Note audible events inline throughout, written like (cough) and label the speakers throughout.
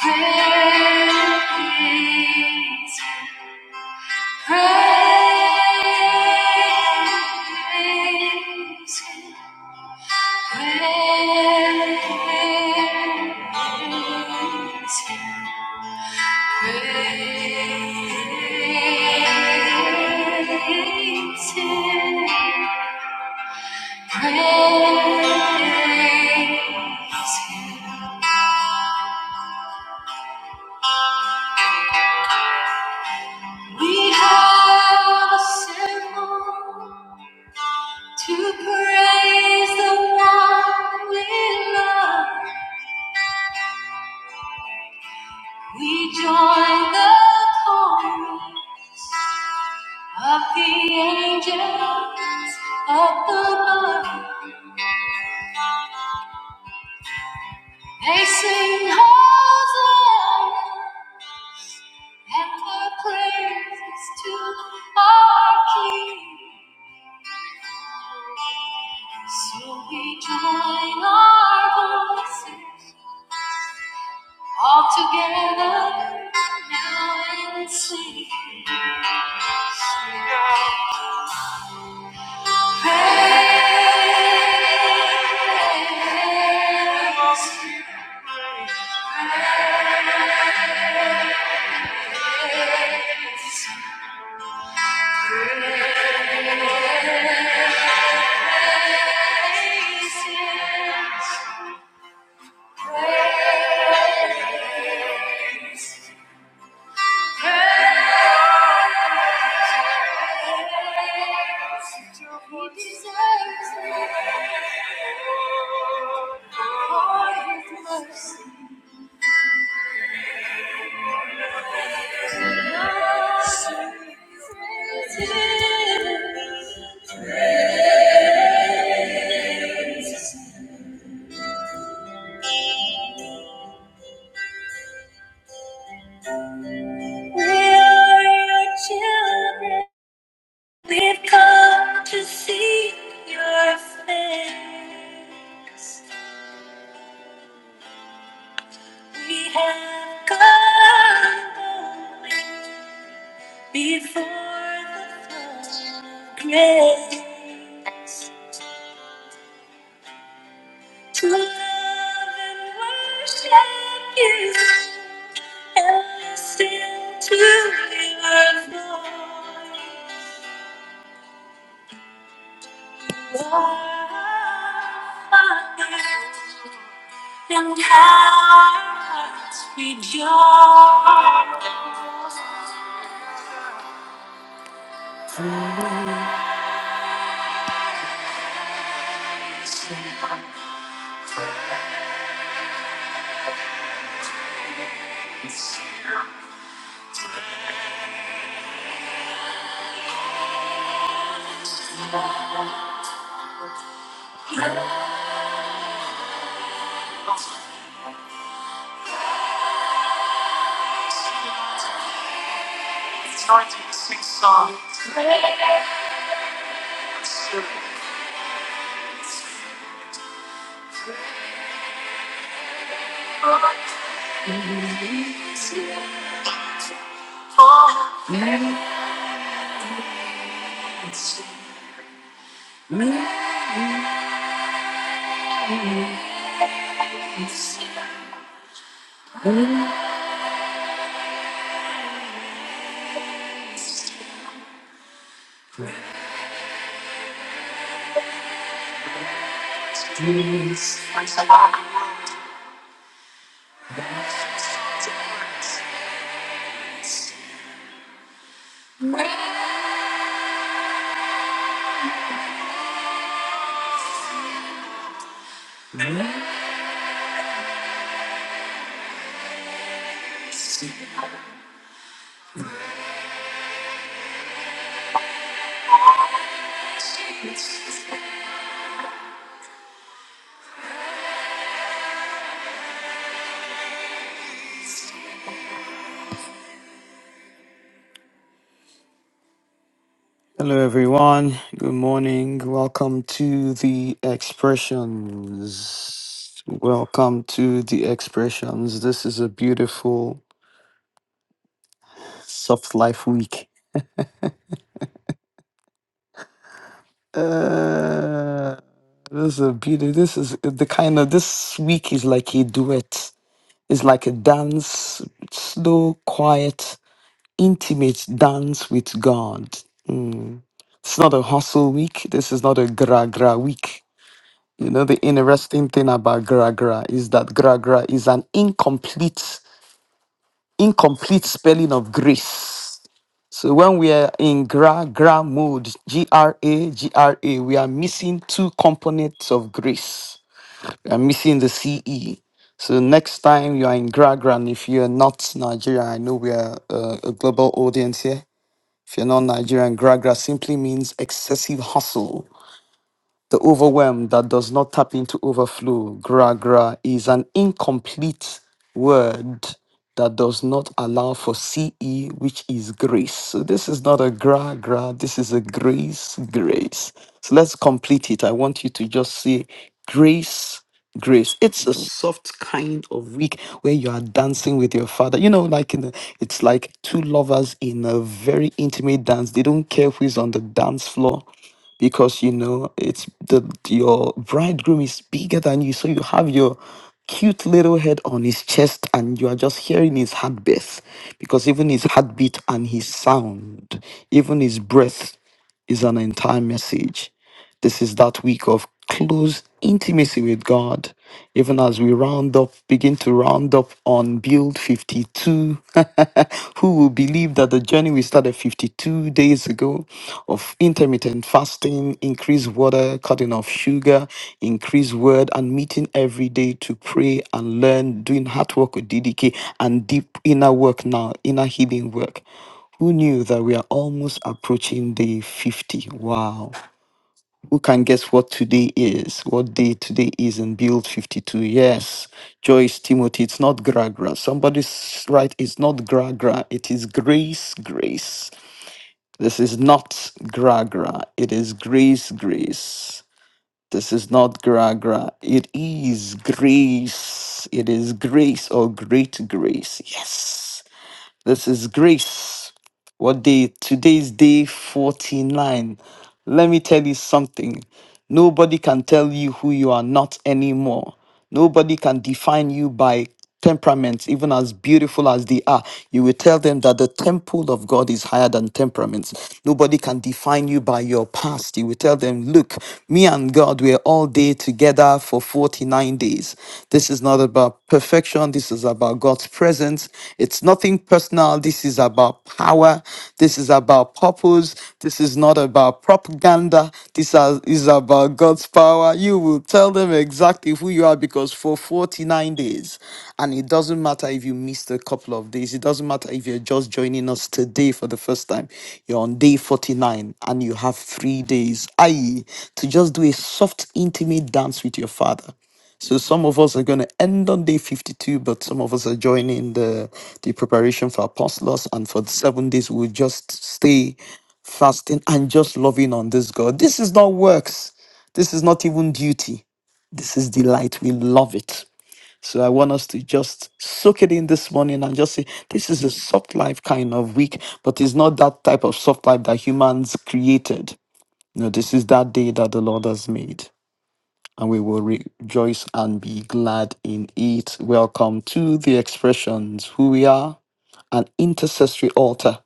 Speaker 1: Praise, praise, praise. Praise Him. Praise. We have assembled to praise the one we love. We join the chorus of the angels up above. They sing Hosanna. And the praises to our King. So we join our voices all together now and sing. He deserves it for His mercy. So we praise Him. We are your children. We've come to see your face. We have come boldly before the throne of grace to love and worship you and listen to your voice. You are our Father. and hearts rejoice. It's 1906 song. Praise the Lord. Hello, everyone. Good morning. Welcome to the expressions. Welcome to the expressions. This is a beautiful soft life week. Uh, this is a beauty. This is the kind of this week is like a duet. It's like a dance, slow, quiet, intimate dance with God. Mm. It's not a hustle week. This is not a gra gra week You know, the interesting thing about gra gra is that gra gra is an incomplete, incomplete spelling of grace. So when we are in gra gra mode, G R A G R A, we are missing two components of grace. We are missing the C E. So next time you are in gra gra, and if you are not Nigerian, I know we are uh, a global audience here. If you're not Nigerian, gra gra simply means excessive hustle The overwhelm that does not tap into overflow, gra gra, is an incomplete word that does not allow for CE, which is grace. So this is not a gra gra, this is a grace, grace. So let's complete it. I want you to just say grace, grace. It's a soft kind of week where you are dancing with your father. You know, like in a, it's like two lovers in a very intimate dance. They don't care who is on the dance floor because you know it's the your bridegroom is bigger than you so you have your cute little head on his chest and you are just hearing his heartbeat because even his heartbeat and his sound even his breath is an entire message. This is that week of close intimacy with God. Even as we round up, begin to round up on Build 52, (laughs) who will believe that the journey we started 52 days ago of intermittent fasting, increased water, cutting off sugar, increased word, and meeting every day to pray and learn, doing hard work with DDK and deep inner work now, inner healing work. Who knew that we are almost approaching day 50? Wow. Who can guess what today is? What day today is in Build 52? Yes. Joyce Timothy, it's not gra gra. Somebody's right, it's not gra gra. It is grace, grace. This is not gra gra. It is grace, grace. This is not gra gra. It is grace. It is grace or great grace. Yes. This is grace. What day? Today's day 49. Let me tell you something. Nobody can tell you who you are not anymore. Nobody can define you by temperaments, even as beautiful as they are. You will tell them that the temple of God is higher than temperaments. Nobody can define you by your past. You will tell them, look, me and God were all day together for 49 days. This is not about perfection. This is about God's presence. It's nothing personal. This is about power. This is about purpose. This is not about propaganda. This are- is about God's power. You will tell them exactly who you are because for 49 days, and it doesn't matter if you missed a couple of days, it doesn't matter if you're just joining us today for the first time, you're on day 49 and you have three days, i.e., to just do a soft, intimate dance with your father. So some of us are going to end on day 52, but some of us are joining the, the preparation for apostles. And for the seven days, we'll just stay fasting and just loving on this God. This is not works. This is not even duty. This is delight. We love it. So I want us to just soak it in this morning and just say, this is a soft life kind of week, but it's not that type of soft life that humans created. No, this is that day that the Lord has made and we will rejoice and be glad in it. Welcome to the expressions who we are, an intercessory altar.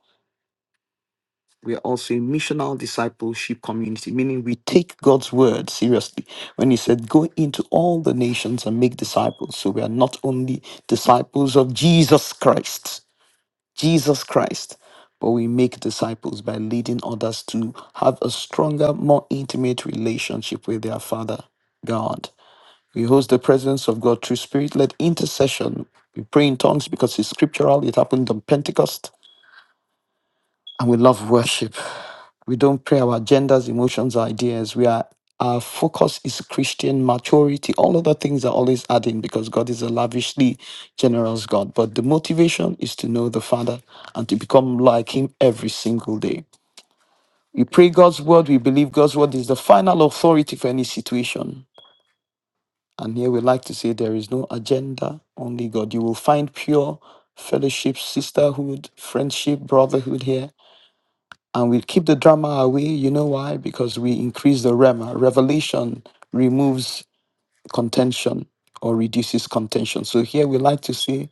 Speaker 1: We are also a missional discipleship community, meaning we take God's word seriously. When He said, Go into all the nations and make disciples. So we are not only disciples of Jesus Christ, Jesus Christ, but we make disciples by leading others to have a stronger, more intimate relationship with their Father, God. We host the presence of God through spirit led intercession. We pray in tongues because it's scriptural. It happened on Pentecost. And we love worship. We don't pray our agendas, emotions, or ideas. We are our focus is Christian maturity. All other things are always adding because God is a lavishly generous God. But the motivation is to know the Father and to become like Him every single day. We pray God's word. We believe God's word is the final authority for any situation. And here we like to say there is no agenda, only God. You will find pure fellowship, sisterhood, friendship, brotherhood here. And we keep the drama away. You know why? Because we increase the rema. Revelation removes contention or reduces contention. So here we like to say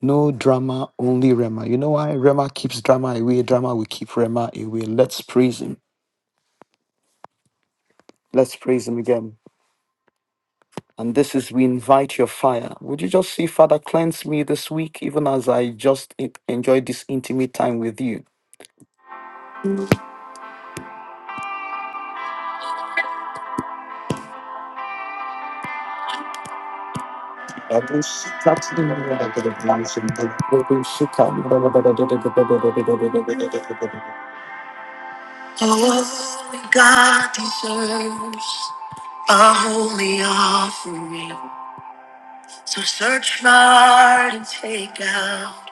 Speaker 1: no drama, only rema. You know why? Rema keeps drama away. Drama will keep rema away. Let's praise him. Let's praise him again. And this is, we invite your fire. Would you just see, Father, cleanse me this week, even as I just en- enjoy this intimate time with you? Oh, God deserves a holy offering. So search my heart and take out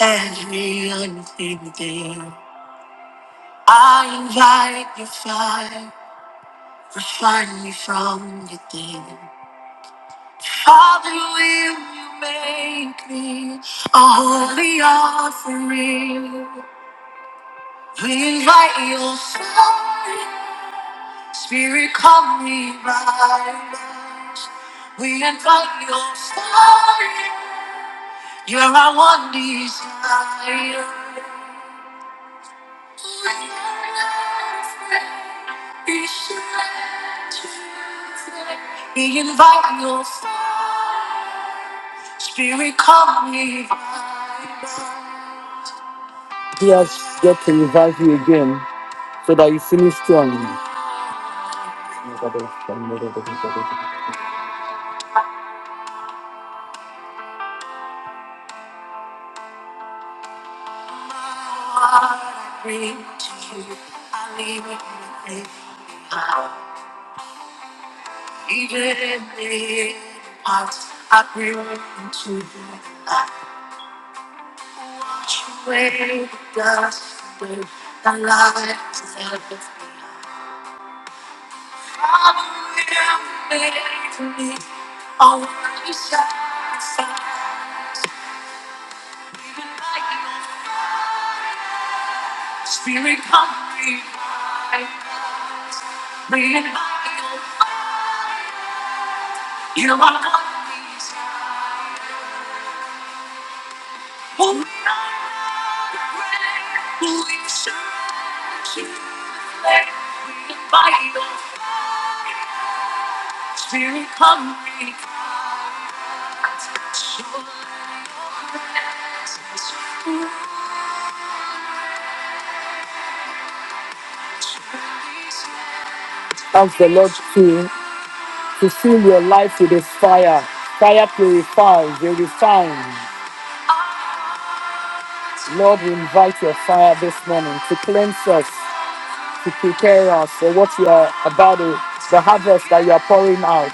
Speaker 1: every unclean thing. I invite your fire, refine me from within. Father, will you make me a holy offering. We invite your fire, Spirit, come revive us. We invite your fire, you're our one desire. We are not afraid, be surrounded. We invite your fire, Spirit, come revive us. Yes, get to revive you again. so that you finish strong. Spirit, come revive us. Bring it high, oh fire. You are what we desire. Oh, we are your bread. We surrender to the flame. We invite your fire. Spirit, come revive us. Show us your presence. Ask the Lord to to fill your life with a fire. Fire purifies, it refines. Lord, we invite your fire this morning to cleanse us, to prepare us for what you are about to, the harvest that you are pouring out.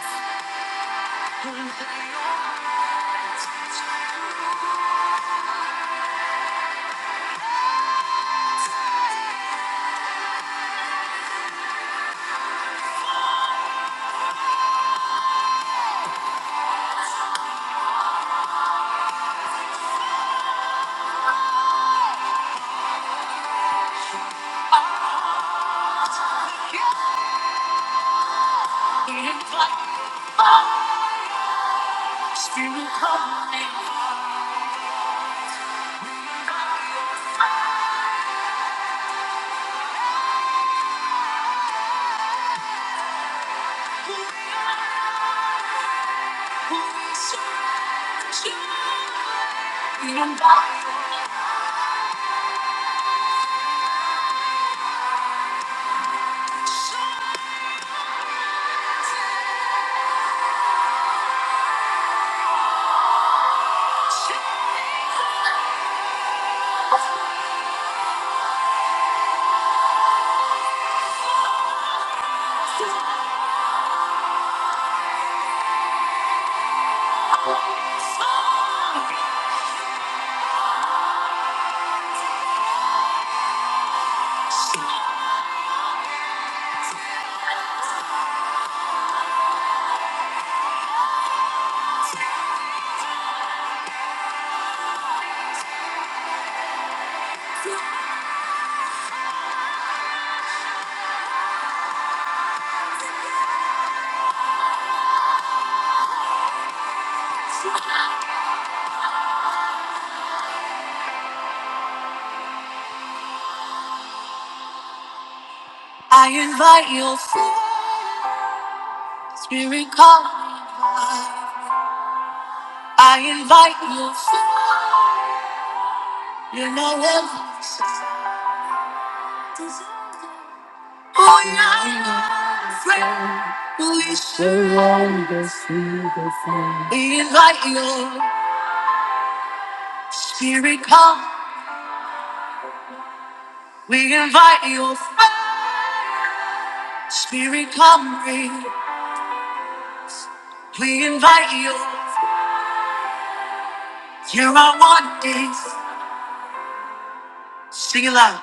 Speaker 1: I invite your fire, spirit come revive. I invite your fire, you know everything. Oh yeah, we surrender to the fire. We invite your spirit come. We invite your fire, spirit come reign. We invite you. You are wanted. Sing it loud.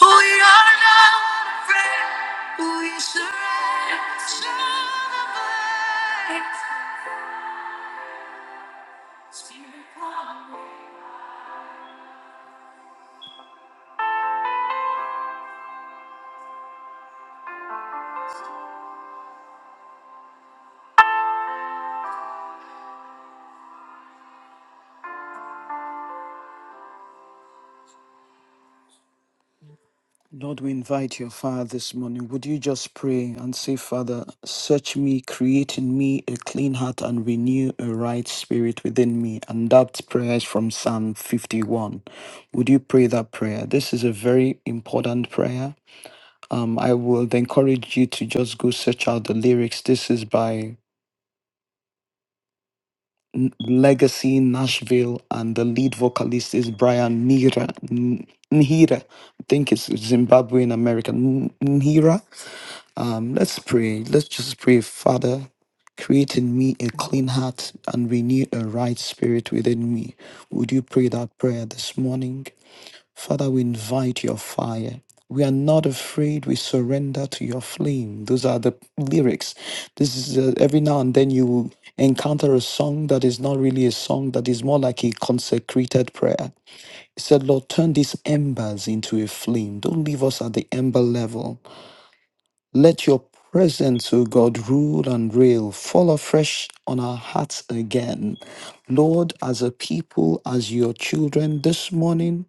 Speaker 1: We are not afraid. We surrender. Lord, we invite your fire this morning. Would you just pray and say, Father, search me, create in me a clean heart and renew a right spirit within me? And that prayer is from Psalm 51. Would you pray that prayer? This is a very important prayer. Um, I would encourage you to just go search out the lyrics. This is by N- Legacy Nashville, and the lead vocalist is Brian Nira. N- Nhira, I think it's Zimbabwean American. N- Nhira. Um, let's pray. Let's just pray, Father. Create in me a clean heart and renew a right spirit within me. Would you pray that prayer this morning? Father, we invite your fire. We are not afraid. We surrender to your flame. Those are the lyrics. This is uh, every now and then you will encounter a song that is not really a song, that is more like a consecrated prayer. He said, Lord, turn these embers into a flame. Don't leave us at the ember level. Let your presence, O God, rule and reign. Fall afresh on our hearts again. Lord, as a people, as your children, this morning,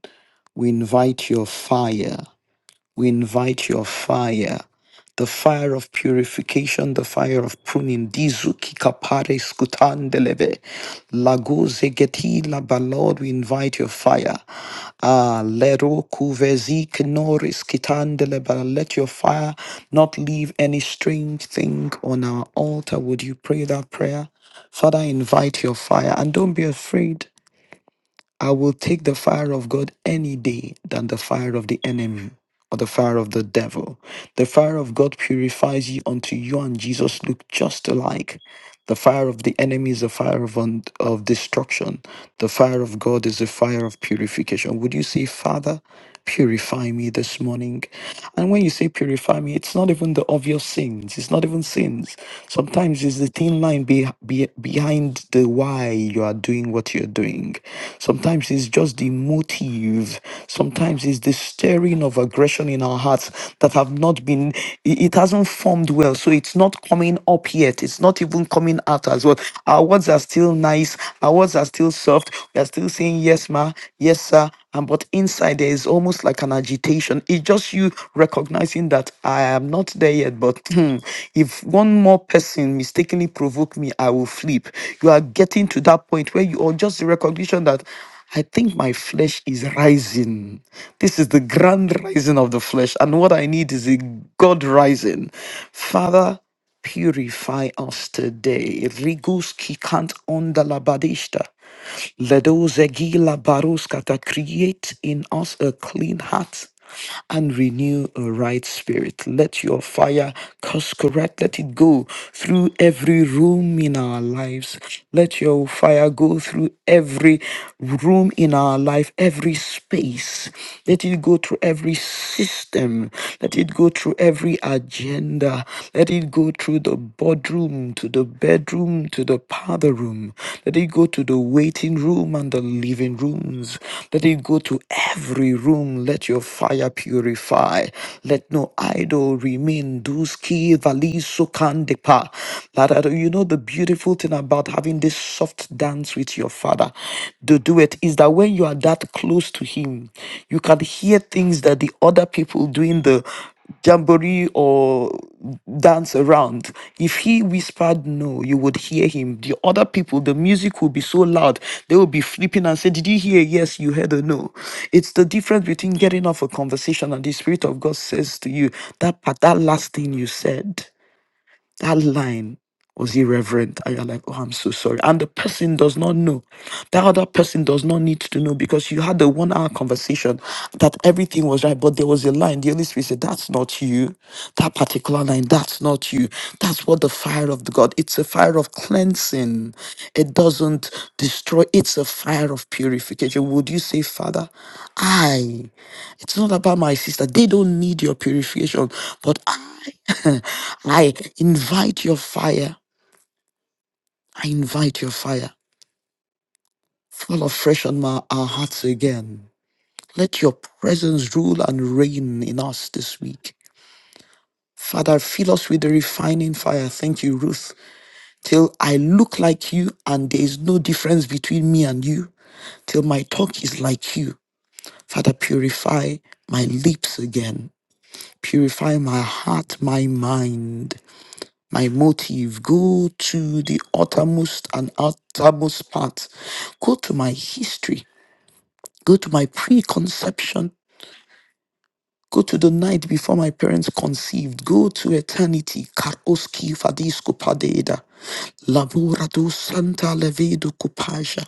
Speaker 1: we invite your fire. We invite your fire. The fire of purification, the fire of pruning. Dizuki kapare skutandelebe. Lagoze geti laba. Lord, we invite your fire. Ah, lero kuvezik noris kitandeleba. Let your fire not leave any strange thing on our altar. Would you pray that prayer? Father, invite your fire and don't be afraid. I will take the fire of God any day than the fire of the enemy or the fire of the devil. The fire of God purifies you unto you and Jesus look just alike. The fire of the enemy is a fire of, un- of destruction. The fire of God is a fire of purification. Would you say, Father, purify me this morning? And when you say purify me, it's not even the obvious sins. It's not even sins. Sometimes it's the thin line be, be, behind the why you are doing what you're doing. Sometimes it's just the motive. Sometimes it's the stirring of aggression in our hearts that have not been, it it hasn't formed well. So it's not coming up yet. It's not even coming out as well. Our words are still nice. Our words are still soft. We are still saying, yes, ma, yes, sir. And but inside there is almost like an agitation. It's just you recognizing that I am not there yet, but hmm, if one more person mistakenly provoke me, I will flip. You are getting to that point where you are just the recognition that I think my flesh is rising. This is the grand rising of the flesh. And what I need is a God rising. Father, purify us today. Riguski kant onda labadishta. Ledozegila baruskata, create in us a clean heart and renew a right spirit. Let your fire course correct. Let it go through every room in our lives. Let your fire go through every room in our life, every space. Let it go through every system. Let it go through every agenda agenda. Let it go through the boardroom, to the bedroom, to the parlor room. Let it go to the waiting room and the living rooms. Let it go to every room. Let your fire purify. Let no idol remain. Duski valiso kandepa. Lada- You know the beautiful thing about having this soft dance with your father to do it is that when you are that close to him, you can hear things that the other people doing the jamboree or dance around. If he whispered no, you would hear him. The other people, the music would be so loud, they would be flipping and say, Did you hear? Yes, you heard a no. It's the difference between getting off a conversation and the Spirit of God says to you, That part, that last thing you said. That line was irreverent. And you're like, oh, I'm so sorry. And the person does not know. That other person does not need to know because you had the one hour conversation that everything was right, but there was a line. The Holy Spirit said, That's not you. That particular line, that's not you. That's what the fire of the God. It's a fire of cleansing. It doesn't destroy, it's a fire of purification. Would you say, Father, I it's not about my sister. They don't need your purification. But I, (laughs) I invite your fire. I invite your fire. Fall afresh on my, our hearts again. Let your presence rule and reign in us this week. Father, fill us with the refining fire. Thank you, Ruth. Till I look like you and there is no difference between me and you. Till my talk is like you. Father, purify my lips again. Purify my heart, my mind. my motive. Go to the uttermost and outermost part. Go to my history. Go to my preconception Go to the night before my parents conceived. Go to eternity. Karoski fadisco padeda. Lavora santa levedo copaja.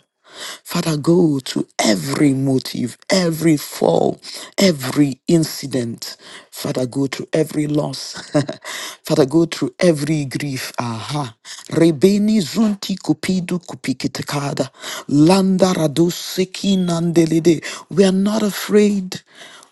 Speaker 1: Father, go to every motive, every fall, every incident. Father, go through every loss. (laughs) Father, go through every grief. Aha. Rebeni zunti kupidu kupikitekada. Landa radu seki nandelede. We are not afraid.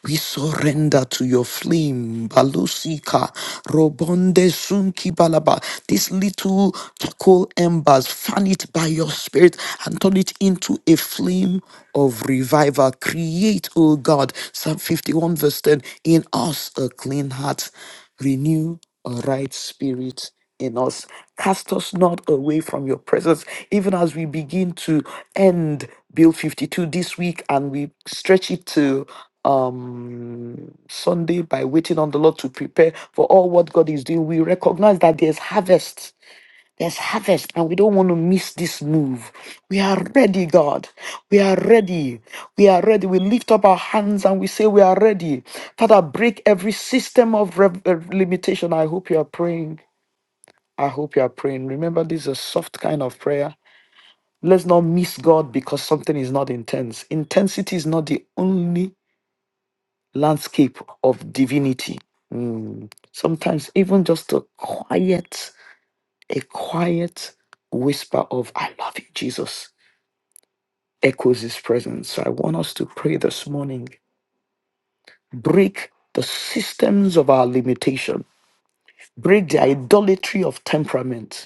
Speaker 1: We surrender to your flame, Balusika, Robonde Sunki Balaba. These little charcoal embers, fan it by your spirit and turn it into a flame of revival. Create, O God, Psalm 51, verse 10, in us a clean heart, renew a right spirit in us. Cast us not away from your presence, even as we begin to end Bill 52 this week and we stretch it to um Sunday by waiting on the Lord to prepare for all what God is doing. We recognize that there's harvest. There's harvest, and we don't want to miss this move. We are ready, God. We are ready. We are ready. We lift up our hands and we say, We are ready. Father, break every system of rev- uh, limitation. I hope you are praying I hope you are praying. Remember, this is a soft kind of prayer. Let's not miss God because something is not intense. Intensity is not the only landscape of divinity. Mm. Sometimes, even just a quiet, a quiet whisper of, I love you, Jesus, echoes his presence. So I want us to pray this morning. Break the systems of our limitation, break the idolatry of temperament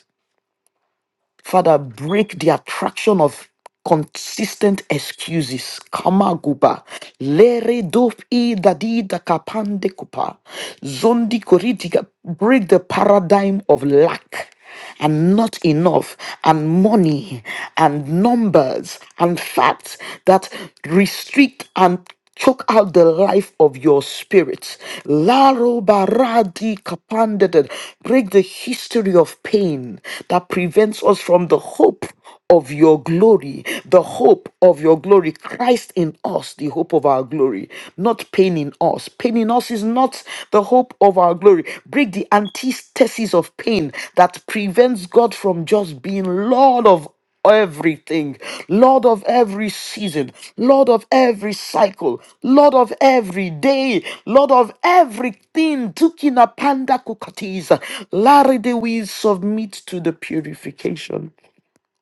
Speaker 1: Father, break the attraction of consistent excuses. Kamaguba. Lere dop i dadi da kapande kupa. Zondi koridiga. Break the paradigm of lack and not enough and money and numbers and facts that restrict and choke out the life of your spirit. Laro baradi kapandeded. Break the history of pain that prevents us from the hope of your glory, the hope of your glory, Christ in us, the hope of our glory, not not pain in us. Pain in us is not the hope of our glory. Break the antithesis of pain that prevents God from just being Lord of everything, Lord of every season, Lord of every cycle, Lord of every day, Lord of everything. Tukina panda kukatis. Larry, de we submit to the purification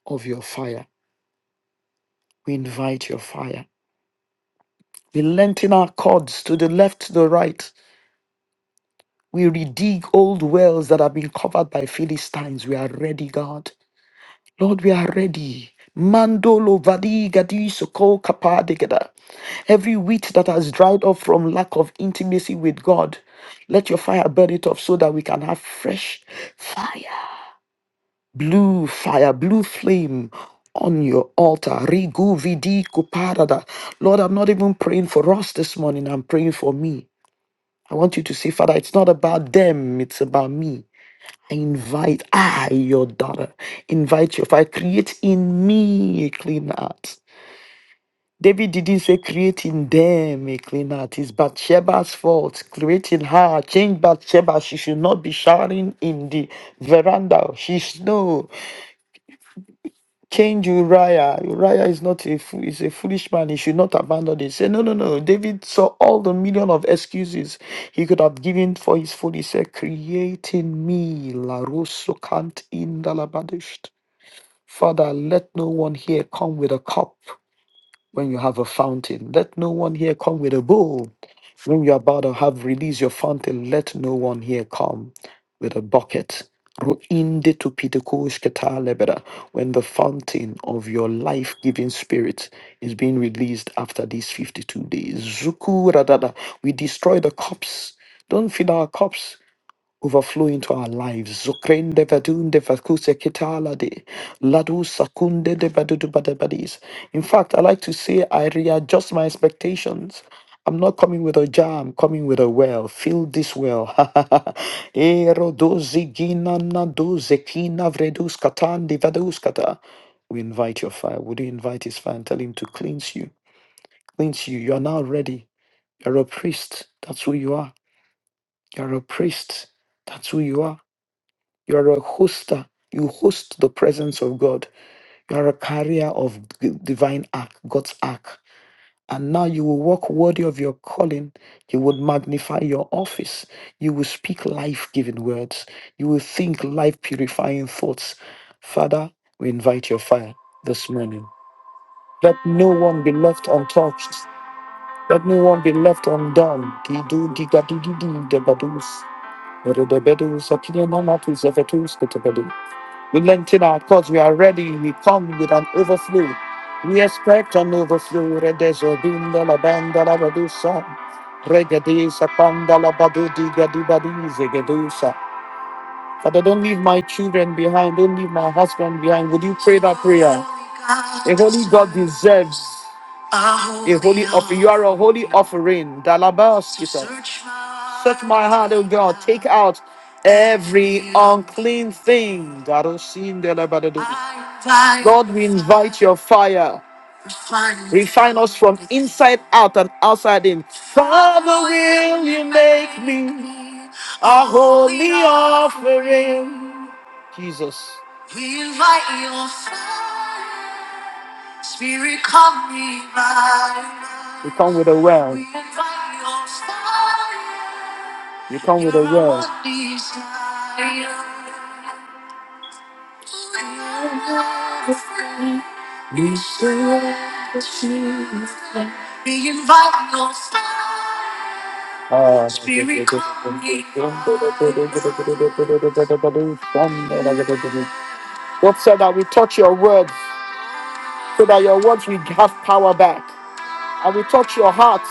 Speaker 1: of your fire. We invite your fire. We lengthen our cords to the left, to the right. We redig old wells that have been covered by Philistines. We are ready, God. Lord, we are ready. Mandolo vadi gadi soko kapa degada. Every wheat that has dried up from lack of intimacy with God, let your fire burn it off so that we can have fresh fire. Blue fire, blue flame on your altar. Rigu vidi kuparada. Lord, I'm not even praying for us this morning. I'm praying for me. I want you to see, Father, it's not about them, it's about me. Invite I, your daughter, invite your father, create in me a clean heart. David didn't say create in them a clean heart. It's Bathsheba's fault. Create in her, change Bathsheba. She should not be shouting in the veranda. She should no change Uriah. Uriah is not a fool. Is a foolish man. He should not abandon it. Say no, no, no. David saw all the million of excuses he could have given for his fool. He said, "Create in me la russo cant in Father, let no one here come with a cup when you have a fountain. Let no one here come with a bowl when you're about to have release your fountain. Let no one here come with a bucket. Ruinde tu pitikush keta lebeda. When the fountain of your life giving spirit is being released after these 52 days. Zuku radada. We destroy the cups. Don't fill our cups overflow into our lives. Zokrende vadunde vakuse kitalade, ladu sakunde de vadudu badabadis. In fact, I like to say I readjust my expectations. I'm not coming with a jar, I'm coming with a well. Fill this well. (laughs) Ero dozigina na dozekina vredus katandi vaduskata. We invite your fire. Would you invite his fire and tell him to cleanse you? Cleanse you. You are now ready. You're a priest. That's who you are. You're a priest. That's who you are. You are a hoster. You host the presence of God. You are a carrier of g- divine ark, God's ark. And now you will walk worthy of your calling. You would magnify your office. You will speak life giving words. You will think life purifying thoughts. Father, we invite your fire this morning. Let no one be left untouched. Let no one be left undone. Gidu, diga, debadus. Redebedu, sakine, mamatus, we lengthen out because we are ready. We come with an overflow. We expect an overflow. Redezo binda la banda la badusa. Regadisa panda la badu diga di badi zegedusa. Father, don't leave my children behind. Don't leave my husband behind. Would you pray that prayer? The Holy God deserves. A holy offering. You are a holy offering. Dalabas, he said. Search my heart, O God. Take out every unclean thing. Darosin delabadadu. Lord, we invite your fire. Refine us from inside out and outside in. Father, will you make me a holy offering? Jesus. We invite your fire. Spirit, come me right now. You come with a word. We invite your fire. You come with a You're word. our desire. We surrender to you. We invite your fire. Ah, Spirit, come me right now. God said that we touch your words, so that your words will have power back. I will touch your heart.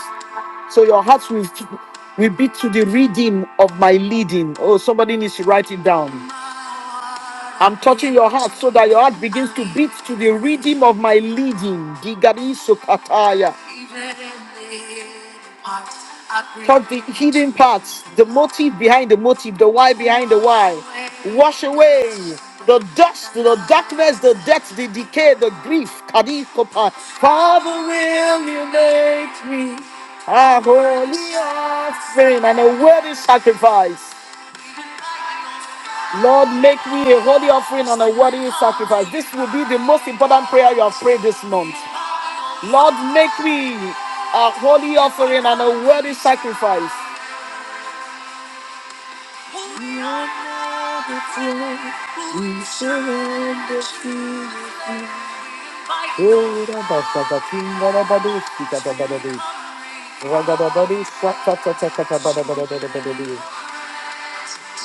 Speaker 1: So your heart will, will beat to the rhythm of my leading. Oh, somebody needs to write it down. I'm touching your heart so that your heart begins to beat to the rhythm of my leading. Digari sokataya. Touch the hidden parts, the motive behind the motive, the why behind the why. Wash away the dust, the darkness, the death, the decay, the grief. Kadi kopa. Father, will you make me a holy offering and a worthy sacrifice? Lord, make me a holy offering and a worthy sacrifice. This will be the most important prayer you have prayed this month. Lord, make me a holy offering and a worthy sacrifice.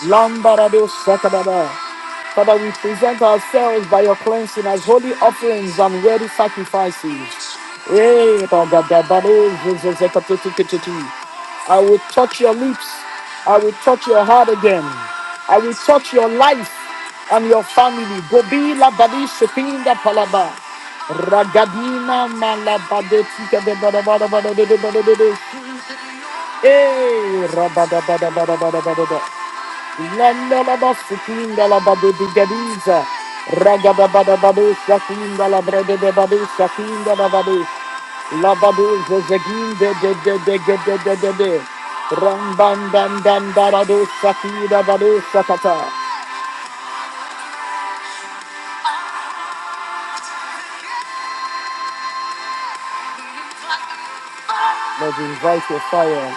Speaker 1: Lambarado Sakababa. Father, we present ourselves by your cleansing as holy offerings and worthy sacrifices. Hey, Bagadabado, Zezekatototototo. I will touch your lips. I will touch your heart again. I will touch your life and your family. Gobi labadi sepinda palaba. Ragadina malabade de bada bada bada de de bada de de. Hey, rabada bada bada bada bada. da. Landalabastikinda la babidigadiza. Ragababadababu shakinda la bredebabu shakinda la babu. La babu zezeginde de de de de de de de de. Rambandandandaradu shakida babu shakata. Lord, invite your fire.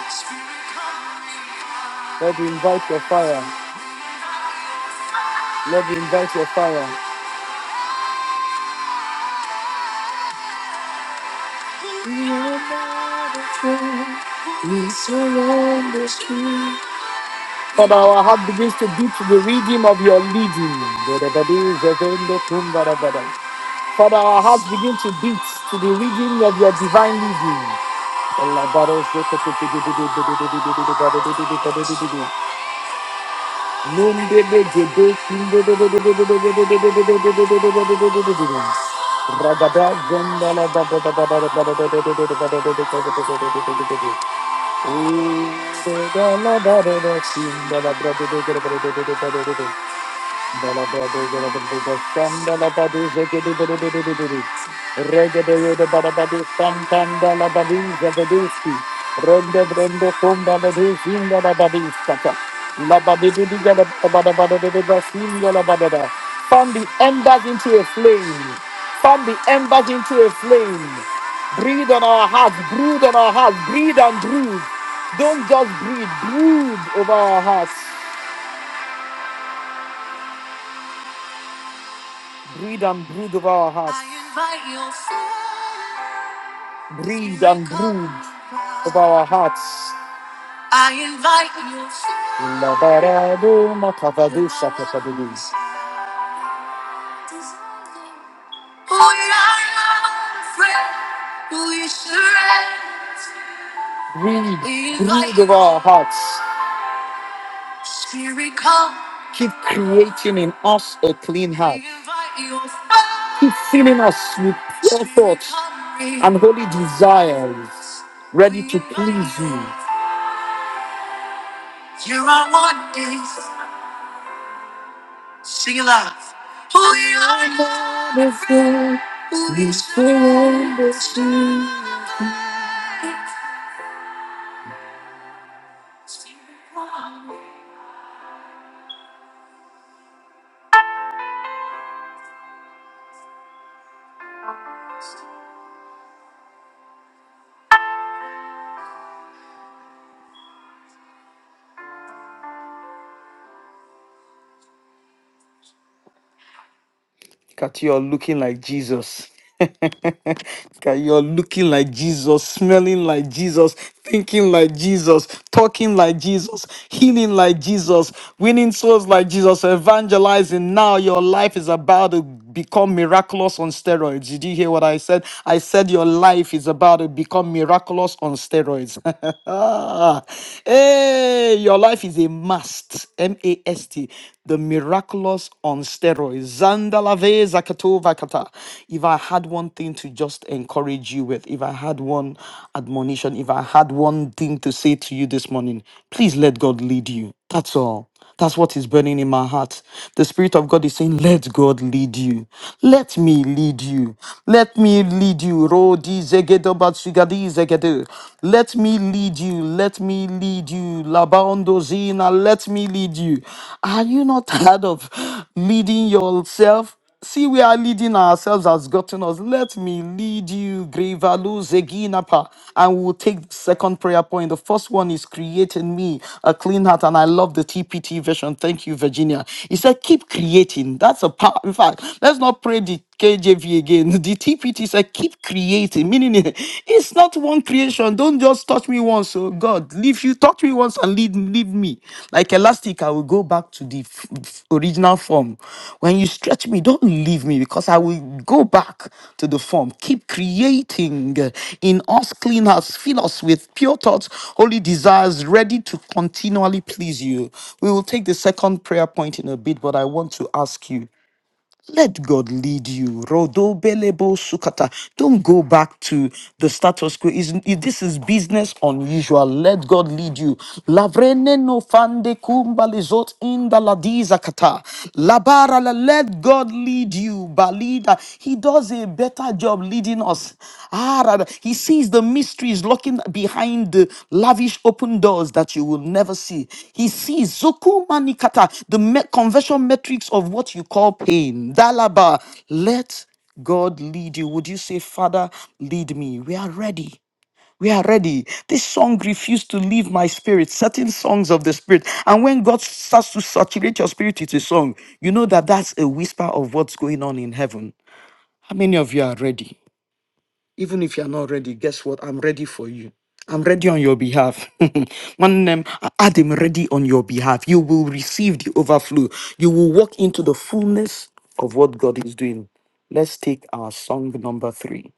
Speaker 1: Lord, invite your fire. Lord, invite your fire. We are not afraid. We surrender to you. But our heart begins to beat to the rhythm of your leading. Father, our heart begins to beat to the rhythm of your divine leading. Ragada Gandala Baba Baba Baba Baba Baba Fan the embers into a flame. Fan the embers into a flame. Breathe on our hearts. Breathe on our hearts. Breathe and breathe. Don't just breathe. Breathe over our hearts. Breathe and brood of our hearts. I Breathe and brood of our hearts. I invite your Labarado makavadu shakapadu. We are not afraid. We surrender. Breathe, We invite breathe of our hearts. Spirit, come. Keep creating in us a clean heart. Keep filling us with pure thoughts and holy desires, ready to please you. You are wonders. Sing it loud. We are wonderful. We surrender to you. Look at you all looking like Jesus. (laughs) Look at you all looking like Jesus, smelling like Jesus, thinking like Jesus, talking like Jesus, healing like Jesus, winning souls like Jesus, evangelizing. Now your life is about to become miraculous on steroids. Did you hear what I said? I said your life is about to become miraculous on steroids. (laughs) hey, your life is a must. M-A-S-T, the miraculous on steroids. Zandalave Zakatovakata. If I had one thing to just encourage you with, if I had one admonition, if I had one thing to say to you this morning, please let God lead you. That's all. That's what is burning in my heart. The Spirit of God is saying, Let God lead you. Let me lead you. Let me lead you. Rodi zegedo bat zegedo. Let me lead lead you. Let me lead you. Labondo Zina, let me lead you. Are you not tired of leading yourself? See, we are leading ourselves has gotten us. Let me lead you, Grevalu Zeginapa. And we'll take the second prayer point. The first one is create in me a clean heart. And I love the TPT version. Thank you, Virginia. He said, keep creating. That's a power. In fact, let's not pray the KJV again. (laughs) The TPT said, keep creating, meaning (laughs) it- it's not one creation. Don't just touch me once, oh God. Leave you, touch me once and leave, leave me. Like elastic, I will go back to the f- f- original form. When you stretch me, don't leave me because I will go back to the form. Keep creating uh, in us, clean us, fill us with pure thoughts, holy desires, ready to continually please you. We will take the second prayer point in a bit, but I want to ask you. Let God lead you. Rodo belebo sukata. Don't go back to the status quo. Is this is business unusual? Let God lead you. Lavrene no fande kumbalizot in the ladiza kata. Labara la- let God lead you. Balida. He does a better job leading us. Ah, rather, he sees the mysteries lurking behind the lavish open doors that you will never see. He sees Zoku Manikata, the me- conversion metrics of what you call pain. Dalaba, let God lead you. Would you say, Father, lead me? We are ready. We are ready. This song refused to leave my spirit, certain songs of the spirit. And when God starts to saturate your spirit with a song, you know that that's a whisper of what's going on in heaven. How many of you are ready? Even if you're not ready, guess what? I'm ready for you. I'm ready on your behalf. (laughs) One name, Adam ready on your behalf. You will receive the overflow. You will walk into the fullness of what God is doing. Let's take our song number three.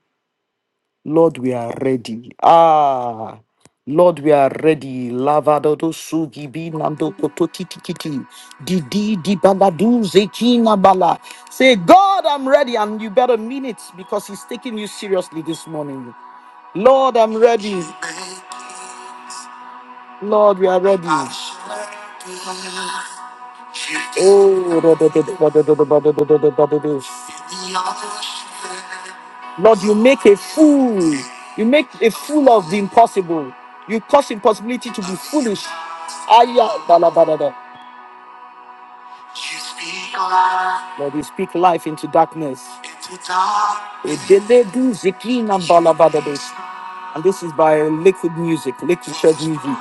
Speaker 1: Lord, we are ready. Ah, Lord, we are ready. Lavadodo sugi bi nando koto titi titi. Di di di baladu zekina bala. Say, God, I'm ready, and you better mean it because He's taking you seriously this morning. Lord, I'm ready. Lord, we are ready. Oh, da- da- da- da- da- da- da- da- da- da- da- da- da- da. Lord, you make a fool. You make a fool of the impossible. You cause impossibility to be foolish. Aya, da- da- da- da- da. Lord, you speak life into darkness. Edele du zikina balabadades. And this is by Liquid Music, Liquid Church Music.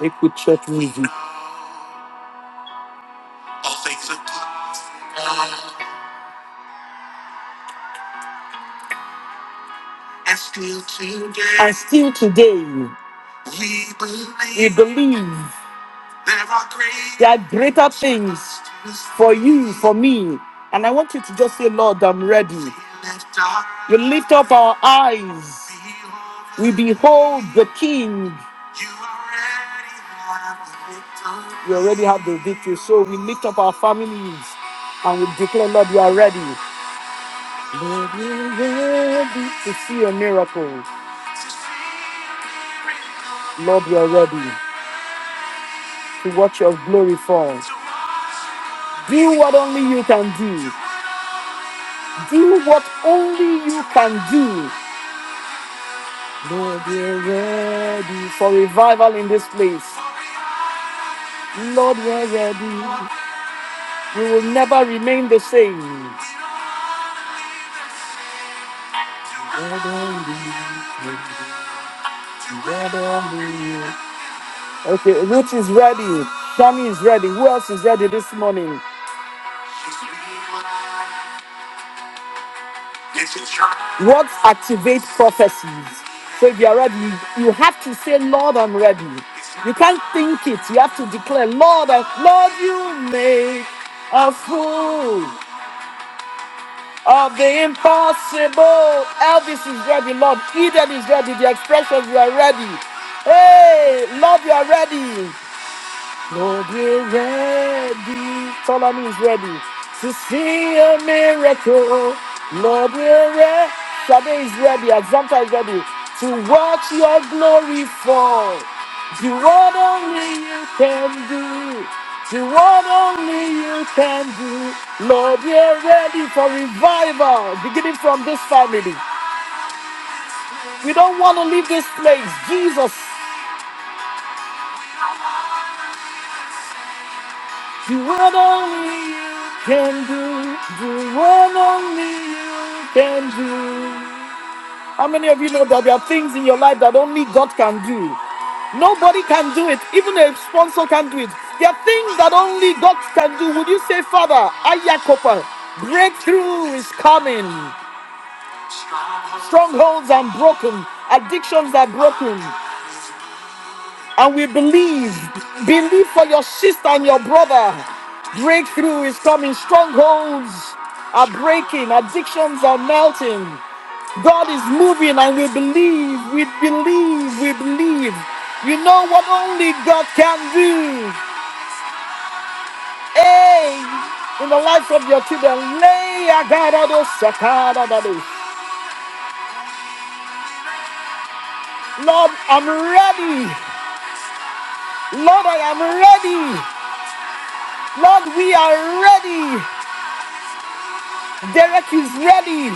Speaker 1: They put church music. All things are possible. And still today. And still today. We believe. We believe. are great. There are greater things for you, for me. And I want you to just say, Lord, I'm ready. We lift up We lift up our eyes. We behold the King. You already have the victory. We already have the victory. So we lift up our families and we declare, Lord, you are ready. Lord, we're ready to see a miracle. Lord, we're ready to watch your glory fall. Do what only you can do. Do what only you can do. Lord, we're ready for revival in this place. Lord, we're ready. We will never remain the same. Okay, Ruth is ready. Tammy is ready. Who else is ready this morning? What activates prophecies? So if you're ready, you have to say, Lord, I'm ready. You can't think it. You have to declare, Lord, I- Lord, you make a fool of the impossible. Elvis is ready, Lord. Eden is ready. The expressions, you are ready. Hey, Lord, you are ready. Lord, we're ready. Tell is ready to see a miracle. Lord, we're ready. Sade is ready. Examta is ready to watch your glory fall. Do what only you can do. Do what only you can do. Lord, we're ready for revival beginning from this family. We don't want to leave this place. Jesus. Do what only you can do. Do what only you can do. How many of you know that there are things in your life that only God can do? Nobody can do it. Even a sponsor can not do it. There are things that only God can do. Would you say, Father, Ayakopa, breakthrough is coming. Strongholds are broken. Addictions are broken and we believe. Believe for your sister and your brother. Breakthrough is coming. Strongholds are breaking. Addictions are melting. God is moving and we believe. We believe. We believe. You know what only God can do. Hey, in the life of your children, lay agarado sakadado. Lord, I'm ready. Lord, I am ready. Lord, we are ready. Derek is ready.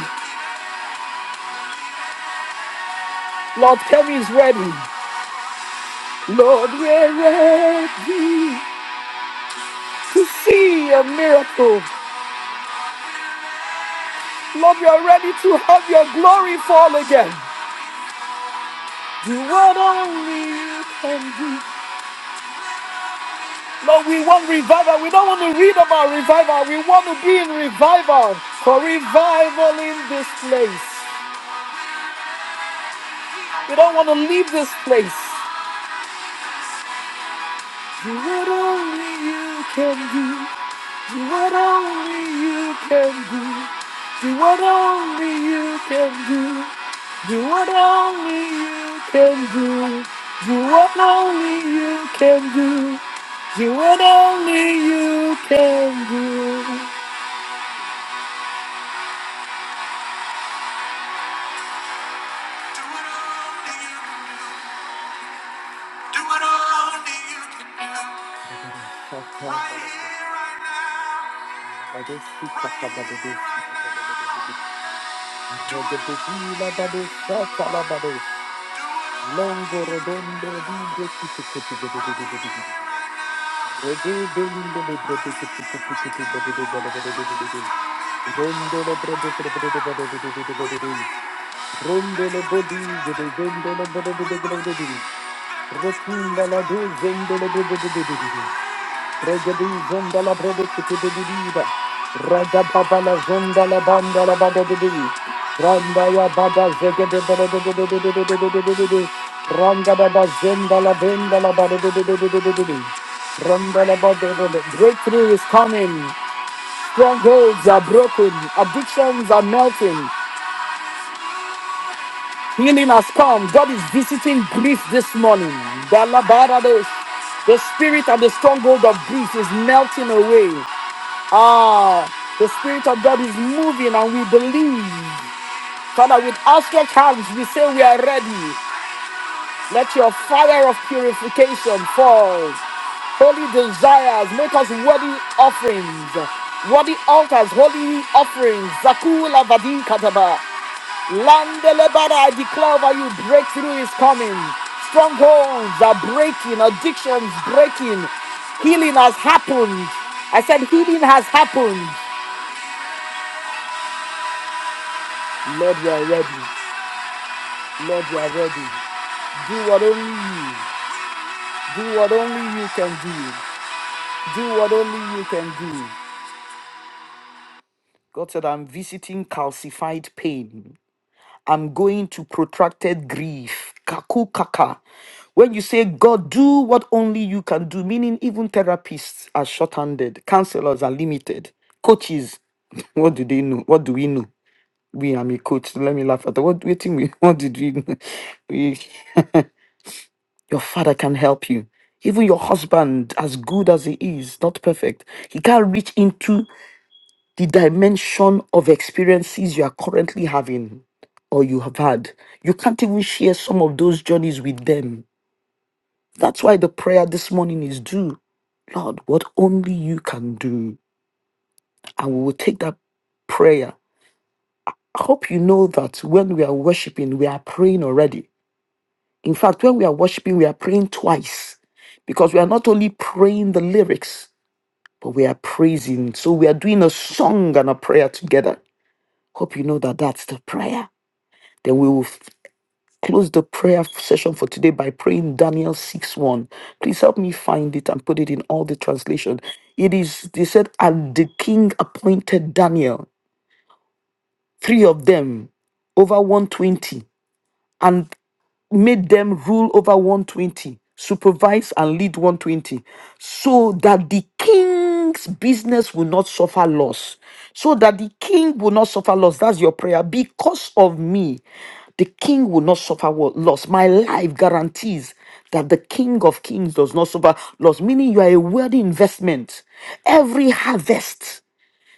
Speaker 1: Lord, Kemi is ready. Lord, we're ready to see a miracle. Lord, we are ready to have your glory fall again. Do what only you can do. Lord, we want revival. We don't want to read about revival. We want to be in revival. For revival in this place. We don't want to leave this place. Do what only you can do. See what only you can do. See what only you can do. Do what only you can do. Do what only you can do. Do what only you can do. Do what only you can do. Right here, right now. Right here, right now. Do Longo redondo di Redondo le Rondo le Rondo le bodi Rondo le Rotunda la do Rondo le Regedi zonda la brede kiti de diba. Raga baba la zonda la banda la bada de dibi. Randa ya bada zege bada de de de de de de de de de de. Ranga baba zonda la benda la bada de de de de de de de de. Randa la bada de de. Breakthrough is coming. Strongholds are broken. Addictions are melting. Healing has come. God is visiting grief this morning. Balabarados. The spirit of the stronghold of grief is melting away. Ah, the spirit of God is moving and we believe. Father, with outstretched hands, we say we are ready. Let your fire of purification fall. Holy desires, make us worthy offerings. Worthy altars, holy offerings. Zakula vadin kataba. Landelebada, I declare over you, breakthrough is coming. Strongholds are breaking, addictions breaking. Healing has happened. I said healing has happened. Lord, we are ready. Lord, we are ready. Do what only you, do what only you can do. Do what only you can do. God said, I'm visiting calcified pain. I'm going to protracted grief. Kaku kaka. When you say, God, do what only you can do, meaning even therapists are short-handed, counselors are limited, coaches. What do they know? What do we know? We, I'm a coach. Let me laugh at that. What, do you think we, (laughs) what did we know? We, your father can help you. Even your husband, as good as he is, not perfect, he can't reach into the dimension of experiences you are currently having or you have had. You can't even share some of those journeys with them. That's why the prayer this morning is do, Lord, what only you can do. And we will take that prayer. I hope you know that when we are worshiping, we are praying already. In fact, when we are worshiping, we are praying twice because we are not only praying the lyrics, but we are praising. So we are doing a song and a prayer together. Hope you know that that's the prayer. Then we will close the prayer session for today by praying Daniel 6 1. Please help me find it and put it in all the translation. It is, they said, and the king appointed Daniel, three of them, over 120, and made them rule over 120, supervise and lead 120, so that the king's business will not suffer loss. So that the king will not suffer loss. That's your prayer. Because of me, the king will not suffer wo- loss. My life guarantees that the king of kings does not suffer loss, meaning you are a worthy investment. Every harvest,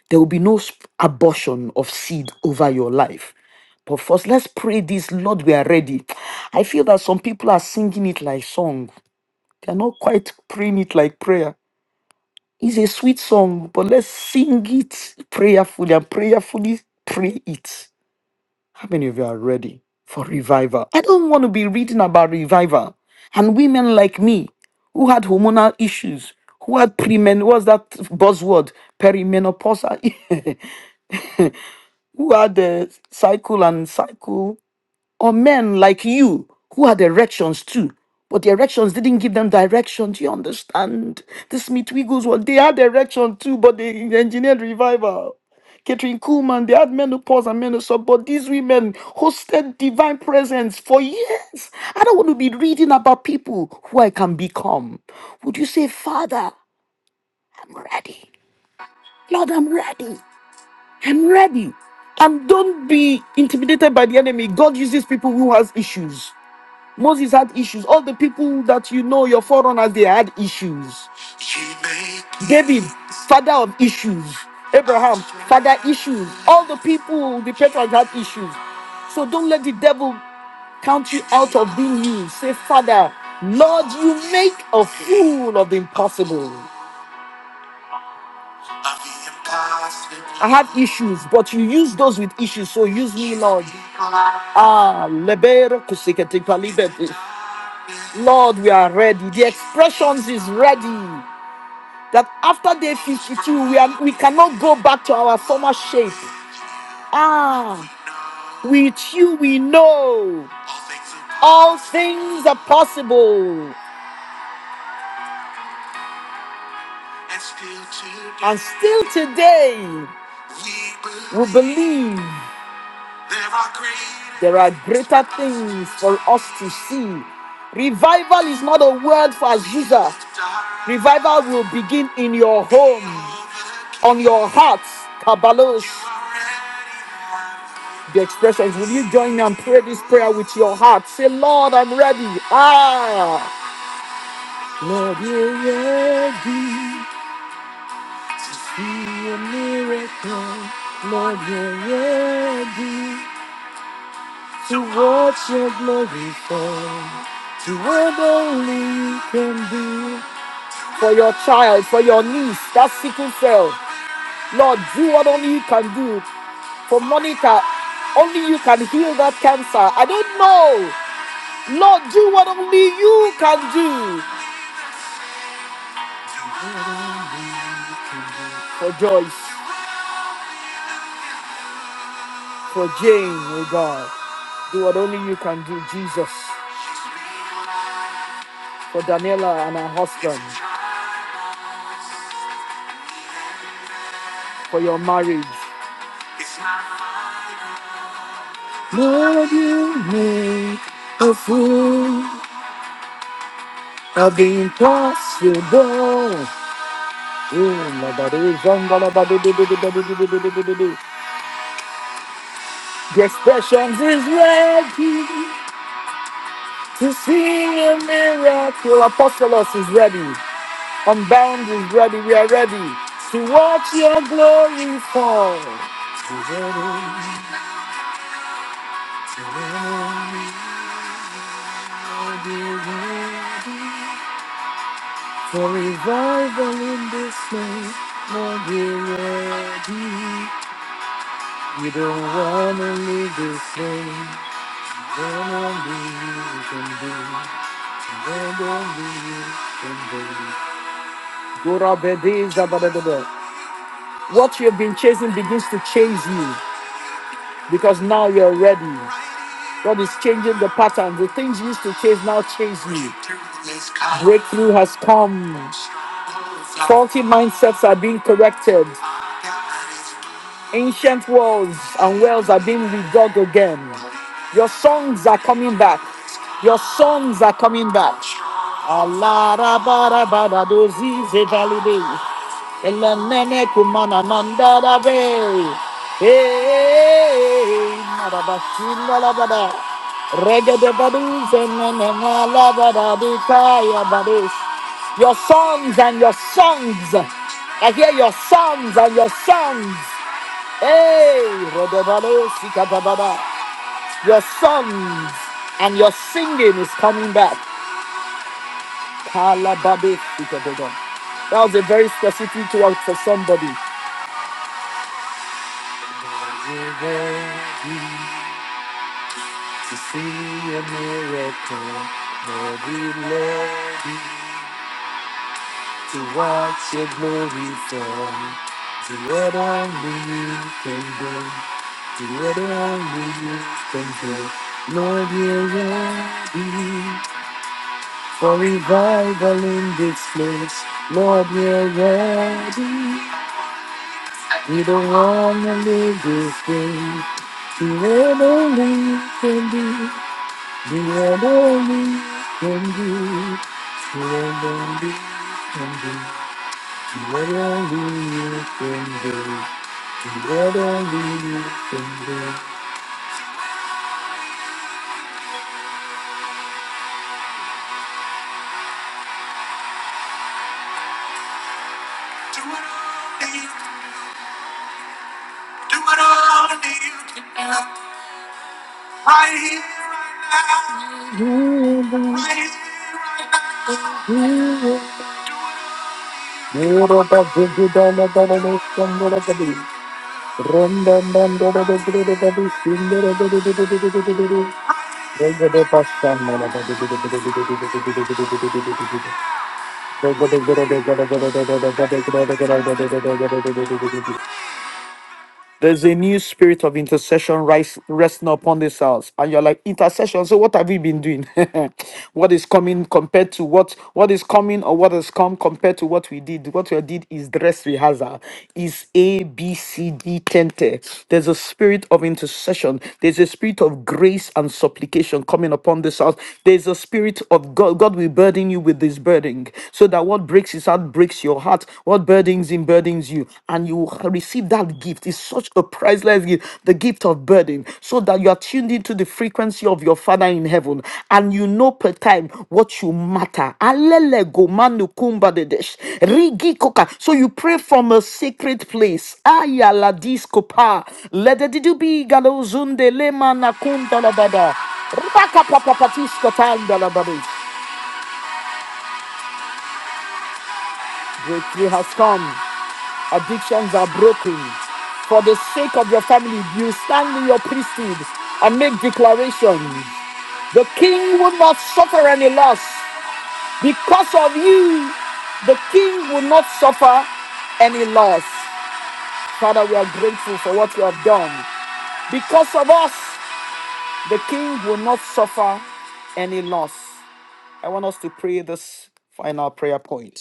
Speaker 1: there will be no sp- abortion of seed over your life. But first, let's pray this, Lord, we are ready. I feel that some people are singing it like song. They are not quite praying it like prayer. It's a sweet song, but let's sing it prayerfully and prayerfully pray it. How many of you are ready for revival? I don't want to be reading about revival and women like me who had hormonal issues, who had premen, what's that buzzword? Perimenopausal, (laughs) who had the cycle and cycle or men like you who had erections too. But the erections didn't give them direction. Do you understand? This Smith Wiggles they had erection too, but they engineered revival. Catherine Kuhlman, they had menopause and menopause, but these women hosted divine presence for years. I don't want to be reading about people who I can become. Would you say, Father, I'm ready? Lord, I'm ready. I'm ready. And don't be intimidated by the enemy. God uses people who has issues. Moses had issues. All the people that you know, your forerunners, they had issues. David, father of issues. Abraham, father issues. All the people, the patriarchs had issues. So don't let the devil count you out of being you. Say, Father, Lord, you make a fool of the impossible. I had issues, but you use those with issues, so use me, Lord. Ah, leber kusikete palibete. Lord, we are ready. The expressions is ready. that after day 52, we, are, we cannot go back to our former shape. Ah, with you we know all things are possible. And still today, we believe there are greater things for us to see. Revival is not a word for Azusa. Revival will begin in your home, on your heart, Kabalos. the expressions. Will you join me and pray this prayer with your heart? Say, Lord, I'm ready. Ah, Lord, you're ready. Be a miracle. Lord, you're ready to watch your glory fall to what only you can do. For your child, for your niece, that sickle cell. Lord, do what only you can do for Monica. Only you can heal that cancer. I don't know. Lord, do what only you can do for Joyce, for Jane, oh God. Do what only you can do, Jesus, for Daniela and her husband, for your marriage. Lord, you make a fool of the impossible. Mm, la, ba, do, zonga, la, ba, do, do, do, do, do, do, do, do, do, do, do, do. The expressions is ready to see a miracle. Apostolos is ready. I'm bound is ready, we are ready to watch your glory fall. We don't know you, don't know you can do, don't know you can do. Gora bedeza badadada. What you've been chasing begins to chase you because now you're ready. God is changing the pattern. The things you used to chase now chase you. Breakthrough has come. Faulty mindsets are being corrected. Ancient walls and wells are being redug again. Your songs are coming back. Your songs are coming back. Allah Alarabarabadozi zevalide. Elenene kumana nandarabe. Hey, marabashina labada. Regede badu zenene nalabada dikaya badu. Your songs and your songs. I hear your songs and your songs. Hey, Rodobalo Sikabababa. Your songs and your singing is coming back. Kalababe Sikabogon. That was a very specific word for somebody. Bible in this place, Lord, we're ready. We don't want to live this way. The end only can be, the end only can be, the end only can be, the end only can be. What I need from you. Do it all in you. Do it all in you can now. Right here, right now. Right here, right now. Yoruba Jiggy Dana Dana Dana Dana Dana Dana There's a new spirit of intercession rise, resting upon this house. And you're like, intercession. So what have we been doing? (laughs) what is coming compared to what what is coming or what has come compared to what we did? What we did is dress rehearsal, is A, B, C, D, tente. There's a spirit of intercession. There's a spirit of grace and supplication coming upon this house. There's a spirit of God. God will burden you with this burden so that what breaks his heart breaks your heart heart what burdens him burdens you and you will receive that gift it's such a priceless gift the gift of burden so that you are tuned into the frequency of your father in heaven and you know per time what you matter Alele go manu Rigi koka. so you pray from a sacred place ayala discopa let galozunde lema nakunda la Breakthrough has come. Addictions are broken. For the sake of your family, you stand in your priesthood and make declarations. The king will not suffer any loss. Because of you, the king will not suffer any loss. Father, we are grateful for what you have done. Because of us, the king will not suffer any loss. I want us to pray this final prayer point.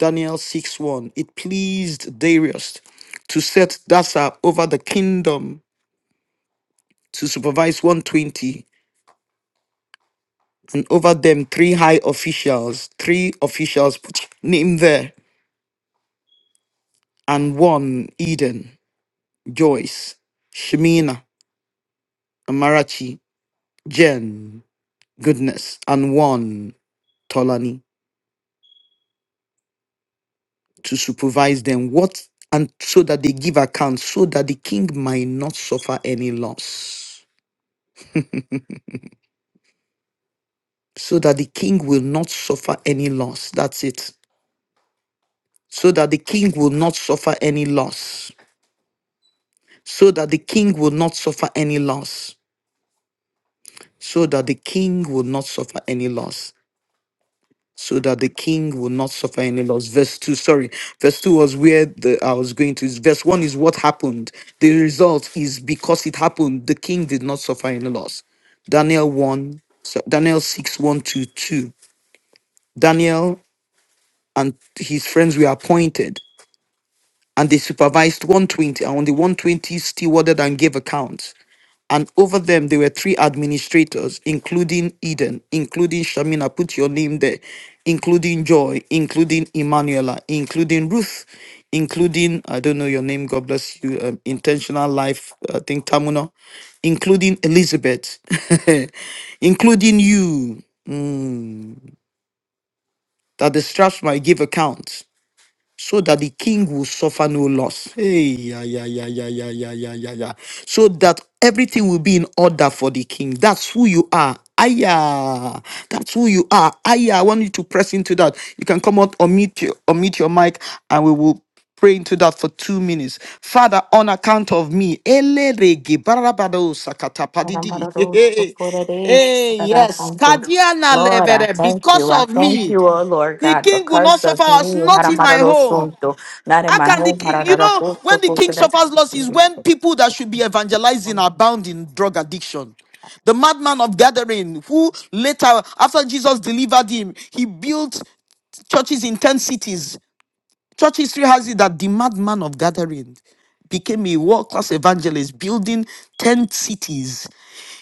Speaker 1: Daniel 6 1. It pleased Darius to set Dasa over the kingdom to supervise 120, and over them three high officials, three officials put name there, and one Eden, Joyce, Shemina, Amarachi, Jen, Goodness, and one Tolani to supervise them. What and so that they give account, so that the king might not suffer any loss. so that the king will not suffer any loss. That's it. So that the king will not suffer any loss. So that the king will not suffer any loss. So that the king will not suffer any loss. So that the king will not suffer any loss. Verse 2, sorry. Verse 2 was where the, I was going to. Verse 1 is what happened. The result is because it happened, the king did not suffer any loss. Daniel 1, so Daniel 6, 1 to 2. Daniel and his friends were appointed. and they supervised 120 and on the 120 stewarded and gave accounts and over them there were three administrators including eden including shamina put your name there including joy including Emanuela, including ruth including i don't know your name god bless you um, intentional life i think tamuna including elizabeth (laughs) including you mm, that the straps might give accounts so that the king will suffer no loss. Hey, yeah, yeah, yeah, yeah, yeah, yeah, yeah, yeah, yeah. So that everything will be in order for the king. That's who you are. Aya, that's who you are. Aya, I want you to press into that. You can come out or meet your or meet your mic, and we will pray into that for two minutes. Father, on account of me, elerege barabado sakata
Speaker 2: Lord,
Speaker 1: padidi.
Speaker 2: I
Speaker 1: (laughs) Hey, yes, Kadiana levere,
Speaker 2: thank
Speaker 1: because
Speaker 2: you. I
Speaker 1: of
Speaker 2: thank
Speaker 1: me,
Speaker 2: you, oh Lord
Speaker 1: the
Speaker 2: God,
Speaker 1: king will not
Speaker 2: because
Speaker 1: suffer
Speaker 2: of
Speaker 1: us,
Speaker 2: me.
Speaker 1: not in my home.
Speaker 2: Not in
Speaker 1: How
Speaker 2: my
Speaker 1: can the
Speaker 2: home.
Speaker 1: ki- you know when the king suffers loss is when people that should be evangelizing are bound in drug addiction. The madman of Gathering, who later, after Jesus delivered him, he built churches in 10 cities. Church history has it that the madman of Gathering became a world class evangelist, building 10 cities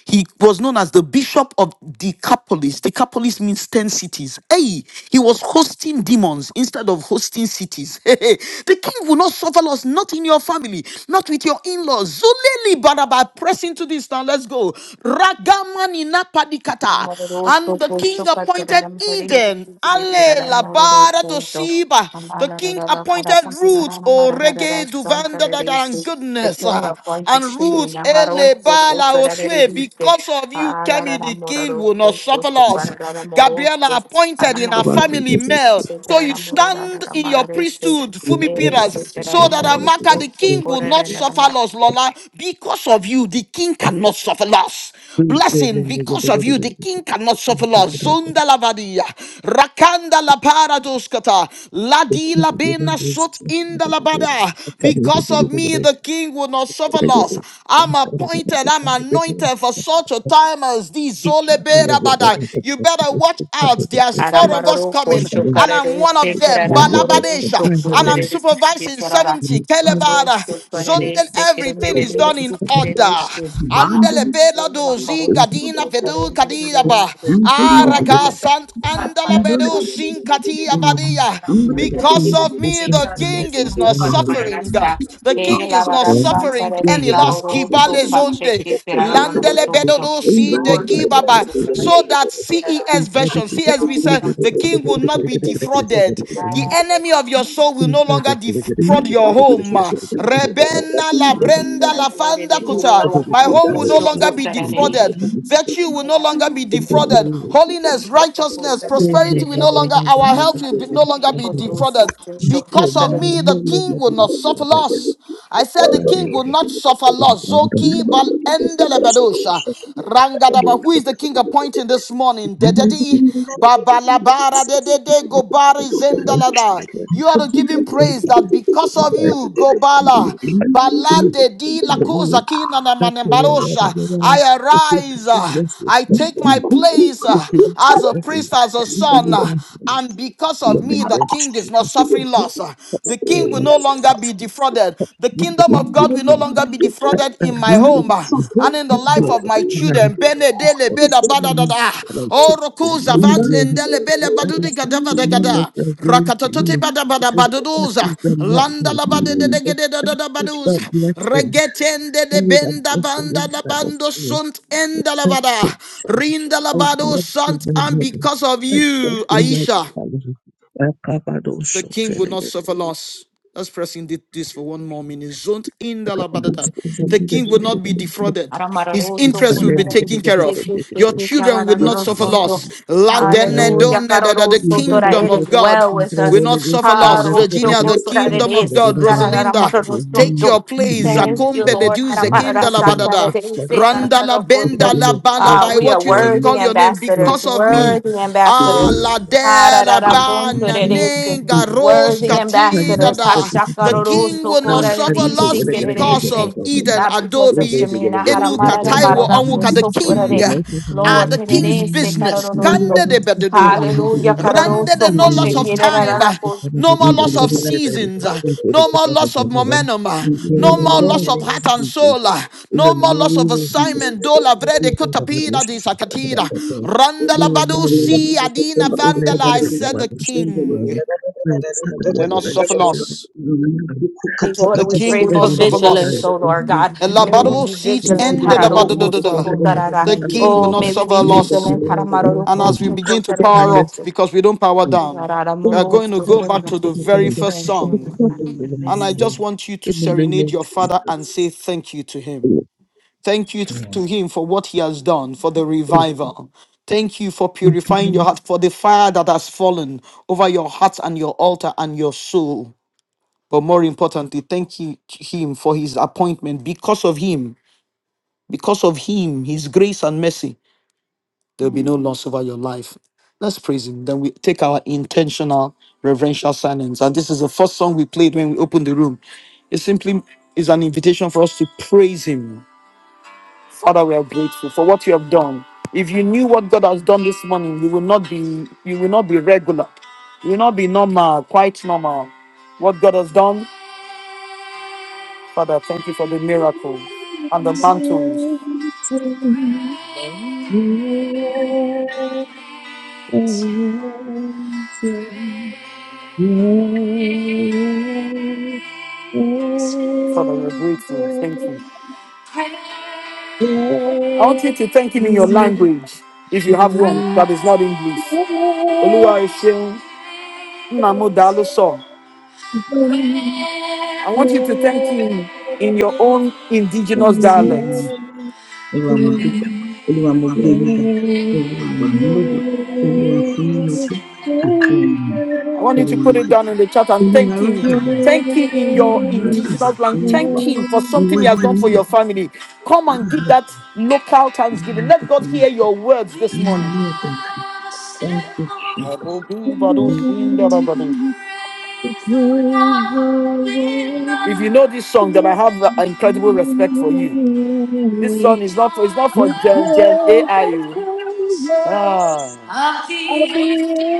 Speaker 1: he was known as the bishop of Decapolis. Decapolis means 10 cities. Hey, he was hosting demons instead of hosting cities. (laughs) the king will not suffer loss, not in your family, not with your in laws. Zuleli Baraba, press into this now. Let's go. Ragamani Napadikata.
Speaker 2: Amororoso,
Speaker 1: And the king
Speaker 2: Gosho,
Speaker 1: appointed
Speaker 2: Katararam, Sari,
Speaker 1: Eden. Ale Labara
Speaker 2: Amororoso, Do,
Speaker 1: dosiba. The king
Speaker 2: Amalarara,
Speaker 1: appointed
Speaker 2: Parasam,
Speaker 1: roots,
Speaker 2: Siraram,
Speaker 1: O rege
Speaker 2: Mararara, Santa,
Speaker 1: duvanda dada, and
Speaker 2: Resu, the
Speaker 1: goodness,
Speaker 2: king
Speaker 1: ah, and
Speaker 2: appointed
Speaker 1: roots,
Speaker 2: Shemina,
Speaker 1: ele
Speaker 2: Haroso,
Speaker 1: bala oswe,
Speaker 2: Gosararevite,
Speaker 1: because of you, Kemi
Speaker 2: Alarara,
Speaker 1: the king will not
Speaker 2: Mororoso, Gosho,
Speaker 1: suffer loss.
Speaker 2: Pararara,
Speaker 1: Gabriela
Speaker 2: Moroso,
Speaker 1: appointed in her
Speaker 2: Alamahara,
Speaker 1: family
Speaker 3: Thank
Speaker 1: male, so you
Speaker 2: Sirara,
Speaker 1: stand
Speaker 2: Morarara,
Speaker 1: in your
Speaker 2: Mararese,
Speaker 1: priesthood, Fumi
Speaker 2: Eresu,
Speaker 1: Piras,
Speaker 2: Sirara,
Speaker 1: so that
Speaker 2: Moroso,
Speaker 1: Amaka the
Speaker 2: Gosho,
Speaker 1: king will not suffer
Speaker 2: Korere,
Speaker 1: loss, Lola. Because of you, the king cannot suffer loss. Blessing because of you, the king cannot suffer loss. Zunda lavadia, rakanda la paradoskata, ladi la bena sot inda labada. Because of me, the king will not suffer loss. I'm appointed, I'm anointed for such a time as this. Zole bera bada. You better watch out. There's four of us
Speaker 2: Aramaroro
Speaker 1: coming,
Speaker 2: Kosho
Speaker 1: and
Speaker 2: Karero
Speaker 1: I'm one of them.
Speaker 2: Sekara Mororo
Speaker 1: Balabadesha, and I'm
Speaker 2: Sokutere
Speaker 1: supervising
Speaker 2: Sarara
Speaker 1: 70.
Speaker 2: Rosso
Speaker 1: Kelebada,
Speaker 2: Karere Sekere
Speaker 1: is
Speaker 2: Merere
Speaker 1: done in
Speaker 2: Sikere
Speaker 1: order.
Speaker 2: Rosso
Speaker 1: Andele bela
Speaker 2: Ahasuja
Speaker 1: dozi gadina
Speaker 2: Karosu
Speaker 1: vedu
Speaker 2: Karere Sikere
Speaker 1: kadiyaba.
Speaker 2: Rosso Lord, we
Speaker 1: Araga
Speaker 2: thank
Speaker 1: sant
Speaker 2: you, God,
Speaker 1: andala
Speaker 2: Father,
Speaker 1: bedu sin katiya
Speaker 3: you.
Speaker 1: vadiya.
Speaker 3: But if he
Speaker 1: Because of
Speaker 3: is
Speaker 1: me,
Speaker 3: not
Speaker 2: Gates
Speaker 1: the
Speaker 2: are
Speaker 3: enough
Speaker 1: king
Speaker 3: for
Speaker 1: is not
Speaker 3: final
Speaker 2: for
Speaker 1: suffering.
Speaker 2: Paradise Staff.
Speaker 1: The
Speaker 2: Hey,
Speaker 1: king is not
Speaker 2: Lavada
Speaker 3: form,
Speaker 2: San
Speaker 1: suffering
Speaker 3: he
Speaker 2: Saturday,
Speaker 1: any
Speaker 3: will not
Speaker 1: loss.
Speaker 3: for
Speaker 2: Caro, so
Speaker 1: Kibale
Speaker 2: such a
Speaker 1: zonde.
Speaker 2: kid, Ferraro,
Speaker 1: Landele
Speaker 2: so
Speaker 1: bedo
Speaker 2: so.
Speaker 1: do si de
Speaker 2: Lord,
Speaker 1: gibaba.
Speaker 2: so
Speaker 1: So
Speaker 2: Saturday,
Speaker 1: that
Speaker 2: Ferrara,
Speaker 1: CES version, CSB says the king will not be defrauded. The enemy of your soul will no longer defraud
Speaker 2: Hallelujah.
Speaker 1: your home. Rebena la brenda la fanda kuta. My home will no
Speaker 4: Thank
Speaker 1: longer
Speaker 4: you.
Speaker 1: be defrauded.
Speaker 4: Thank you.
Speaker 1: Virtue will no longer be defrauded. Holiness, righteousness,
Speaker 3: final
Speaker 1: prosperity will no longer, our health will be, no longer be defrauded. Because of
Speaker 2: Hallelujah.
Speaker 1: me, the king will not suffer loss. I said the king will not suffer loss. Zoki bal endelebedosha. Rangadaba. Who is the king appointing this morning? Dededi babalabara dedede gobari
Speaker 3: And I
Speaker 1: zendelada.
Speaker 3: take the
Speaker 1: You are to give him praise that because of you, Gobala, Balade di la cosa kina na manembarosha. I arise, uh, I take my place uh, as a priest, as a son, uh, and because of me, the king is not suffering loss. uh. The king will no longer be defrauded. The God will no longer be defrauded in my and in the life of my children. Bene beda bada da da. Oh, roku zavant in
Speaker 3: million because
Speaker 1: bele
Speaker 3: that
Speaker 1: badudi
Speaker 3: is the
Speaker 1: gadava de
Speaker 3: commandment
Speaker 1: gada.
Speaker 3: you are giving to
Speaker 1: Rakatototi
Speaker 3: me
Speaker 1: bada bada
Speaker 3: because that
Speaker 1: baduduza.
Speaker 3: is the
Speaker 1: Landa
Speaker 3: mandate.
Speaker 1: la bade de de
Speaker 4: Thank
Speaker 3: That
Speaker 1: gede da da da
Speaker 3: is
Speaker 1: baduz.
Speaker 3: the blessing.
Speaker 1: Regetende de
Speaker 3: Lord, I'm
Speaker 1: benda
Speaker 3: just a little
Speaker 1: banda la
Speaker 3: sad of
Speaker 1: bando
Speaker 3: you.
Speaker 1: sunt enda la
Speaker 3: I
Speaker 1: bada.
Speaker 3: picture.
Speaker 1: Rinda la
Speaker 3: I
Speaker 1: bado
Speaker 3: walk in
Speaker 1: sant
Speaker 3: my
Speaker 1: and
Speaker 3: mother.
Speaker 1: because of
Speaker 3: I walk
Speaker 1: you,
Speaker 3: in my
Speaker 1: Aisha.
Speaker 3: family. I cover those
Speaker 1: The
Speaker 3: shorts
Speaker 1: king will
Speaker 3: and I
Speaker 1: not
Speaker 3: get.
Speaker 1: suffer loss. Let's press in thi- this for one more minute. Zont in
Speaker 3: I
Speaker 1: the
Speaker 3: cover
Speaker 1: labadada. The king will not be defrauded. His
Speaker 2: Aramaroroso,
Speaker 1: interest will be taken
Speaker 2: Cosarabise,
Speaker 1: care of. Your
Speaker 2: Kiki,
Speaker 1: children will not suffer
Speaker 2: Sararoroso,
Speaker 1: loss. La dene
Speaker 2: Hallelujah,
Speaker 1: done da da. The
Speaker 2: Caroroso, Tora,
Speaker 1: kingdom
Speaker 2: it
Speaker 1: of
Speaker 2: is
Speaker 1: God
Speaker 2: well with
Speaker 1: will
Speaker 2: us.
Speaker 1: not suffer
Speaker 3: am
Speaker 1: loss.
Speaker 3: not a good
Speaker 2: Harosho,
Speaker 3: at
Speaker 1: Virginia, the
Speaker 3: I'm
Speaker 1: kingdom
Speaker 3: kind
Speaker 1: of
Speaker 2: Cosarabise,
Speaker 3: of
Speaker 1: God.
Speaker 3: good
Speaker 1: Rosalinda, Take
Speaker 2: Tararamaroso,
Speaker 1: your
Speaker 3: to
Speaker 1: place.
Speaker 3: know
Speaker 2: Thank you,
Speaker 1: Zakombe
Speaker 3: I
Speaker 2: Lord.
Speaker 1: leduze
Speaker 3: want. You
Speaker 2: Aramarara,
Speaker 1: kinda la
Speaker 3: need to know
Speaker 2: Santa,
Speaker 1: badada.
Speaker 3: what I
Speaker 2: Rebese,
Speaker 3: want.
Speaker 1: Randa la
Speaker 3: You need
Speaker 1: benda
Speaker 2: Cararoroso.
Speaker 1: la balaba.
Speaker 2: Ah,
Speaker 1: I
Speaker 2: we are
Speaker 1: want you to
Speaker 2: worthy
Speaker 1: call your name
Speaker 3: to
Speaker 2: ambassadors,
Speaker 1: because of me.
Speaker 2: worthy
Speaker 1: Ah,
Speaker 2: ambassadors.
Speaker 1: la de la
Speaker 2: Hararara,
Speaker 1: ba
Speaker 2: Conto,
Speaker 1: na
Speaker 2: it is,
Speaker 1: ne
Speaker 3: in
Speaker 1: ga ros
Speaker 3: in
Speaker 2: Worthy
Speaker 1: kati
Speaker 3: terms
Speaker 1: da
Speaker 3: of
Speaker 2: ambassadors.
Speaker 1: da. The
Speaker 3: everything.
Speaker 1: king
Speaker 2: Hashakaroroso,
Speaker 1: will not
Speaker 3: Um, and
Speaker 1: suffer
Speaker 3: I'm
Speaker 2: Corarabise,
Speaker 1: loss
Speaker 3: gonna gonna gonna
Speaker 1: because
Speaker 3: get that
Speaker 1: of
Speaker 2: Kererese
Speaker 3: album.
Speaker 1: Eden
Speaker 2: not because of
Speaker 3: Gonna gonna
Speaker 1: Adobe
Speaker 3: gonna
Speaker 2: Shemina
Speaker 3: gonna
Speaker 1: Enu
Speaker 3: gonna
Speaker 2: Haramarada
Speaker 3: gonna gonna.
Speaker 1: Kataiwo
Speaker 2: Marada so
Speaker 1: Onwuka, the
Speaker 3: It's
Speaker 1: king,
Speaker 3: really
Speaker 2: Sofurare.
Speaker 3: nice and
Speaker 1: ah,
Speaker 2: Lord,
Speaker 1: the
Speaker 3: really,
Speaker 1: king's
Speaker 2: Terere se
Speaker 1: business.
Speaker 2: Caroroso.
Speaker 3: really,
Speaker 1: Kande
Speaker 3: really
Speaker 1: de bededu.
Speaker 3: funny.
Speaker 2: Hallelujah,
Speaker 1: Rendered
Speaker 3: It's
Speaker 2: Caroroso,
Speaker 1: and no
Speaker 3: really,
Speaker 1: loss
Speaker 3: really
Speaker 1: of time,
Speaker 3: good.
Speaker 2: Foshekirara.
Speaker 1: uh,
Speaker 3: It's
Speaker 2: for
Speaker 3: kind of
Speaker 1: no
Speaker 3: good,
Speaker 1: more
Speaker 3: good, good,
Speaker 1: loss
Speaker 3: good,
Speaker 1: of
Speaker 3: good, good.
Speaker 1: seasons, uh,
Speaker 3: It's good,
Speaker 1: no
Speaker 3: it's
Speaker 1: more
Speaker 3: good, good, good,
Speaker 1: loss of
Speaker 3: good, good, good.
Speaker 1: momentum, uh, no
Speaker 3: Really
Speaker 1: more loss
Speaker 3: love
Speaker 1: of
Speaker 3: it,
Speaker 1: heart and
Speaker 3: Jesus.
Speaker 1: soul, uh,
Speaker 3: In the
Speaker 1: no more loss of
Speaker 3: name of
Speaker 1: assignment.
Speaker 3: Jesus,
Speaker 1: Dola
Speaker 3: we
Speaker 4: you.
Speaker 1: vrede
Speaker 3: come up this
Speaker 1: kutapira di
Speaker 3: stuff and
Speaker 1: sakatira.
Speaker 3: about that day.
Speaker 1: Randala
Speaker 3: Lord,
Speaker 1: badu
Speaker 3: Lord,
Speaker 4: Olúwa mo
Speaker 3: yes.
Speaker 1: si adina
Speaker 3: In the name
Speaker 1: vandala.
Speaker 3: of the
Speaker 1: I said
Speaker 3: Lord,
Speaker 1: the
Speaker 3: I worship you, Lord.
Speaker 1: king
Speaker 3: Let's celebrate
Speaker 1: will not suffer
Speaker 3: our
Speaker 1: loss.
Speaker 2: Lord,
Speaker 3: and
Speaker 1: The
Speaker 2: we
Speaker 3: the
Speaker 1: king
Speaker 2: pray
Speaker 1: will
Speaker 3: Son
Speaker 1: not
Speaker 2: for
Speaker 3: of the
Speaker 1: suffer
Speaker 2: vigilance,
Speaker 3: Son,
Speaker 1: loss.
Speaker 2: oh
Speaker 3: in
Speaker 2: Lord
Speaker 3: your
Speaker 2: God. May we
Speaker 3: people,
Speaker 1: Elabado
Speaker 2: be
Speaker 1: seat
Speaker 3: to
Speaker 2: vigilant.
Speaker 3: know
Speaker 1: ended
Speaker 3: what
Speaker 1: about the
Speaker 3: is
Speaker 1: the-
Speaker 2: Hararoko
Speaker 3: the
Speaker 1: the- the.
Speaker 3: time
Speaker 2: Sokotarara.
Speaker 1: The
Speaker 3: of
Speaker 1: king will
Speaker 2: Oh,
Speaker 1: not
Speaker 2: may
Speaker 3: the
Speaker 2: we be
Speaker 1: suffer loss.
Speaker 2: vigilant.
Speaker 3: freedom, to
Speaker 1: And
Speaker 2: Haramaroko
Speaker 1: as we begin to
Speaker 2: Sokotarere.
Speaker 1: power up,
Speaker 3: understand
Speaker 1: because we don't power
Speaker 2: Thank you,
Speaker 1: down,
Speaker 2: Harara
Speaker 3: all
Speaker 1: we
Speaker 3: the
Speaker 1: are
Speaker 2: Moro
Speaker 1: going to
Speaker 3: purpose of
Speaker 1: go
Speaker 3: the
Speaker 1: back
Speaker 2: Sokorara.
Speaker 1: to the very
Speaker 3: thing,
Speaker 1: first
Speaker 2: Thank
Speaker 3: all
Speaker 2: you,
Speaker 3: the
Speaker 2: Lord
Speaker 1: song.
Speaker 3: purpose of the
Speaker 2: God.
Speaker 1: And I just
Speaker 3: thing,
Speaker 1: want you to
Speaker 3: in the name
Speaker 1: serenade
Speaker 3: of
Speaker 1: your father and
Speaker 3: Jesus.
Speaker 1: say thank you to him.
Speaker 3: Oh,
Speaker 1: Thank you to him for what he has done, for the
Speaker 3: oh,
Speaker 1: revival. Thank you for purifying your heart, for the fire that has fallen over your heart and your altar and your soul. But more importantly, thank you, to him for his appointment. Because of him, because of him, his grace and mercy, There'll be no loss over your life. Let's praise Him. Then we take our intentional reverential silence. And this is the first song we played when we opened the room. It simply is an invitation for us to praise Him. Father, we are grateful for what you have done. If you knew what God has done this morning, you will not be you will not be regular. You will not be normal, quite normal. What God has done, Father, thank you for the miracle and the mantles. Father, we are
Speaker 3: thank
Speaker 1: grateful.
Speaker 3: you,
Speaker 1: Thank
Speaker 3: Lord.
Speaker 1: you.
Speaker 3: Thank
Speaker 1: I want you to thank him in your language, if you have one
Speaker 3: you.
Speaker 1: that is not English. Oluwa Esheun, Nnamu Daluso. I want you to thank him in your own indigenous dialect.
Speaker 4: dúpẹ́, Olúwa mo gbé yín ga, Olúwa yìn ín lógo, Olúwa fún yín ní ọpẹ́ àti ẹ̀yìn,
Speaker 1: I want you to
Speaker 4: Olúwa
Speaker 1: put it down
Speaker 4: dúpẹ́,
Speaker 1: in the chat and
Speaker 4: Olúwa
Speaker 1: thank him.
Speaker 4: rábàbà.
Speaker 1: Thank him in your
Speaker 4: And
Speaker 1: indigenous language, Thank him for something he has
Speaker 4: once
Speaker 1: done for your
Speaker 4: again,
Speaker 1: family. Come
Speaker 4: I
Speaker 1: and give
Speaker 4: have
Speaker 1: that local thanksgiving.
Speaker 4: found
Speaker 1: Let
Speaker 4: the
Speaker 1: God hear
Speaker 4: thing.
Speaker 1: your words this
Speaker 4: I'm
Speaker 1: morning.
Speaker 4: not thank you, Jesus.
Speaker 3: The brave are
Speaker 1: If you
Speaker 3: waiting.
Speaker 1: know this song, then I have uh, incredible respect for you. This song is not for it's not for
Speaker 3: The
Speaker 1: Gen Gen
Speaker 3: day that
Speaker 1: AI.
Speaker 3: told us
Speaker 1: oh.
Speaker 3: I'll be
Speaker 1: Ah.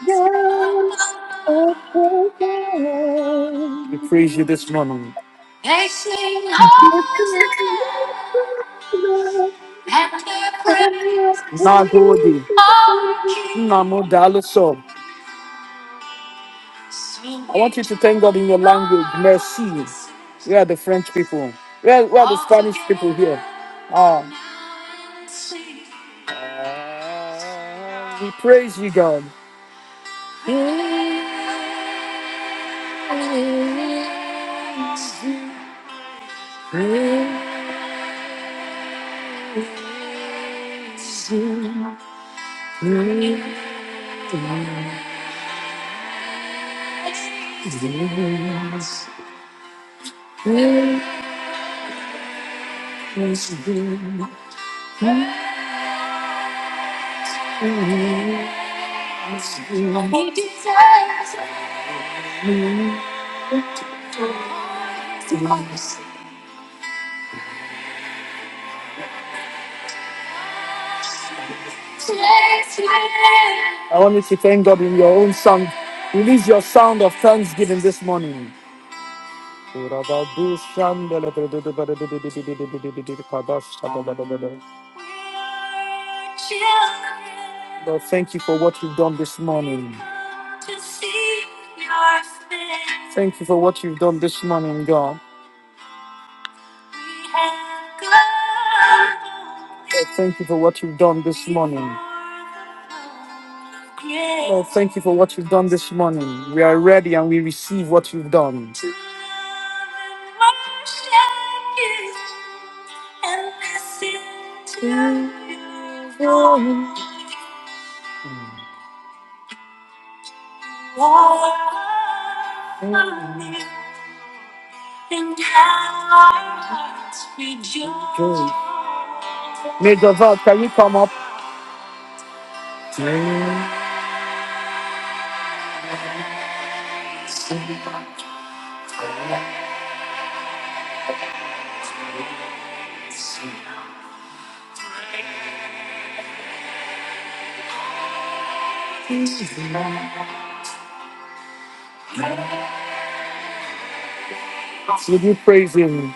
Speaker 3: yours at the dawn.
Speaker 1: We praise you this morning. They sing
Speaker 3: You see
Speaker 1: hosanna,
Speaker 3: me from love
Speaker 1: and their
Speaker 3: and I
Speaker 1: praise Nagodi.
Speaker 3: praise you.
Speaker 1: Namodaloso. I want you to thank God in your language. Merci. We are the French people. We are, we are the Spanish people here. Ah, we praise you, God. I want you to thank God in your own song. Release your sound of thanksgiving this morning. Lord, thank you for what you've done this morning. Thank you for what you've done this morning, God. Lord, thank you for what you've done this morning. Lord, thank you for what you've done this morning. We are ready and we receive what you've done. Major Val, can you come up? Would you praise him?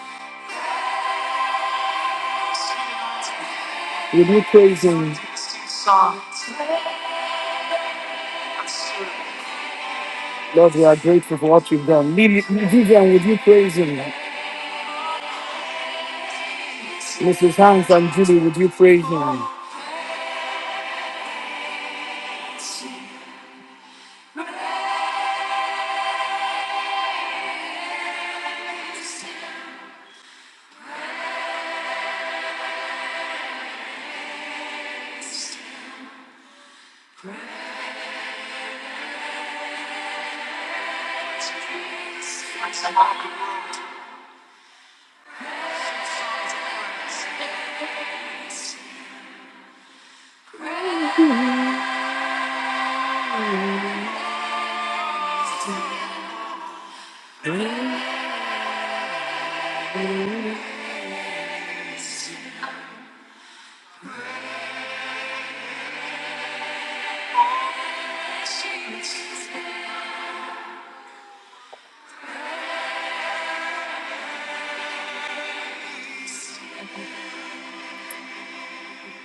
Speaker 1: Would you praise him? Lord, we are grateful for what you've done. Lily, Vivian, would you praise him? Mrs. Hans and Julie, would you praise him?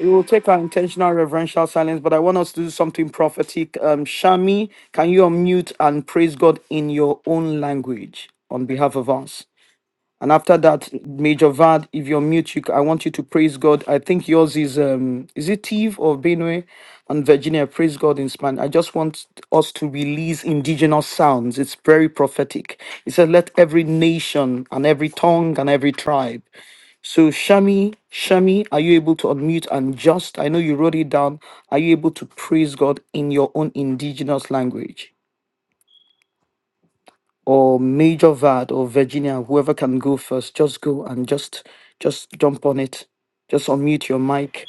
Speaker 1: We will take our intentional reverential silence, but I want us to do something prophetic. Um, Shami, can you unmute and praise God in your own language on behalf of us? And after that, Major Vad, if you're mute, you, c- I want you to praise God. I think yours is um is it Eve or Benue and Virginia? Praise God in Spanish. I just want us to release indigenous sounds. It's very prophetic. It says, "Let every nation and every tongue and every tribe." So Shami, Shami, are you able to unmute and just? I know you wrote it down. Are you able to praise God in your own indigenous language? or Major Vad or Virginia, whoever can go first, just go and just just jump on it. Just unmute your mic.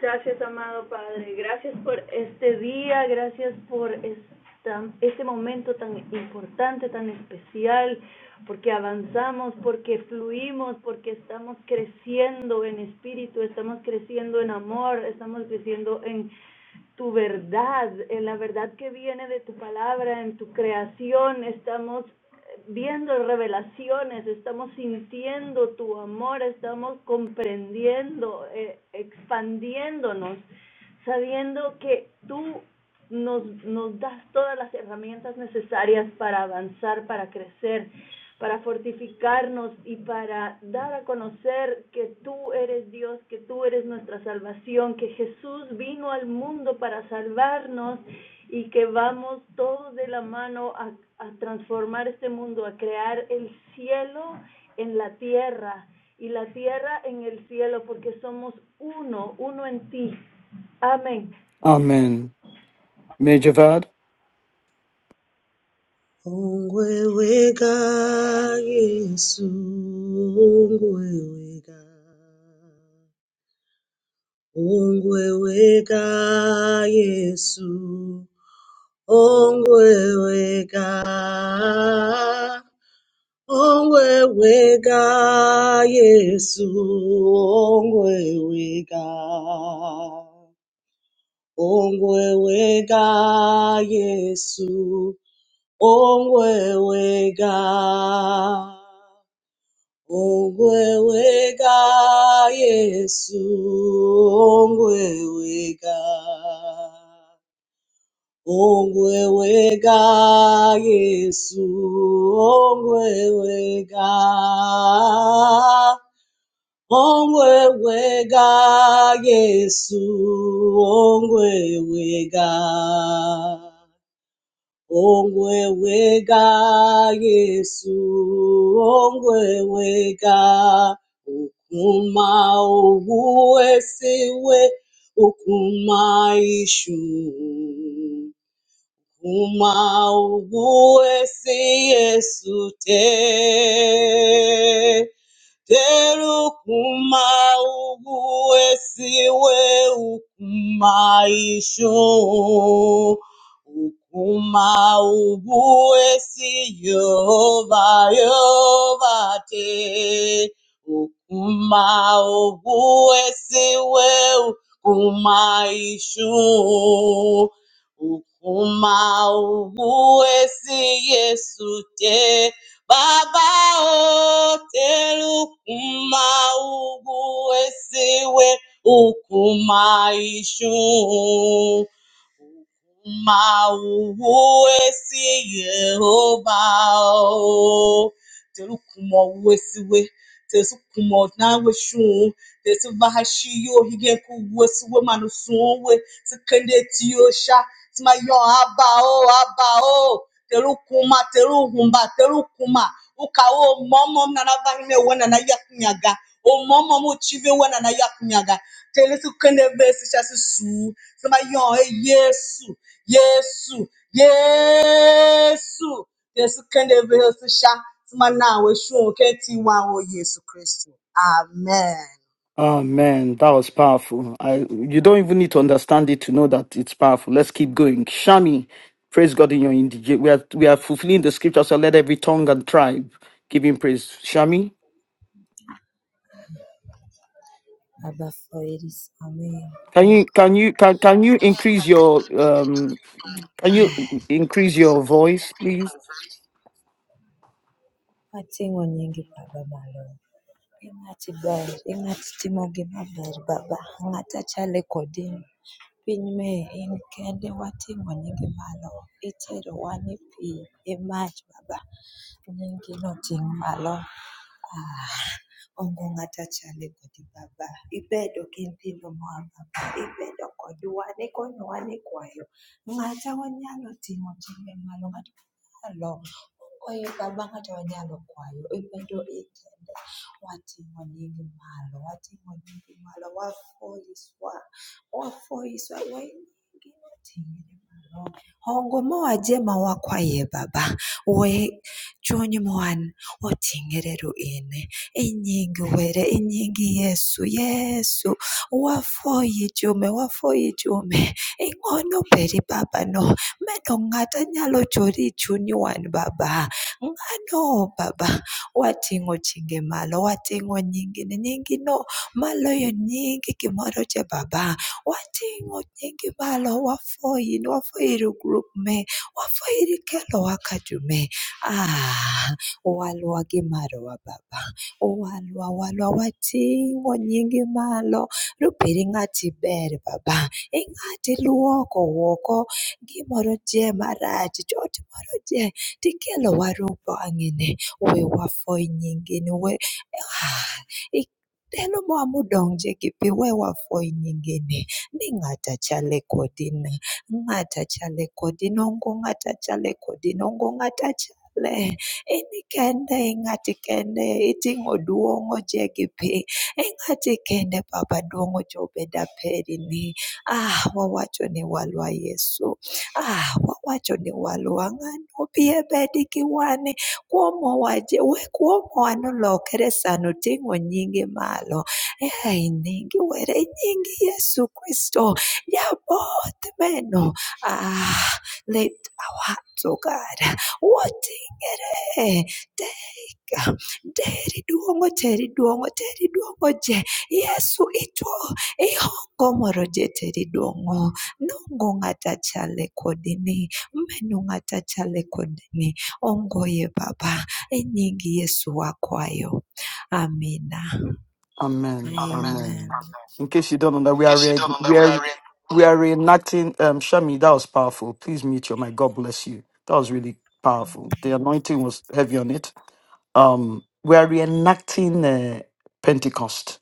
Speaker 5: Gracias, amado Padre. Gracias por este día, gracias por esta, este momento tan importante, tan especial, porque avanzamos, porque fluimos, porque estamos creciendo en espíritu, estamos creciendo en amor, estamos creciendo en tu verdad, en la verdad que viene de tu palabra, en tu creación, estamos viendo revelaciones, estamos sintiendo tu amor, estamos comprendiendo, eh, expandiéndonos, sabiendo que tú nos, nos das todas las herramientas necesarias para avanzar, para crecer, para fortificarnos y para dar a conocer que tú eres Dios, que tú eres nuestra salvación, que Jesús vino al mundo para salvarnos y que vamos todos de la mano a, a transformar este mundo, a crear el cielo en la tierra y la tierra en el cielo, porque somos uno, uno en ti. Amén.
Speaker 1: Amen. Major Vad.
Speaker 6: Ongwewega Yesu, ongwewega, ongwewega Yesu, ongwewega, ongwewega Yesu, ongwewega, ongwewega Yesu, ongwewega. Ongweweka Yesu, ongweweka. Ongweweka Yesu, ongweweka. Ongweweka Yesu, ongweweka ongwewega yesu ongwewega ukuma ubu wesiwe ukuma ishu ukuma ubu wesi yesu te Terukuma ubu esiwe ukuma isho. Ukuma ubu esi yoba yoba te. Ukuma ubu esiwe ukuma isho. Ukuma ubu esi yesu te. Baba otelukuma ugu esiwe ukuma ishu. Ma mawuwesi yehova o terukumo wesiwe tesukumo naweshu tesuvahashiyo higeku wesiwe manusuwe sikendetiosha timayo abao abao terukuma teruhumba terukuma ukawo momom nanavahime wenana yakunyaga omomom uchive wenana yakunyaga telesikendevesikasisu timayo eyesu Yesu, Yesu, tesikende behosisha, simana weshu, keti wa o Yesu Kristu. Amen.
Speaker 1: Amen. That was powerful. I you don't even need to understand it to know that it's powerful. Let's keep going. Shami, praise God in your indigent. We are we are fulfilling the scripture, so let every tongue and tribe give him praise. Shami,
Speaker 7: Baba for heri samehe
Speaker 1: can you
Speaker 7: Michael.
Speaker 1: can you can can you increase your um can you increase your voice, please?
Speaker 7: Wating'o nyingi Baba malo. Ing'ati ber, ing'ati timo gimaber Baba. Ng'at achalo e kodi. Piny me in kende wating'o nyingi malo. Iterowa ni pi, gi mach Baba. Nyingi no ting' malo. Ah, onge ng'ato chal e kodi Baba. Ibedo gi nyithindo mawa Baba, ibedo kodwa nikonyowa ni kwayo. Ng'ata wanyalo timo chimbe malo, ng'ata wanyalo kwayo Baba, ng'ata wanyalo kwayo. Ibedo ikende, wating'o nyingi malo, wating'o nyingi malo, wafoyiswa, wafoyiswa, wanyingi wating'ore malo. Hongo mowaje ma wakwaye Baba, we chuny mwan oting'ore ru in. inyigiwere inkingi yesu yesu wafoyo ichume wafoyo ichume ing'ono peri babano meno ng'ata nyalo chori e chunyi wan baba ng'ano baba wating'o chinge malo wating'o nyingini nyingino maloyo nying gimoro cha baba wating'o nyingi malo wafoyi ni wafoyi ir grup me wafoyi ir kelo waka jume ah walwa gi marwa baba olwa walwa wating'o nyingi malo rubed ng'ati ber baba. E ng'ati luoko oko gimoro je marach, chot moro je tikelo waru bang'ini. We wafweny nyingini, we ah, i- Telo moa modonje gi pi we wafweny nyingeni ni ng'ata chale kodi ni, ng'ata chale kodi, nongo ng'ata chale kodi, nongo ng'ata chale. in kende ing'ati kende iting'o duong' ojegi piny ing'ati kende baba duong' ochopo e dapereni ah wawacho ni walwa Yesu ah wawacho ni walwa ng'ano obie bed gi wan kuomwa waje we kuomwa nolokre sano oting'o nyinge malo ea inyingi were inyingi Yesu Kristo jaboth meno ah lift our hearts oh God what in Eh, tega, deri duomo, teri duomo, teri duomo je. Yesu itwa ihongomoro je teri duomo. Nungu ngata chale kodini, menu ngata chale kodini. Ongoye baba, enyingi Yesu wakwayo. Amina.
Speaker 1: Amen.
Speaker 7: Amen.
Speaker 1: Amen.
Speaker 7: Amen.
Speaker 1: In case you don't know that we are re- we are we are reenacting um Shami, that was powerful. Please mute your mic. God bless you. That was really powerful. The anointing was heavy on it. Um we are reenacting uh, Pentecost.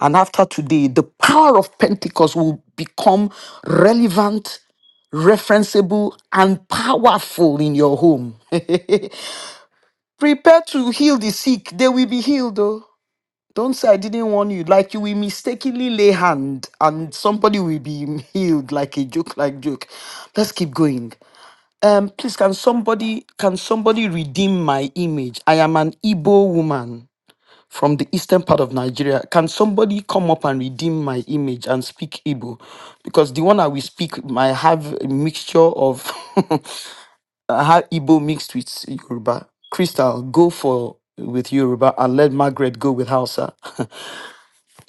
Speaker 1: And after today, the power of Pentecost will become relevant referenceable and powerful in your home. (laughs) Prepare to heal the sick, they will be healed. Don't say I didn't warn you. Like you will mistakenly lay hand and somebody will be (laughs) healed like a joke, like joke. Let's keep going. Um, please can somebody can somebody redeem my image? I am an Igbo woman from the eastern part of Nigeria. Can somebody come up and redeem my image and speak Igbo? Because the one I will speak might have a mixture of (laughs) I have Igbo mixed with Yoruba. Crystal, go for with Yoruba and let Margaret go with Hausa. (laughs)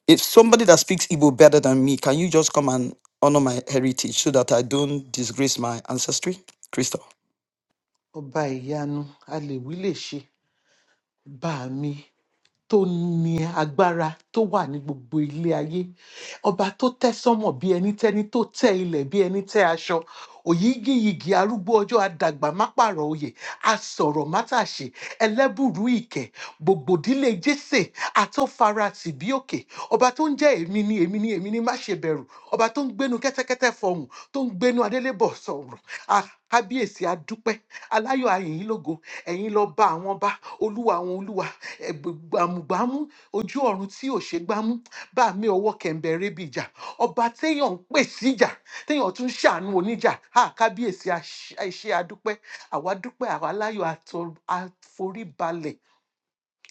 Speaker 1: If somebody that speaks Igbo better than me, can you just come and honor my heritage so that I don't disgrace my ancestry? Crystal.
Speaker 8: ọba ìyanu alèwí lè wí lè ṣe bá mi tó ní agbára tó wà ní gbogbo ilé ayé ọba tó tẹ́ sánmọ̀ bí ẹni tẹ́ni tó tẹ́ ilẹ̀ bí ẹni tẹ́ aṣọ òyígíyigì arúgbó ọjọ́ adàgbà má pààrọ̀ oyè asọ̀rọ̀ má tàṣe ẹlẹ́bùrú ìkẹ́ gbògbòdílé jésè àtọ́farasì bí òkè ọba tó ń jẹ́ èmi ni èmi ni èmi ni má ṣe bẹ̀rù ọba tó ń gbénu kẹ́tẹ́kẹ́tẹ́ fọhùn tó ń gbénu adélébọ̀ sọ̀rọ̀ kábíyèsí adúpẹ́ aláyọ̀ ayìnyín lógo ẹ̀yin lọ bá àwọn bá olúwa àwọn olúwa ẹ̀bù- gbàmùgbàmù ojú ọ̀run tí ò ṣe gbámú bá mi ọwọ́ kẹ̀ǹbẹ̀ rébi ìjà ọba téèyàn ń pè síjà téèyàn tún ń ṣàánú oníjà á kábíyèsí a ṣe adúpẹ́ àwa dúpẹ́ àwa aláyọ̀ atọ- àforíbalẹ̀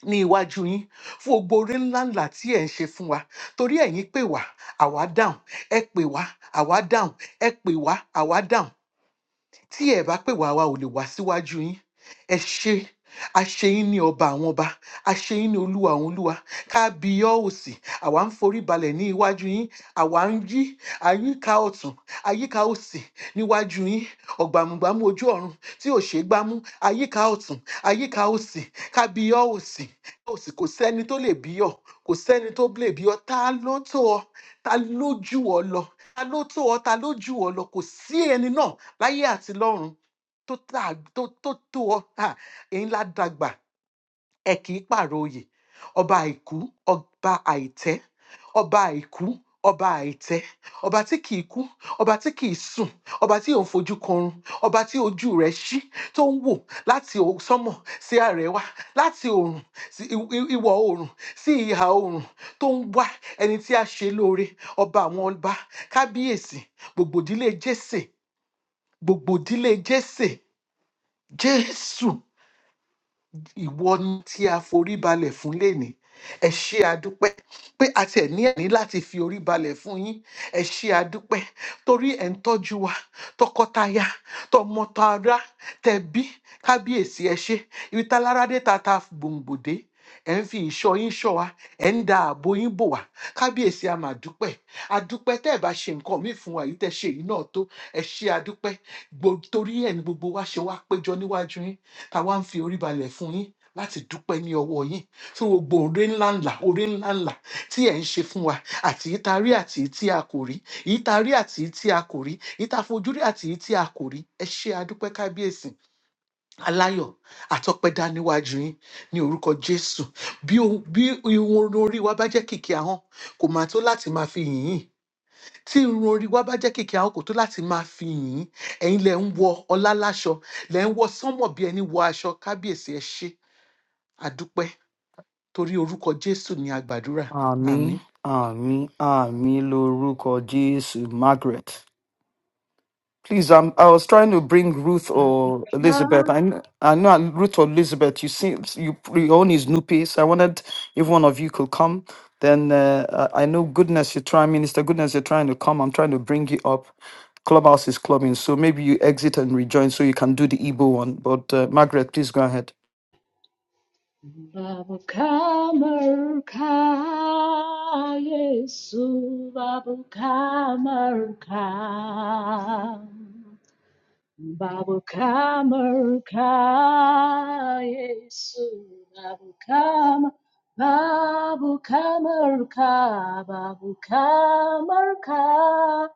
Speaker 8: ní iwájú yín fún gbogbo oore ńláńlá tí ẹ̀ ń ṣe fún wa torí ẹ̀yin pè wá àwa dáhùn ẹ pè wá àwa dáhùn ẹ pè wá àwa dáhùn tí ẹ bá pè wá wa ò lè wá síwájú yín ẹ ṣe àṣeyín ní ọba àwọn ọba àṣeyín ní olúwa àwọn olúwa kábíyọ òsì àwa ń forí balẹ̀ ní iwájú yín àwa ń yí àyíká ọ̀tún àyíká òsì níwájú yín ọ̀gbàmùgbàmù ojú ọ̀run tí ò ṣeé gbámú àyíká ọ̀tún àyíká òsì kábíyọ òsì òsì kò sẹ́ni tó lè bí ọ kò sẹ́ni tó lè bí ọ ta ló tó ọ ta ló jù ọ lọ ta ló tó ọ ta ló jù ọ lọ kò sí ẹni náà láyé àti lọ́run tó tà- tó- tó tó ọ Ha, èyí la dàgbà ẹ kì í pààrọ̀ oyè ọba àìkú ọba àìtẹ́ ọba àìkú ọba àìtẹ́ ọba tí kì í kú ọba tí kì í sùn ọba tí ò ń fojú kanrun ọba tí ojú rẹ̀ ṣí tó ń wò láti o- sánmọ̀ sí àrẹwà láti oòrùn sí i- i- ìwọ̀ oòrùn sí ìhà oòrùn tó ń wá ẹni tí a ṣe lóore ọba àwọn ọba kábíyèsí gbogbo ìdílé jésè gbogbo ìdílé jésè jésù ìwọ ni tí a forí balẹ̀ fún lénìí ẹ ṣé àdúpẹ́ pé a tiẹ̀ ní ẹ̀ní láti fi orí balẹ̀ fún yín ẹ ṣé àdúpẹ́ torí ẹ̀ ń tọ́jú wa tọkọtaya tọmọtara tẹbí kábíyèsí ẹ ṣé ibi tálára dé ta ta gbòǹgbò dé ẹ ń fi ìṣọ́ yín ṣọ́ wa ẹ ń da ààbò yín bò wá kábíyèsí a máa dúpẹ́ àdúpẹ́ tẹ́ ẹ bá ṣe nǹkan míì fún wa yìí tẹ́ ṣe yìí náà tó ẹ ṣé àdúpẹ́ gbo- torí ẹ̀ ní gbogbo wa ṣe wá péjọ níwájú yín táwa ń fi orí balẹ̀ fún yín láti dúpẹ́ ní ọwọ́ yín fún gbogbo oore ńláńlá oore ńláńlá tí ẹ̀ ń ṣe fún wa àti èyí tá a rí àti èyí tí a kò rí èyí tá a rí àti èyí tí a kò rí èyí tá a fojú rí àti èyí tí a kò rí ẹ ṣé adúpẹ́ kábíyèsí aláyọ̀ àtọpẹ́dá níwájú yín ní orúkọ jésù bí ohun- bí irun orí wa bá jẹ́ kìkì ahọ́n kò máa tó láti máa fi yìn yín tí irun orí wa bá jẹ́ kèké àwọn kò tó láti máa fi yìn ín. ẹ̀yin lẹ̀ ń wọ ọlá láṣọ lẹ̀ ń wọ sánmọ̀ bí ẹni wọ aṣọ kábíyèsí ẹ ṣé àdúpẹ́ torí orúkọ jésù ni àgbàdúrà àmín.
Speaker 1: Ami, Ami, Ami, Loruko, Jesus, Margaret. Please, um, I was trying to bring Ruth or Elizabeth. I, kn- I know Ruth or Elizabeth. You see, you your own is Nupi, so I wanted if one of you could come. Then uh, I I know goodness you're trying, Minister. Goodness you're trying to come. I'm trying to bring you up. Clubhouse is clubbing, so maybe you exit and rejoin so you can do the Igbo one. But uh, Margaret, please go ahead.
Speaker 9: Babu kamar ka Yesu babu kamar Babukama Ruka Yesu Babukama Babukama Ruka Babukama Ruka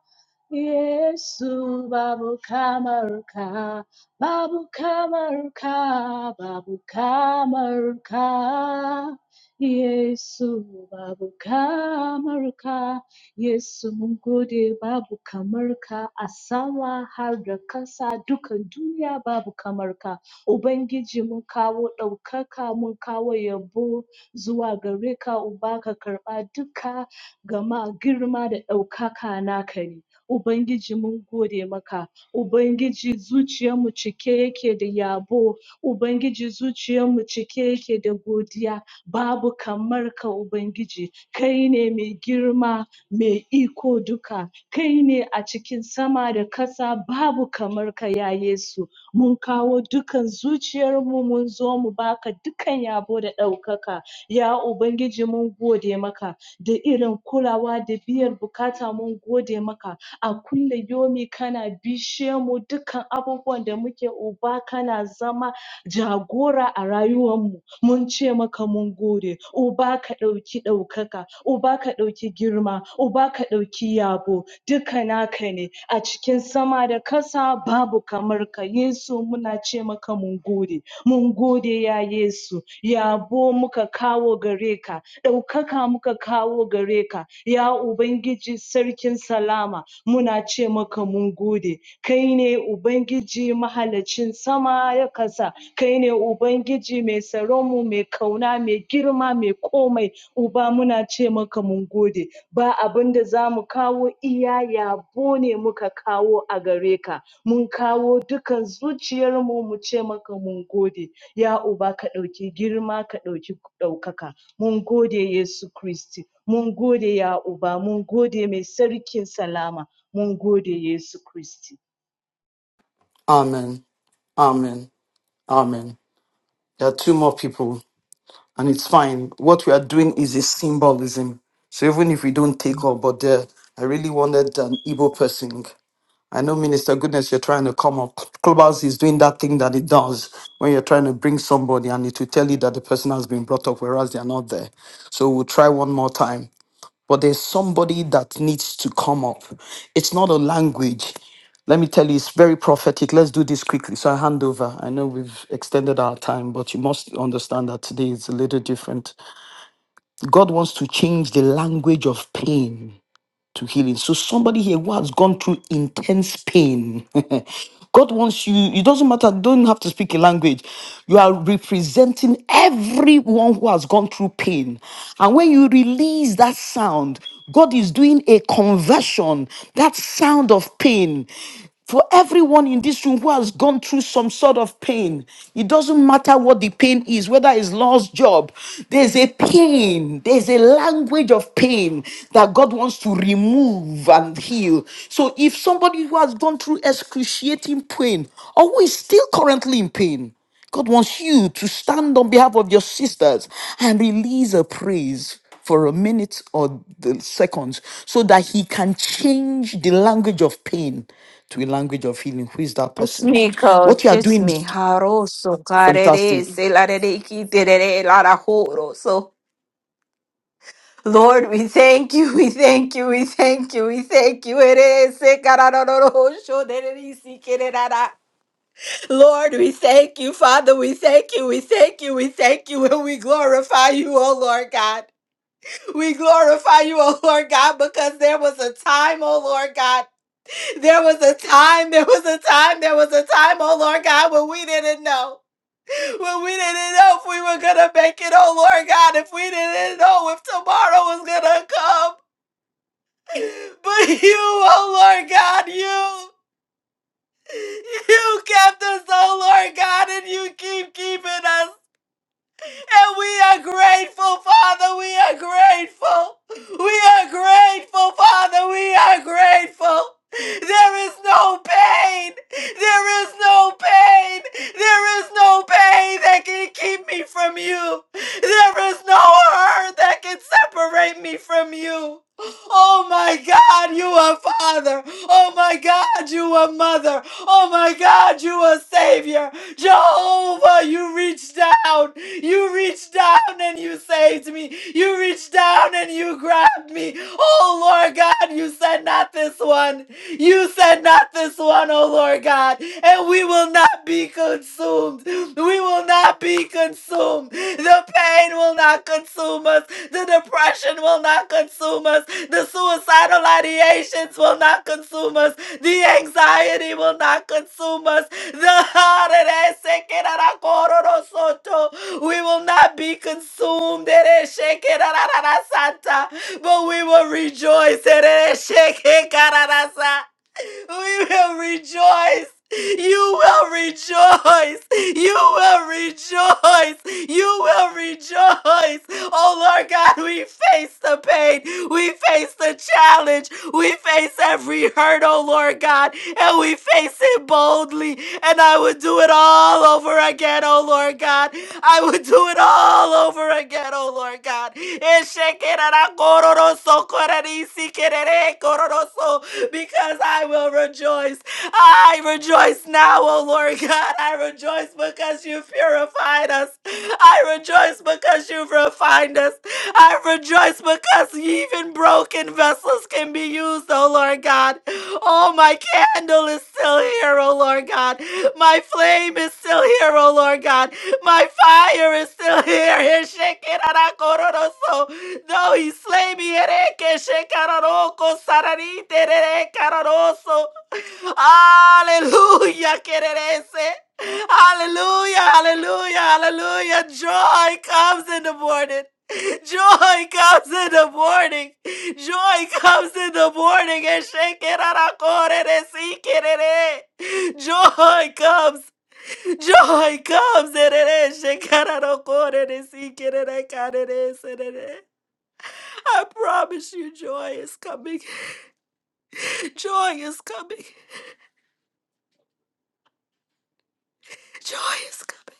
Speaker 9: Yesu Babukama Ruka Babukama Ruka Babukama Ruka Yesu Babukama Ruka Yesu mun gode babu kamar ka a sama har da kasa dukan duniya babu kamar ka. Ubangiji mun kawo ɗaukaka mun kawo yabo zuwa gare ka Uba ka karɓa duka gama girma da ɗaukaka naka ne. Ubangiji mun gode maka, Ubangiji zuciyarmu cike yake da yabo, Ubangiji zuciyarmu cike yake da godiya, babu kamar ka Ubangiji, kai ne mai girma, mai iko duka, kai ne a cikin sama da ƙasa babu kamar ka ya Yesu. Mun kawo dukan zuciyarmu mun zo mu baka dukan yabo da ɗaukaka. Ya Ubangiji mun gode maka da irin kulawa da biyar bukata mun gode maka. A kulla yomi kana bishe mu dukan abubuwan da muke Uba kana zama jagora a rayuwanmu mun ce maka mun gode uba ka ɗauki ɗaukaka uba ka ɗauki girma uba ka ɗauki yabo duka naka ne a cikin sama da kasa babu kamar ka Yesu muna ce maka mun gode mun gode ya Yesu yabo muka kawo gare ka ɗaukaka muka kawo kawo gare ka, ya Ubangiji Sarkin Salama, muna ce maka mun gode, kai ne Ubangiji mahalaccin sama ya kasa, kai ne Ubangiji mai tsaronmu, mai kauna, mai girma, mai komai, Uba muna ce maka mun gode, ba abin da za mu kawo iya yabo ne muka kawo a gare ka, mun kawo dukan zuciyarmu mu ce maka mun gode, ya Uba ka ɗauki girma, ka ɗauki ɗaukaka. Mun gode Yesu Kristi, mun gode ya Uba, mun gode mai sarkin salama, mun gode Yesu Kristi.
Speaker 1: Amen. Amen. Amen. There are two more people. and it's fine. What we are doing is a symbolism. So even if we don't take up, but there, I really wanted an Igbo person. I know, Minister Goodness, you're trying to come up. Clubhouse is doing that thing that it does when you're trying to bring somebody and it will tell you that the person has been brought up, whereas they are not there. So we'll try one more time. But there's somebody that needs to come up. It's not a language. Let me tell you, it's very prophetic. Let's do this quickly. So I hand over. I know we've extended our time, but you must understand that today is a little different. God wants to change the language of pain to healing. So somebody here who has gone through intense pain. (laughs) God wants you, it doesn't matter, don't have to speak a language. You are representing everyone who has gone through pain. And when you release that sound, God is doing a conversion, that sound of pain. For everyone in this room who has gone through some sort of pain, it doesn't matter what the pain is, whether it's lost job, there's a pain, there's a language of pain that God wants to remove and heal. So if somebody who has gone through excruciating pain or who is still currently in pain, God wants you to stand on behalf of your sisters and release a praise for a minute or the seconds so that he can change the language of pain to a language of healing. Who is that
Speaker 2: It's
Speaker 1: person?
Speaker 2: me,
Speaker 1: What
Speaker 2: coach.
Speaker 1: you are
Speaker 2: It's
Speaker 1: doing
Speaker 2: me.
Speaker 1: is
Speaker 2: Haroso,
Speaker 1: fantastic.
Speaker 2: karere, selarere, kiterere, larajoro. So, Lord, we thank you, we thank you, we thank you, we thank you. Ere, se, kararororo, shoderere, sikererara. Lord, we thank you, Father, we thank you, we thank you, we thank you, and we glorify you, oh Lord God. We glorify you, oh Lord God, because there was a time, oh Lord God. There was a time, there was a time, there was a time, oh Lord God, when we didn't know. When we didn't know if we were going to make it, oh Lord God, if we didn't know if tomorrow was going to come. But you, oh Lord God, you, you kept us, oh Lord God, and you keep keeping us, And we are grateful, Father. We are grateful. We are grateful, Father. We are grateful. There is no pain. There is no pain. There is no pain that can keep me from you. There is no hurt that can separate me from you. Oh my God, you are Father. Oh my God, you are Mother. Oh my God, you are Savior. Jehovah, you reached down. You reached down and you saved me. You reached down and you grabbed me. Oh Lord God, you said not this one. You said not this one, oh Lord God. And we will not be consumed consumed. We will not be consumed. The pain will not consume us. The depression will not consume us. The suicidal ideations will not consume us. The anxiety will not consume us. The (laughs) we will not be consumed. But we will rejoice. (laughs) We will rejoice. You will rejoice. You will rejoice. You will rejoice. Oh Lord God, we face the pain. We face the challenge. We face every hurt, oh Lord God, and we face it boldly. And I would do it all over again, oh Lord God. I would do it all over again, oh Lord God. so because I will rejoice. I rejoice now, O Lord God. I rejoice because you purified us. I rejoice because you've refined us. I rejoice because even broken vessels can be used, O Lord God. Oh, my candle is still here, O Lord God. My flame is still here, O Lord God. My fire is still here. (laughs) No, he slay me. Ere que sararite ere cararoso. Hallelujah, quererese. Hallelujah, hallelujah, hallelujah. Joy comes in the morning. Joy comes in the morning. Joy comes in the morning. Eshe kerarako reresi kerere. Joy comes. Joy comes. Erere she kararoko reresi kerere karere serere. I promise you, joy is coming. (laughs) Joy is coming. (laughs) Joy is coming.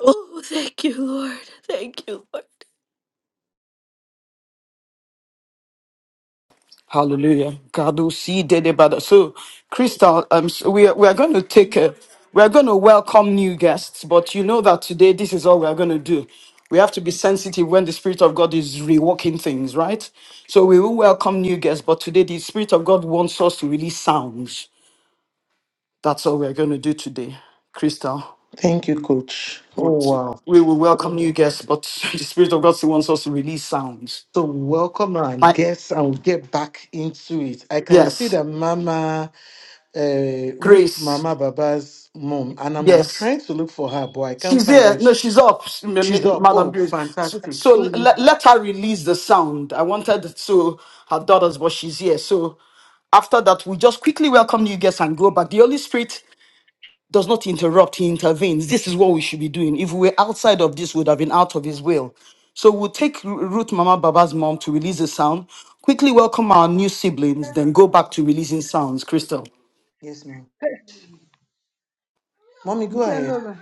Speaker 2: Oh, thank you, Lord. Thank you, Lord.
Speaker 1: Hallelujah. God will see dead about us. So, Crystal, um, so we are, we are going to take a, we are going to welcome new guests, but you know that today this is all we are going to do. We have to be sensitive when the Spirit of God is reworking things, right? So we will welcome new guests, but today the Spirit of God wants us to release sounds. That's all we are going to do today, Crystal.
Speaker 8: thank you coach
Speaker 1: We'll
Speaker 8: oh
Speaker 1: take-
Speaker 8: wow
Speaker 1: We will welcome new guests, but (laughs) the Spirit of God still wants us to release sounds.
Speaker 8: so welcome our
Speaker 1: My,
Speaker 8: guests and we get back into it i can see
Speaker 1: yes,
Speaker 8: that mama uh, ruth
Speaker 1: Grace.
Speaker 8: mama baba's mom and i'm
Speaker 1: Yes,
Speaker 8: trying to look for her but i can't
Speaker 1: She's
Speaker 8: find
Speaker 1: here.
Speaker 8: her
Speaker 1: No,
Speaker 8: Sh-
Speaker 1: she's up, s- M-
Speaker 8: she's
Speaker 1: M-
Speaker 8: up
Speaker 1: Madam
Speaker 8: oh
Speaker 1: Grace. So,
Speaker 8: fantastic
Speaker 1: so
Speaker 8: so we-
Speaker 1: let, let her release the sound. I wanted to her daughters, but she's here. So after that, we just quickly welcome you guests and go back. The Holy Spirit does not interrupt; He intervenes. This is what we should be doing. If we were outside of this, we would have been out of His will. So we'll take Ru- Ruth Mama Baba's mom to release the sound. Quickly welcome our new siblings, then go back to releasing sounds. Crystal.
Speaker 8: yes ma'am mommy go ahead.
Speaker 10: Jehovah.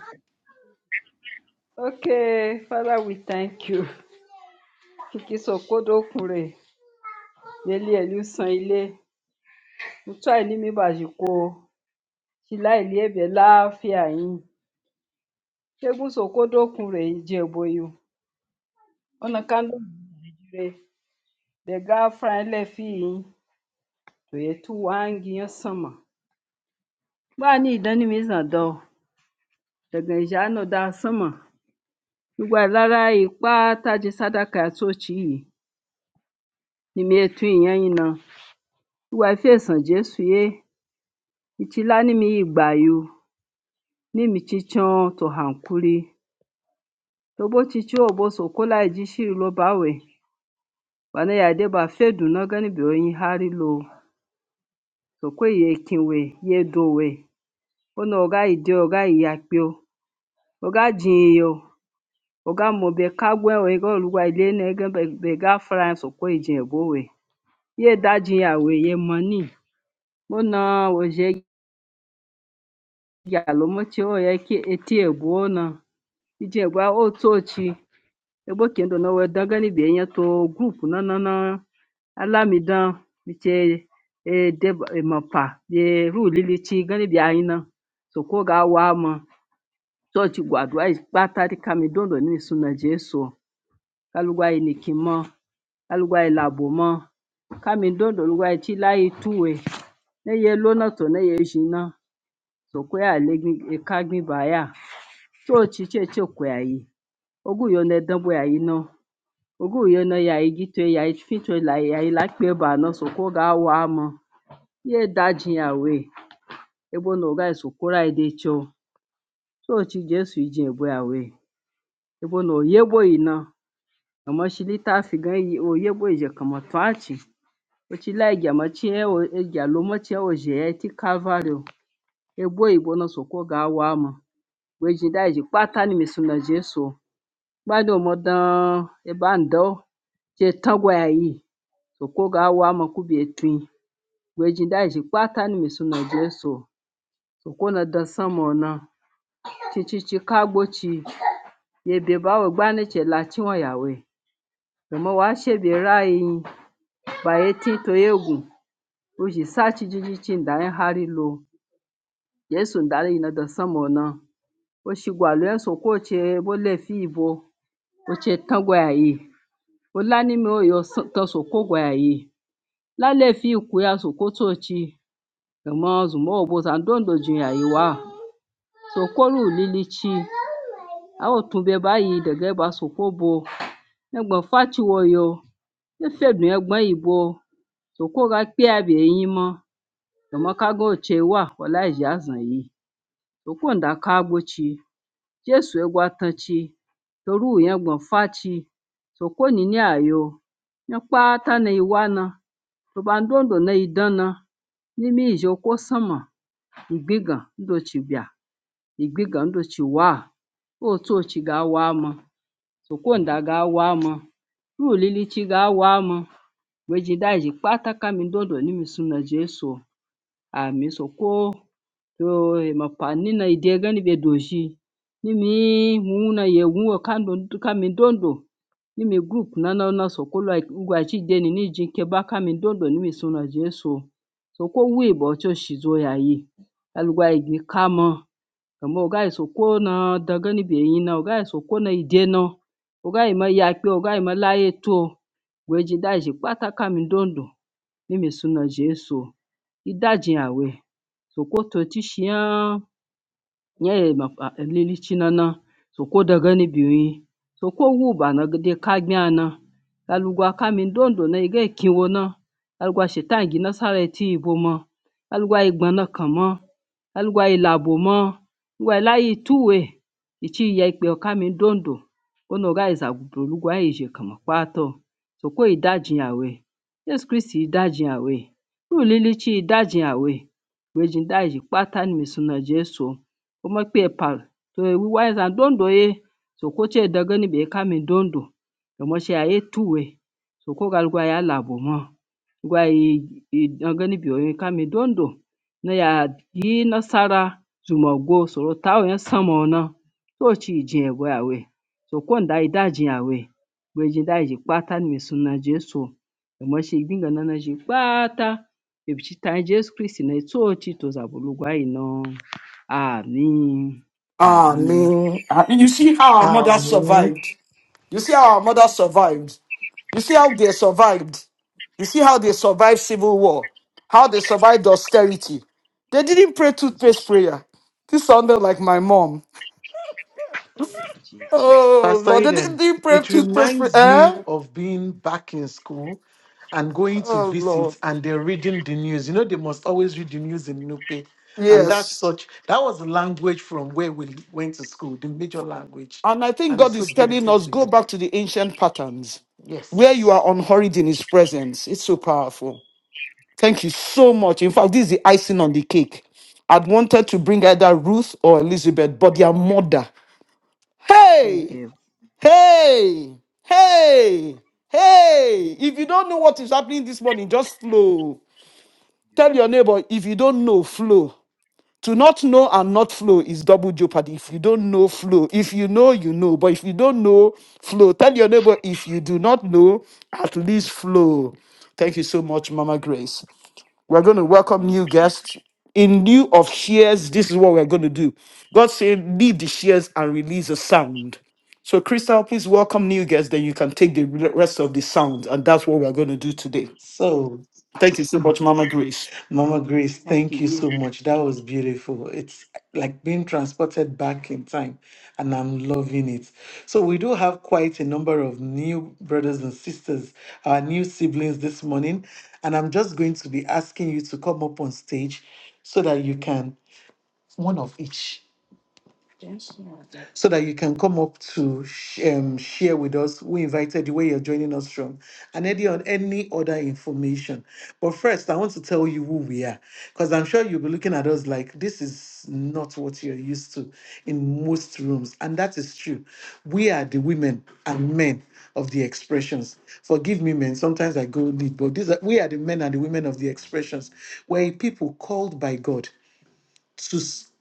Speaker 10: Okay, Father, we thank you. Tukisokodo kure, leli elusan ile, utu ailimi bajiko, shila iliebe laafia yin. Shegun sokodo kure ijeboyu, ona kando jire, dega franle fi yin, toye tu wangi yon sama. Ba ni idani mizan do, daga ijano da sama. Igba lara ipa taje sadaka atochi yi, ni mi etu iyan yin na. Igba ife esan Jesu ye. Ịchịla nimi igbayo n'imichichọn to hankuri togbotitio gbosokola ijishiri lobawe wanayedeba fedunọgọn biyoyin harilo sokweyi ekinwe yedowe one oga ide oga iyakpio oga jinyio oga mobe kagwẹwe goluwa ilenẹgẹ bega fraian sokweyi jinyẹ bowe yedajinyẹ awe yemọni mona oje yalomotiye oye etiegwuna ijiegwa otochi Ebokéndo na wédagani bienya to gurupunana alamidan bike deba emapa bie rulilichi gani biayina soko gawama chochi guaduayi kpatari kami ndondoni ni suna jesu kalugayi nikimo kalugayi labomo kami ndondo lugayi chilayi tuwe neye lona to neye jina sokoya alekagni baya chochi cheche kweyayi oguyo nedan bweyayi no. oguyena yai gitue yai fitue lai yai lakpeba nor sukuga awamo ye dajin away ebono gai sukurai decho so ochi jesu ijin away ebono oyegbona omashilitafiga oyegbozhe kamotuachi ochilaigiamachie egialomochie ozhie ti kalvario egbo igbono sukuga awamo wejindai ji kpata ni misuna jesu Ɓádômo dan ɓàndɔ je tagwaya yi soko gaa wamɔ ku ɓe twi weji ndaje kpata ni misunɔ jesu soko nɔ dɔ sɔmɔɔ cicici kagbo ci ye bebawe gbane latiŋo yawe domi washe ɓe raayi ba ye tiŋ toyegu uji saci jijicin ndaye hari lo jesu ndali yinɔ dɔ sɔmɔɔ nɔ o shi gwaluɛ soko che ɓo lefi yibo oche tagwaya yi o lanimi o yo tɔ soko gwaya yi. L'Alaefịkwụya Sokoto-chi eme ọzụ maọbụ Sandon dọjiri ya sokorulili-chi Aotube báyìí dẹ̀gẹ̀ Basokobo ẹ̀gbọ́n Fáchịwọyọ efedun-ẹ̀gbọ́n-ìbò sokorafịabeeyinmọ Jọmọkago-Ochewa Ọlaịyazu-nyi sokondakagbo-chi Jesu ẹgwatan-chi toruyengbon Fáchị sokoninyayo nyọ kpata neyuwana tọbandondo neyidana nimi ijoko sọnma. ìgbégàn ndochìbịà ìgbégàn ndochìwàà òtu o chi gà-awàa mụ̄ sòkwondà gà-awàa mụ̄ ruòlilichi gà-awàa mụ̄ wèe jìde ànyị jì kpataka mìndòndò ni mìsum nà Jèsù àmìsò kwo mì pàni nà ìdegani ɓèdòzhi ni mǐ wuna yè wu-ò ka mìndòndò ni mì group nana na sòkwo ŋgwàchi deni ni ijì ŋkeba ka mìndòndò ni mìsum nà Jèsù sòkwo wu ìɓɔ̀ cho shìzo yàyi à lùgà ìgì kamɨ. Kama ogayi sokona dagani beyina, ogayi sokona ideno, ogayi moyakpe, ogayi molayetuo gweje daje kpata kamidondo mimi suna Jesu idajiyawe sokoto tishiyan nyɛla lili chinana sokodaga ni bɛ mi soko wuhiba ni di kagbɛna aluga kamin dondo ni yi gee kiwo na aluga shɛtan jina sarali ti yi bo ma aluga yi gbana kama aluga yi labo ma aluga yi lahi yi tuwe yi chi ya ikpɛyo kamin dondo ono gaa yi zagubi oluga yi ʒe kama kpaato soko yi dajiyawe Yesu Kristi yi dajiyawe duu lili chi yi dajiyawe gbeeji n-daa yi ʒi kpaata ni mi suna Jesu umekpe pal to wiwai zam dondo ye so ko che dagani be kami dondo yomo she aye tuwe so ko gal gwa ya labo mo gwa i dagani be oye kami dondo na ya yi nasara zuma go so ro ta oye samo na so chi je gwa ya we so ko nda ida je ya we gwe je da je pata ni suna jesu yomo she gbinga na na je pata ebichi ta jesu kristi na so chi to zabulu gwa ino Ameen.
Speaker 1: Ah,
Speaker 10: Ameen.
Speaker 1: no. Ah, You see how our mother
Speaker 8: Amen.
Speaker 1: survived. You see how our mother survived. You see how they survived. You see how they survived civil war, how they survived austerity. They didn't pray
Speaker 10: Thank
Speaker 1: toothpaste prayer. This sounded like my mom. Oh
Speaker 8: Pastor
Speaker 1: Lord, they didn't
Speaker 8: Eden,
Speaker 1: didn't pray
Speaker 8: it
Speaker 1: toothpaste prayer.
Speaker 8: reminds me
Speaker 1: Eh?
Speaker 8: of being back in school and going to
Speaker 1: Oh Lord,
Speaker 8: visit and they're reading the news. You know, they must always read the news in Nupe. And that's
Speaker 1: yes.
Speaker 8: such, that was the language from where we went to school, the major language.
Speaker 1: And I think
Speaker 8: And it's
Speaker 1: God
Speaker 8: so
Speaker 1: is telling
Speaker 8: beautiful
Speaker 1: us
Speaker 8: to
Speaker 1: go
Speaker 8: be.
Speaker 1: back to the ancient patterns where you
Speaker 8: Yes.
Speaker 1: are unhurried in His presence. It's so powerful. Thank you so much. In fact, this is the icing on the cake. I'd wanted to bring either Ruth or Elizabeth, but their mother. Hey! Hey, hey, hey. If you don't know what is happening this morning, just flow. Tell your neighbor if you don't know, flow. To not know and not flow is double jeopardy. If you don't know, flow. If you know, you know. But if you don't know, flow. Tell your neighbor if you do not know, at least flow. Thank you so much, Mama Grace. We're going to welcome
Speaker 10: Jesus.
Speaker 1: new guests. In lieu of shares, this is what we're going to do. God said, leave the shares and release a sound. So, Crystal, please welcome new guests. Then you can take the re- rest of the sound. And that's what we're going to do today.
Speaker 8: So,
Speaker 1: Thank you so much, Mama Grace.
Speaker 8: Mama Grace,
Speaker 10: Thank you,
Speaker 8: thank you
Speaker 10: Jesus.
Speaker 8: so much. That was beautiful. It's like being transported back in time, and I'm loving it. So, we do have quite a number of new brothers and sisters, our new siblings this morning. And I'm just going to be asking you to come up on stage so that you can, one of each. so that you can come up to sh- um, share with us. We invited you where you're joining us from and any, on any other information. But first, I want to tell you who we are because I'm sure you'll be looking at us like this is not what you're used to in most rooms. And that is true. We are the women and men of the expressions. Forgive me, men. Sometimes I go deep, but these are, we are the men and the women of the expressions. We're a people called by God to s-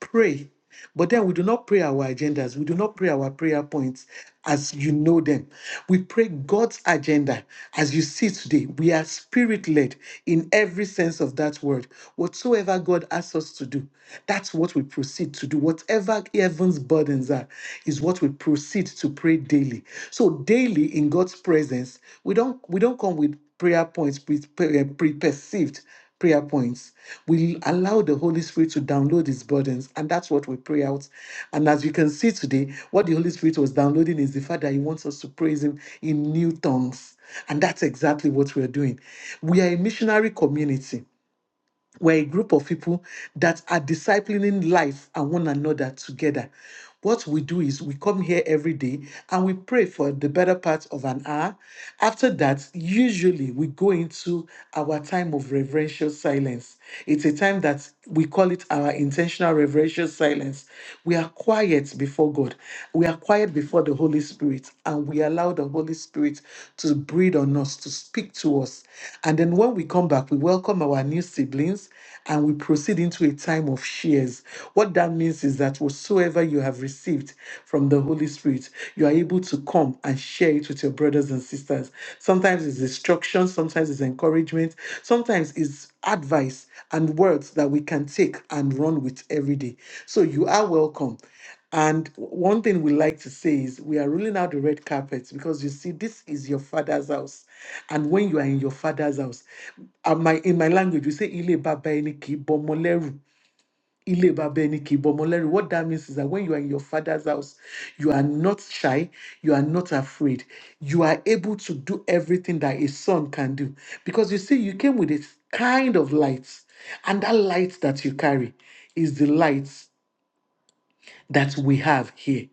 Speaker 8: pray. But then we do not pray our agendas. We do not pray our prayer points as you know them. We pray God's agenda as you see today. We are spirit led in every sense of that word. Whatsoever God asks us to do, that's what we proceed to do. Whatever heaven's burdens are, is what we proceed to pray daily. So daily in God's presence, we don't we don't come with prayer points pre- pre- eh, pre-perceived prayer points. We allow the Holy Spirit to download his burdens, and that's what we pray out. And as you can see today, what the Holy Spirit was downloading is the fact that he wants us to praise him in new tongues. And that's exactly what we are doing. We are a missionary community we're a group of people that are disciplining life and one another together. What we do is we come here every day and we pray for the better part of an hour. After that, usually we go into our time of reverential silence. It's a time that we call it our intentional reverential silence. We are quiet before God. We are quiet before the Holy Spirit and we allow the Holy Spirit to breathe on us, to speak to us. And then when we come back, we welcome our new siblings and we proceed into a time of shares. What that means is that whatsoever you have received from the Holy Spirit, you are able to come and share it with your brothers and sisters. Sometimes it's instruction, sometimes it's encouragement, sometimes it's advice and words that we can take and run with every day. So you are welcome. And one thing we like to say is we are rolling out the red carpet because you see, this is your father's house. And when you are in your father's house, uh, my, in my language, we say, Ile baba eni ki bomoleru. Ile baba eni ki bomoleru. What that means is that when you are in your father's house, you are not shy, you are not afraid. You are able to do everything that a son can do. Because you see, you came with a kind of light, and that light that you carry is the light that we have here.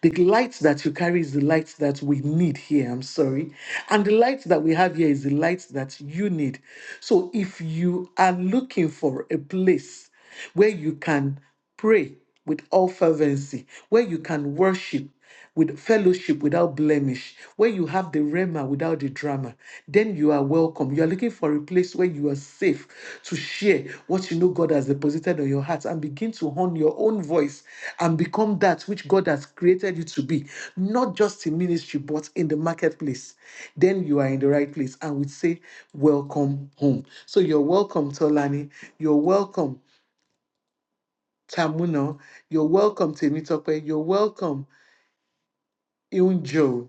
Speaker 8: The light that you carry is the light that we need here. I'm sorry. And the light that we have here is the light that you need. So if you are looking for a place where you can pray with all fervency, where you can worship, with fellowship without blemish, where you have the rema without the drama, then you are welcome. You are looking for a place where you are safe to share what you know God has deposited on your heart and begin to hone your own voice and become that which God has created you to be, not just in ministry, but in the marketplace. Then you are in the right place and we say, Welcome home. So you're welcome, Tolani. You're welcome, Tamuno. You're welcome, Temitope. You're welcome. Unjo.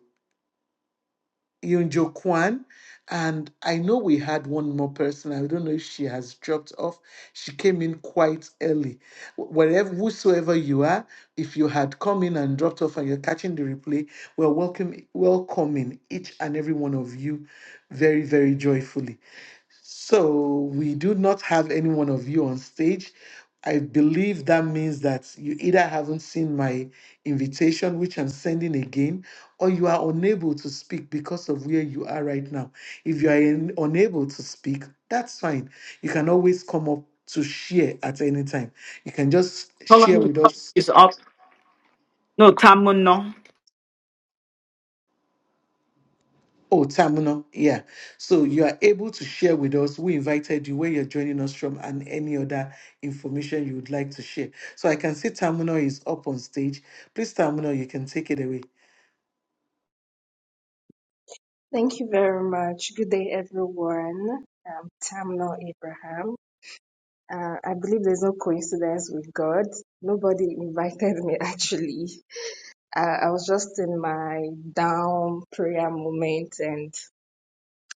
Speaker 8: Yonjo Kwan. And I know we had one more person. I don't know if she has dropped off. She came in quite early. Wh- Wherever, whosoever you are, if you had come in and dropped off and you're catching the replay, we're welcome, welcoming each and every one of you very, very joyfully. So we do not have any one of you on stage. I believe that means that you either haven't seen my invitation, which I'm sending again, or you are unable to speak because of where you are right now. If you are in- unable to speak, that's fine. You can always come up to share at any time. You can just share
Speaker 1: Solomon
Speaker 8: with us
Speaker 1: is up. No, Tamuno.
Speaker 8: Oh, Tamuna, yeah. So you are able to share with us. We invited you, where you're joining us from, and any other information you would like to share. So I can see Tamuna is up on stage. Please, Tamuna, you can take it away.
Speaker 11: Thank you very much. Good day, everyone. I'm Tamno Abraham. Uh, I believe there's no coincidence with God. Nobody invited me (laughs) actually. Uh, I was just in my down prayer moment and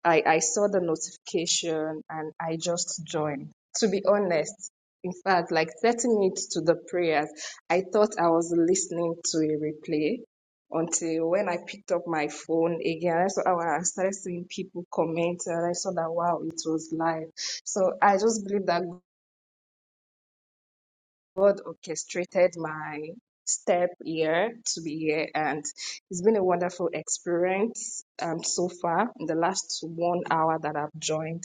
Speaker 11: I, I saw the notification and I just joined. To be honest, in fact, like 30 minutes to the prayers, I thought I was listening to a replay until when I picked up my phone again. I saw oh, I started seeing people comment and I saw that wow, it was live. So I just believe that God orchestrated my step here to be here, and it's been a wonderful experience um, so far. In the last one hour that I've joined,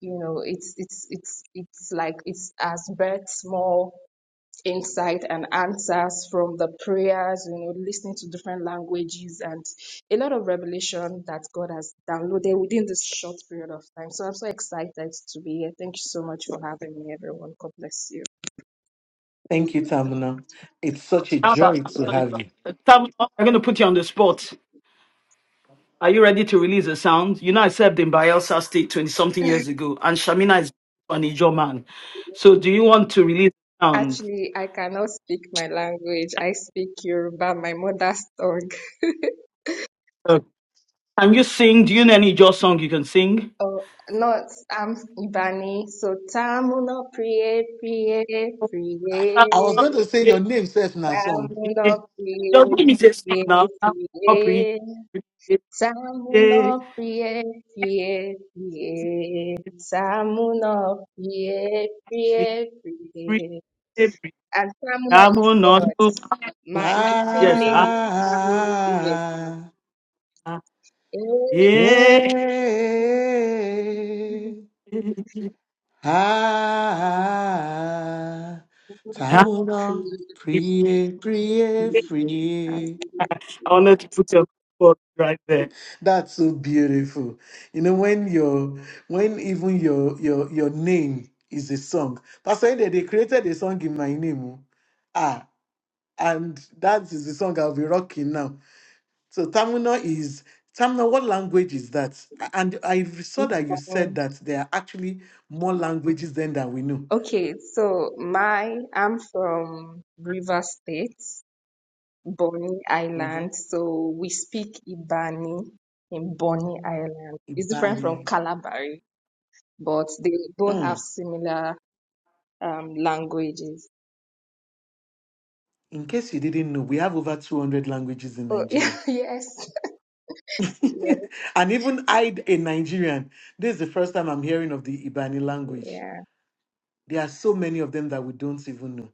Speaker 11: you know, it's it's it's it's like it's as births more insight and answers from the prayers, you know, listening to different languages and a lot of revelation that God has downloaded within this short period of time. So I'm so excited to be here. Thank you so much for having me, everyone. God bless you.
Speaker 8: Thank you, Tamuna. It's such a
Speaker 1: Now that
Speaker 8: joy to have you.
Speaker 1: Tamuno, I'm going to put you on the spot. Are you ready to release a sound? You know, I served in Bielsa State 20 something years ago, and Shamina is an Ijo man. So, do you want to release a sound?
Speaker 11: Actually, I cannot speak my language. I speak Yoruba, my mother's tongue. (laughs)
Speaker 1: Can you sing? Do you know any Ijaw song you can sing?
Speaker 11: Oh, not, I'm Ibani. So, Tamuno Priye, Priye,
Speaker 8: I was
Speaker 11: Priye.
Speaker 8: going to say your
Speaker 1: Your
Speaker 8: name, says in a song.
Speaker 11: Tamuno Priye,
Speaker 1: name is a song
Speaker 11: Priye,
Speaker 1: now. I'm not pre-
Speaker 11: Priye. Tamuno Priye, Priye, Priye. Tamuno Priye, Priye, Priye. And Tamuno
Speaker 1: I'm
Speaker 11: is
Speaker 1: not
Speaker 11: God.
Speaker 1: too-
Speaker 11: My, my full
Speaker 1: Yes.
Speaker 11: name
Speaker 1: ah,
Speaker 11: is Tamuno Priye.
Speaker 8: Ah,
Speaker 1: ah,
Speaker 11: (laughs)
Speaker 1: Yeah.
Speaker 8: yeah. Ah,
Speaker 1: Ah,
Speaker 8: Tamuna,
Speaker 1: yeah.
Speaker 8: prie, prie, prie.
Speaker 1: I wanted to put your foot right there.
Speaker 8: That's so beautiful. You know when your when even your your your name is a song. Pastor Ede, they created a song in my name. oh. Ah, and that is the song I'll be rocking now. So Tamuna is Tamuna. What language is that? A- And I saw that you said that there are actually more languages than that we know.
Speaker 11: Okay, so my I'm from Rivers State, Bonny
Speaker 8: Mm-hmm.
Speaker 11: Island. So we speak Ibani in Bonny Island. It's different from
Speaker 8: Ibani.
Speaker 11: Calabari, but they both
Speaker 8: Hmm.
Speaker 11: have similar um languages.
Speaker 8: in case you didn't know, we have over 200 languages in
Speaker 11: Oh (laughs)
Speaker 8: Nigeria.
Speaker 11: yes. Yeah.
Speaker 8: (laughs) and even I, a Nigerian, this is the first time I'm hearing of the Ibani language.
Speaker 11: Yeah.
Speaker 8: There are so many of them that we don't even know.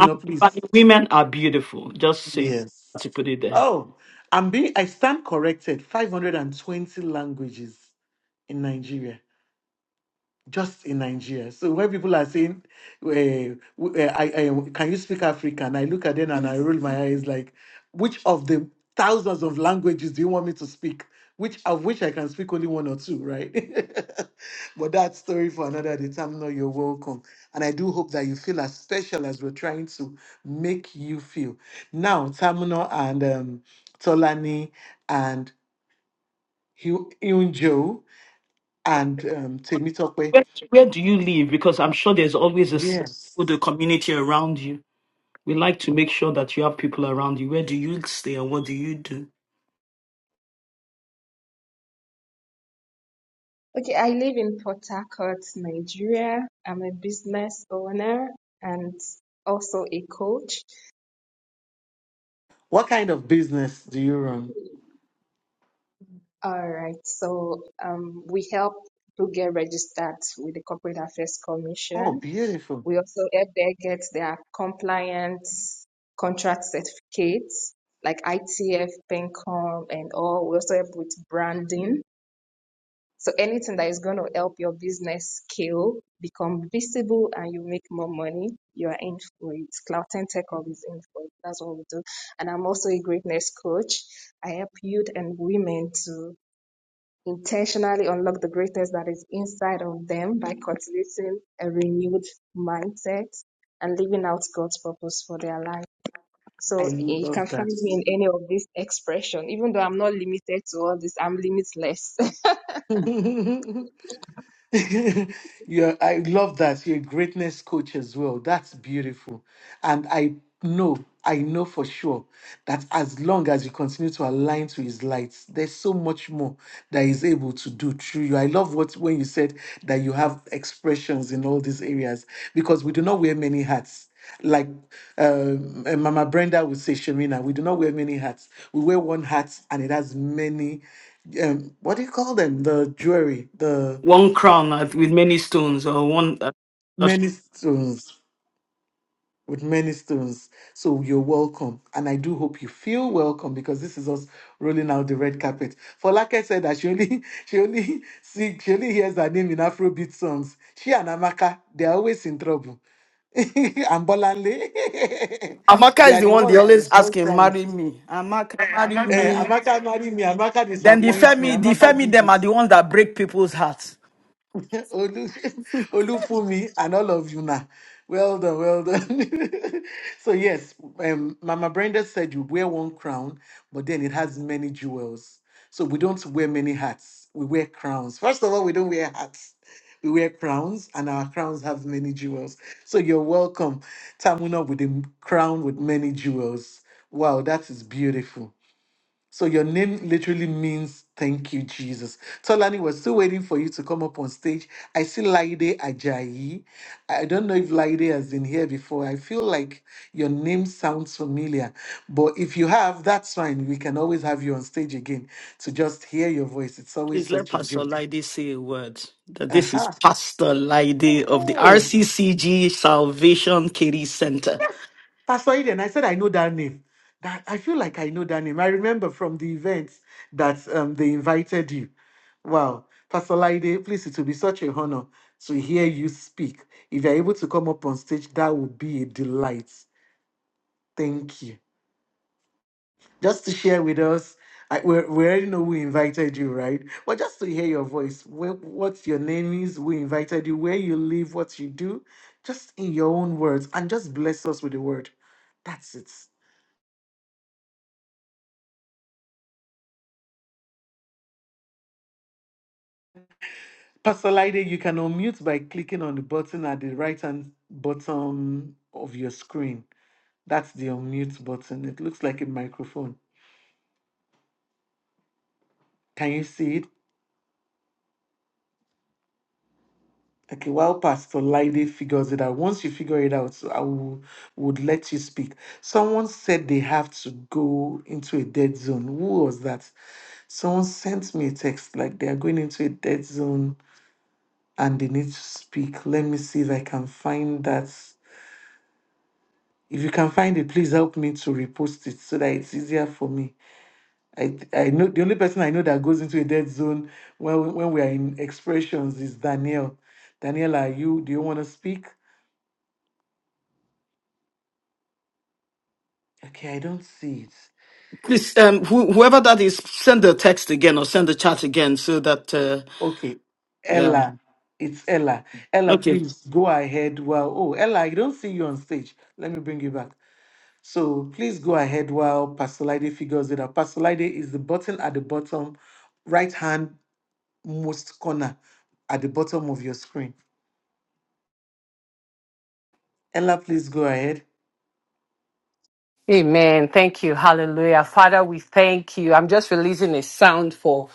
Speaker 1: Ah, but
Speaker 8: please.
Speaker 1: Women are beautiful. Just say
Speaker 8: Yes.
Speaker 1: to put it there.
Speaker 8: Oh, I'm being, I stand corrected. 520 languages in Nigeria. just in Nigeria. So when people are saying, uh, uh, I, I, "Can you speak African?" I look at them and I roll my eyes, like, which of the thousands of languages do you want me to speak? Which of which I can speak only one or two, right? (laughs) but that story for another day. Tamno, you're welcome, and I do hope that you feel as special as we're trying to make you feel. Now, Tamno and um, Tolani and Hyun Joe and um, Temitope.
Speaker 1: Where, where do you live? Because I'm sure there's always a s-
Speaker 8: Yes.
Speaker 1: the community around you. We like to make sure that you have people around you. Where do you stay and what do you do?
Speaker 11: Okay, I live in Port Harcourt, Nigeria. I'm a business owner and also a coach.
Speaker 8: What kind of business do you run?
Speaker 11: All right, so um, we help people get registered with the Corporate Affairs
Speaker 8: Oh,
Speaker 11: Commission.
Speaker 8: beautiful.
Speaker 11: We also help them get their compliance contract certificates like ITF, PENCOM, and all. We also help with branding. So anything that is going to help your business scale, become visible, and you make more money, you are in for it. Cloud 10 Tech Hub is in for it. That's what we do. And I'm also a greatness coach. I help youth and women to intentionally unlock the greatness that is inside of them by cultivating a renewed mindset and living out God's purpose for their life.
Speaker 8: I
Speaker 11: So eh, you can
Speaker 8: love
Speaker 11: find
Speaker 8: that.
Speaker 11: me in any of these expression, even though I'm not limited to all this, I'm limitless. (laughs)
Speaker 8: (laughs) (laughs) You're, I love that. You're a greatness coach as well. That's beautiful. And I know, I know for sure that as long as you continue to align to his light, there's so much more that he's able to do through you. I love what when you said that you have expressions in all these areas because we do not wear many hats. Like um, uh, Mama Brenda would say, Shamina, we do not wear many hats. We wear one hat and it has many, um, what do you call them? The jewelry, The
Speaker 1: One crown at- with many stones or one.
Speaker 8: many stones with many stones so you're welcome and i do hope you feel welcome because this is us rolling out the red carpet for like i said that she only (laughs) she only see she only hears her name in afrobeat songs she and amaka they're always in trouble (laughs) and bolanle (laughs)
Speaker 1: Amaka
Speaker 8: they
Speaker 1: is
Speaker 8: are
Speaker 1: the
Speaker 8: the
Speaker 1: one they
Speaker 8: ones
Speaker 1: always
Speaker 8: one
Speaker 1: asking,
Speaker 8: time
Speaker 1: marry me. Amaka, marry
Speaker 8: eh,
Speaker 1: me.
Speaker 8: amaka marry me amaka
Speaker 1: Then the
Speaker 8: disappoints me
Speaker 1: Femi, the
Speaker 8: amaka do
Speaker 1: Femi them
Speaker 8: this
Speaker 1: are the ones that break people's hearts.
Speaker 8: (laughs) Olu, Olufumi, and all of you now. Well done, well done. (laughs) so yes, um, Mama Brenda said you wear one crown, but then it has many jewels. So we don't wear many hats. We wear crowns. First of all, we don't wear hats. We wear crowns, and our crowns have many jewels. So you're welcome, Tamuna, with a crown with many jewels. Wow, that is beautiful. So your name literally means thank you, Jesus. Tolani, we're still waiting for you to come up on stage. I see Laide Ajayi. I don't know if Laide has been here before. I feel like your name sounds familiar. But if you have, that's fine. We can always have you on stage again to just hear your voice. It's always
Speaker 1: Please let
Speaker 8: such a joy.
Speaker 1: Pastor Lide say a word. That this is Pastor Lide of the
Speaker 8: Uh-huh.
Speaker 1: RCCG Salvation Katie Center.
Speaker 8: Pastor Eden, I said I know that name. That I feel like I know that name. I remember from the events that um, they invited you. Wow, Pastor Laide, please, it will be such an honor to hear you speak. If you're able to come up on stage, that would be a delight. Thank you. Just to share with us, I, we, we already know who invited you, right? But just to hear your voice, where, what your name is, who invited you, where you live, what you do, just in your own words, and just bless us with the word. That's it. Pastor Lide, you can unmute by clicking on the button at the right hand bottom of your screen. That's the unmute button. It looks like a microphone. Can you see it? Okay, while Pastor Lide figures it out, once you figure it out, I will, would let you speak. Someone said they have to go into a dead zone. Who was that? Someone sent me a text like they are going into a dead zone and they need to speak. Let me see if I can find that If you can find it, please help me to repost it so that it's easier for me. I I know the only person I know that goes into a dead zone when when we are in expressions is Danielle. Danielle, are you? Do you want to speak? Okay, I don't see it.
Speaker 1: Please, um, who whoever that is, send the text again or send the chat again so that, uh,
Speaker 8: Okay,
Speaker 1: yeah.
Speaker 8: Ella, it's Ella. Ella,
Speaker 1: Okay.
Speaker 8: please go ahead. While oh Ella, I don't see you on stage. Let me bring you back. So please go ahead while Pastor Lide figures it out. Pastor Lide is the button at the bottom right hand most corner at the bottom of your screen. Ella, please go ahead.
Speaker 12: Amen. Thank you. Hallelujah. Father, we thank you. I'm just releasing a sound for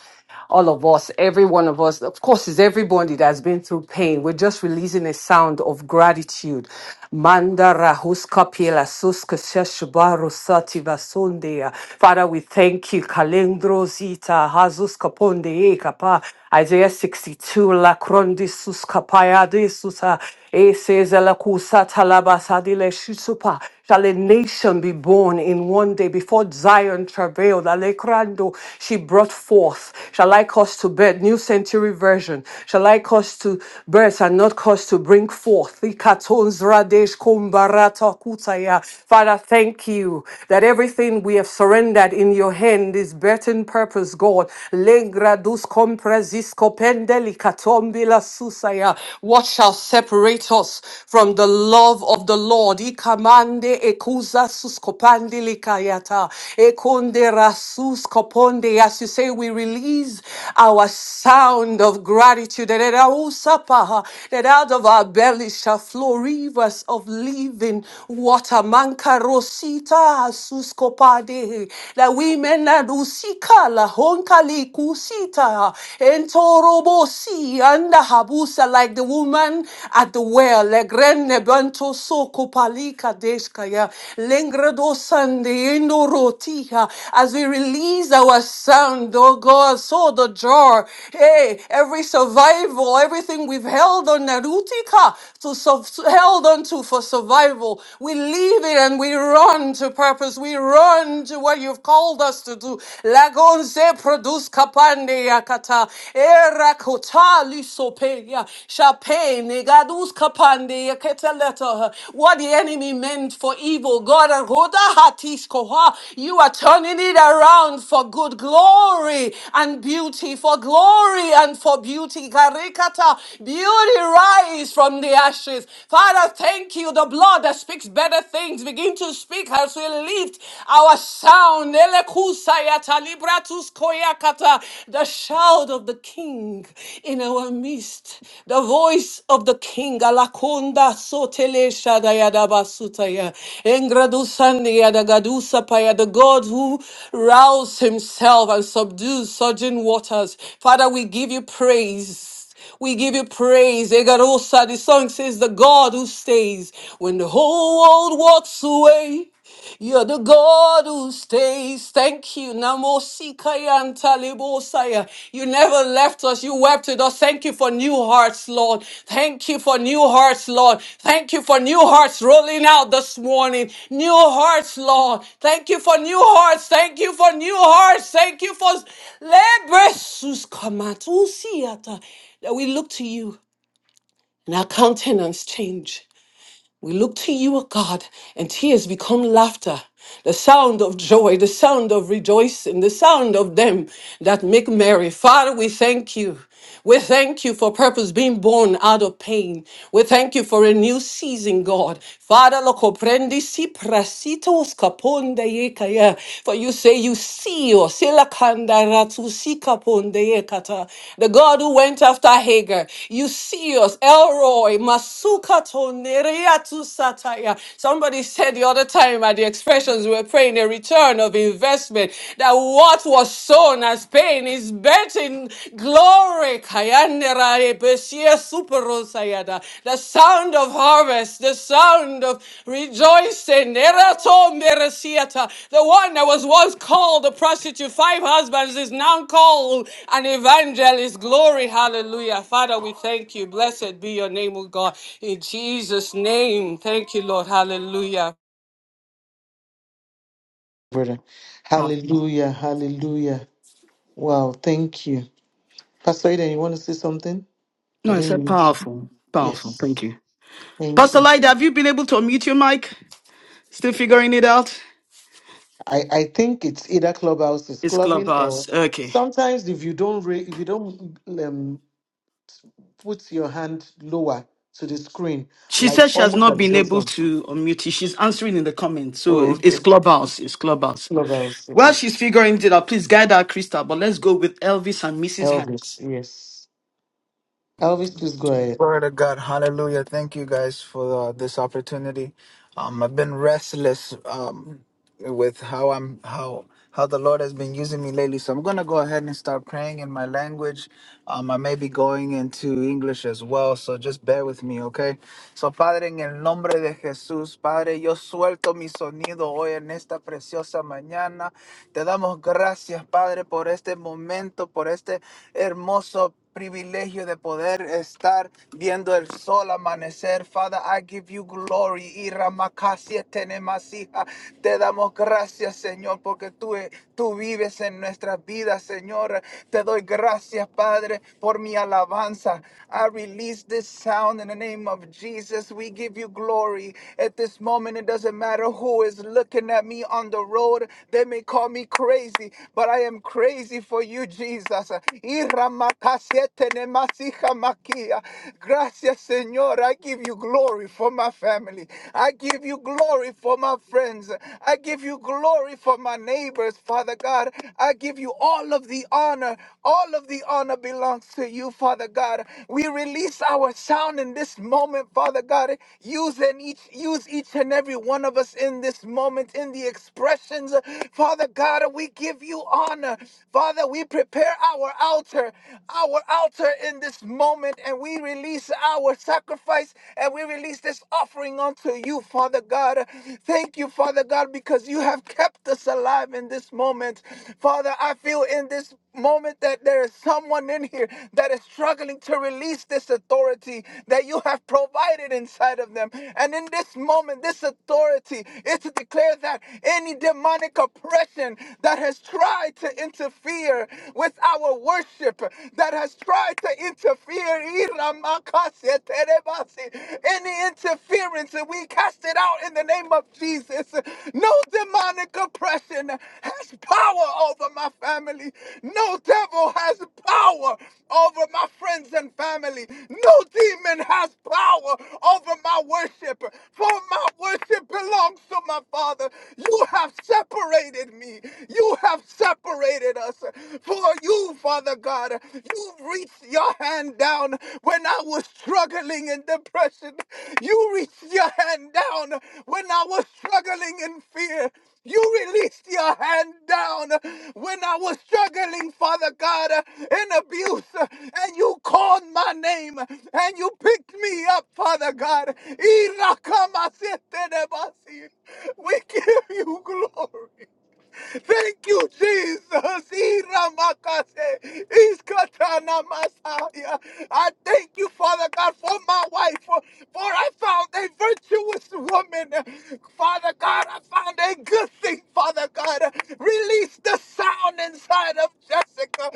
Speaker 12: all of us, every one of us. Of course, it's everybody that has been through pain. We're just releasing a sound of gratitude. Manda rahuska piela suska sheshubaru sativa sundia. Father, we thank you. Kalendro zita hazuska ponde e kapa. Isaiah 62, La Crondis Capaya de Susa, e says, La Cusata Labasadile Shisupa. Shall a nation be born in one day before Zion travailed? Alecrando, she brought forth. Shall I cause to birth? New Century Version. Shall I cause to birth and not cause to bring forth? Ikatons Radesh Kumbarata Kutaya. Father, thank you that everything we have surrendered in your hand is birthing purpose, God. God. Lengradus compresisko pendelicatombila susaya. What shall separate us from the love of the Lord? Ikamande ekuza suskopandilikayata. Ekonde rasus koponde. As you say, we release our sound of gratitude. That it ausapaha, that out of our bellies shall flow rivers of living water. Mankarosita suskopade that we may not usika la honkali kusita entorobo si anda habusa like the woman at the well legrene banto soko palika deskaya lengredo sande endorotiha as we release our sound oh God so the jar hey every survival everything we've held on narutika to so, held onto for survival. We leave it and we run to purpose. We run to what you've called us to do. Lagonze produce kapande yakata erakota lisope ya shape negadus kapande yaketa letter. What the enemy meant for evil, God ahoda hatis koha. You are turning it around for good glory and beauty, for glory and for beauty. Karikata beauty rise rise from the ashes. Father, thank you. The blood that speaks better things. Begin to speak as we lift our sound. Elekusayata libratus koyakata, The shout of the king in our midst. The voice of the king. Alakonda sotele shadayadabasutaya. Engradusandiyadagadusapaya. The God who roused himself and subdued surging waters. Father, we give you praise past. We give you praise. Egarosa, the song says, The God who stays when the whole world walks away. You're the God who stays. Thank you. Namo Sikaya and Talibosaya. You never left us. You wept with us. Thank you for new hearts, Lord. Thank you for new hearts, Lord. Thank you for new hearts rolling out this morning. New hearts, Lord. Thank you for new hearts. Thank you for new hearts. Thank you for Lebresus Kamatusiata. That we look to you and our countenance change. We look to you, O God, and tears become laughter, the sound of joy, the sound of rejoicing, the sound of them that make merry. Father, we thank you. We thank you for purpose being born out of pain. We thank you for a new season, God. Father, lo comprendi si prasitos caponde yekaya. For you say you Sio, Silakanda Ratusika Pondeekata, the God who went after Hagar. You see us, Elroy, Masuka Tonereatu Sataya. Somebody said the other time at the expressions we were praying a return of investment that what was sown as pain is bet in glory. Kayanera Beshia Superosayada, the sound of harvest, the sound of rejoicing, Erato Meresiata, the one that was once called a prostitute, five husbands is now called an evangelist. Glory, hallelujah. Father, we thank you. Blessed be your name, O God. In Jesus' name, thank you, Lord. Hallelujah.
Speaker 8: Brother. Hallelujah. Hallelujah. Wow. Thank you. Pastor Eden, you want to say something? I
Speaker 1: No, it's
Speaker 8: didn't
Speaker 1: a
Speaker 8: mean to.
Speaker 1: powerful, powerful. Thank
Speaker 8: Yes.
Speaker 1: you.
Speaker 8: Thank
Speaker 1: Pastor
Speaker 8: you.
Speaker 1: Lyda, have you been able to unmute your mic? Still figuring it out?
Speaker 8: I, I think it's either clubhouse is
Speaker 1: It's
Speaker 8: clubbing or
Speaker 1: Clubhouse. Okay.
Speaker 8: sometimes if you don't ra- if you don't um, put your hand lower to the screen,
Speaker 1: She
Speaker 8: like
Speaker 1: says she has
Speaker 8: almost
Speaker 1: not
Speaker 8: at the
Speaker 1: been able
Speaker 8: bottom.
Speaker 1: to unmute it. She's answering in the comments. So
Speaker 8: Oh,
Speaker 1: it- it's
Speaker 8: okay.
Speaker 1: Clubhouse. It's Clubhouse.
Speaker 8: Clubhouse.
Speaker 1: While
Speaker 8: Okay.
Speaker 1: she's figuring it out, please guide our Krista, but let's go with Elvis and Mrs. Hanks.
Speaker 8: Elvis. Yes. Elvis, please go ahead.
Speaker 13: Glory to God. Hallelujah. Thank you guys for uh, this opportunity. Um, I've been restless um, with how I'm how how the Lord has been using me lately. So I'm gonna go ahead and start praying in my language. Um, I may be going into English as well, so just bear with me, okay? So Padre, en el nombre de Jesús, Padre, yo suelto mi sonido hoy en esta preciosa mañana. Te damos gracias, Padre, por este momento, por este hermoso privilegio de poder estar viendo el sol amanecer. Father, I give you glory. Y ramakasia tenemasiha. Te damos gracias, Señor, porque tú, eh, tú vives en nuestras vidas, Señor. Te doy gracias, Padre, por mi alabanza. I release this sound in the name of Jesus. We give you glory. At this moment, it doesn't matter who is looking at me on the road. They may call me crazy, but I am crazy for you, Jesus. Irramakasietenemasikamakia. Gracias, Señor. I give you glory for my family. I give you glory for my friends. I give you glory for my neighbors, Father God. I give you all of the honor. All of the honor belongs to you, Father God. We release our sound in this moment, Father God. Use and each use each and every one of us in this moment in the expressions. Father God, we give you honor. Father, we we prepare our altar, our altar in this moment, and we release our sacrifice and we release this offering unto you, Father God. Thank you, Father God, because you have kept us alive in this moment. Father, I feel in this moment that there is someone in here that is struggling to release this authority that you have provided inside of them. And in this moment, this authority is to declare that any demonic oppression that has tried to to interfere with our worship, that has tried to interfere. Any interference, we cast it out in the name of Jesus. No demonic oppression has power over my family. No devil has power over my friends and family. No demon has power over my worship, for my worship belongs to my Father. You have separated me. You you have separated us. For you, Father God, you reached your hand down when I was struggling in depression. You reached your hand down when I was struggling in fear. You released your hand down when I was struggling, Father God, in abuse. And you called my name and you picked me up, Father God. Irakamasetenebasi. We give you glory. Thank you, Jesus. Iramakase, iskatanamasaya. I thank you, Father God, for my wife, for, for I found a virtuous woman. Father God, I found a good thing, Father God. Release the sound inside of Jessica.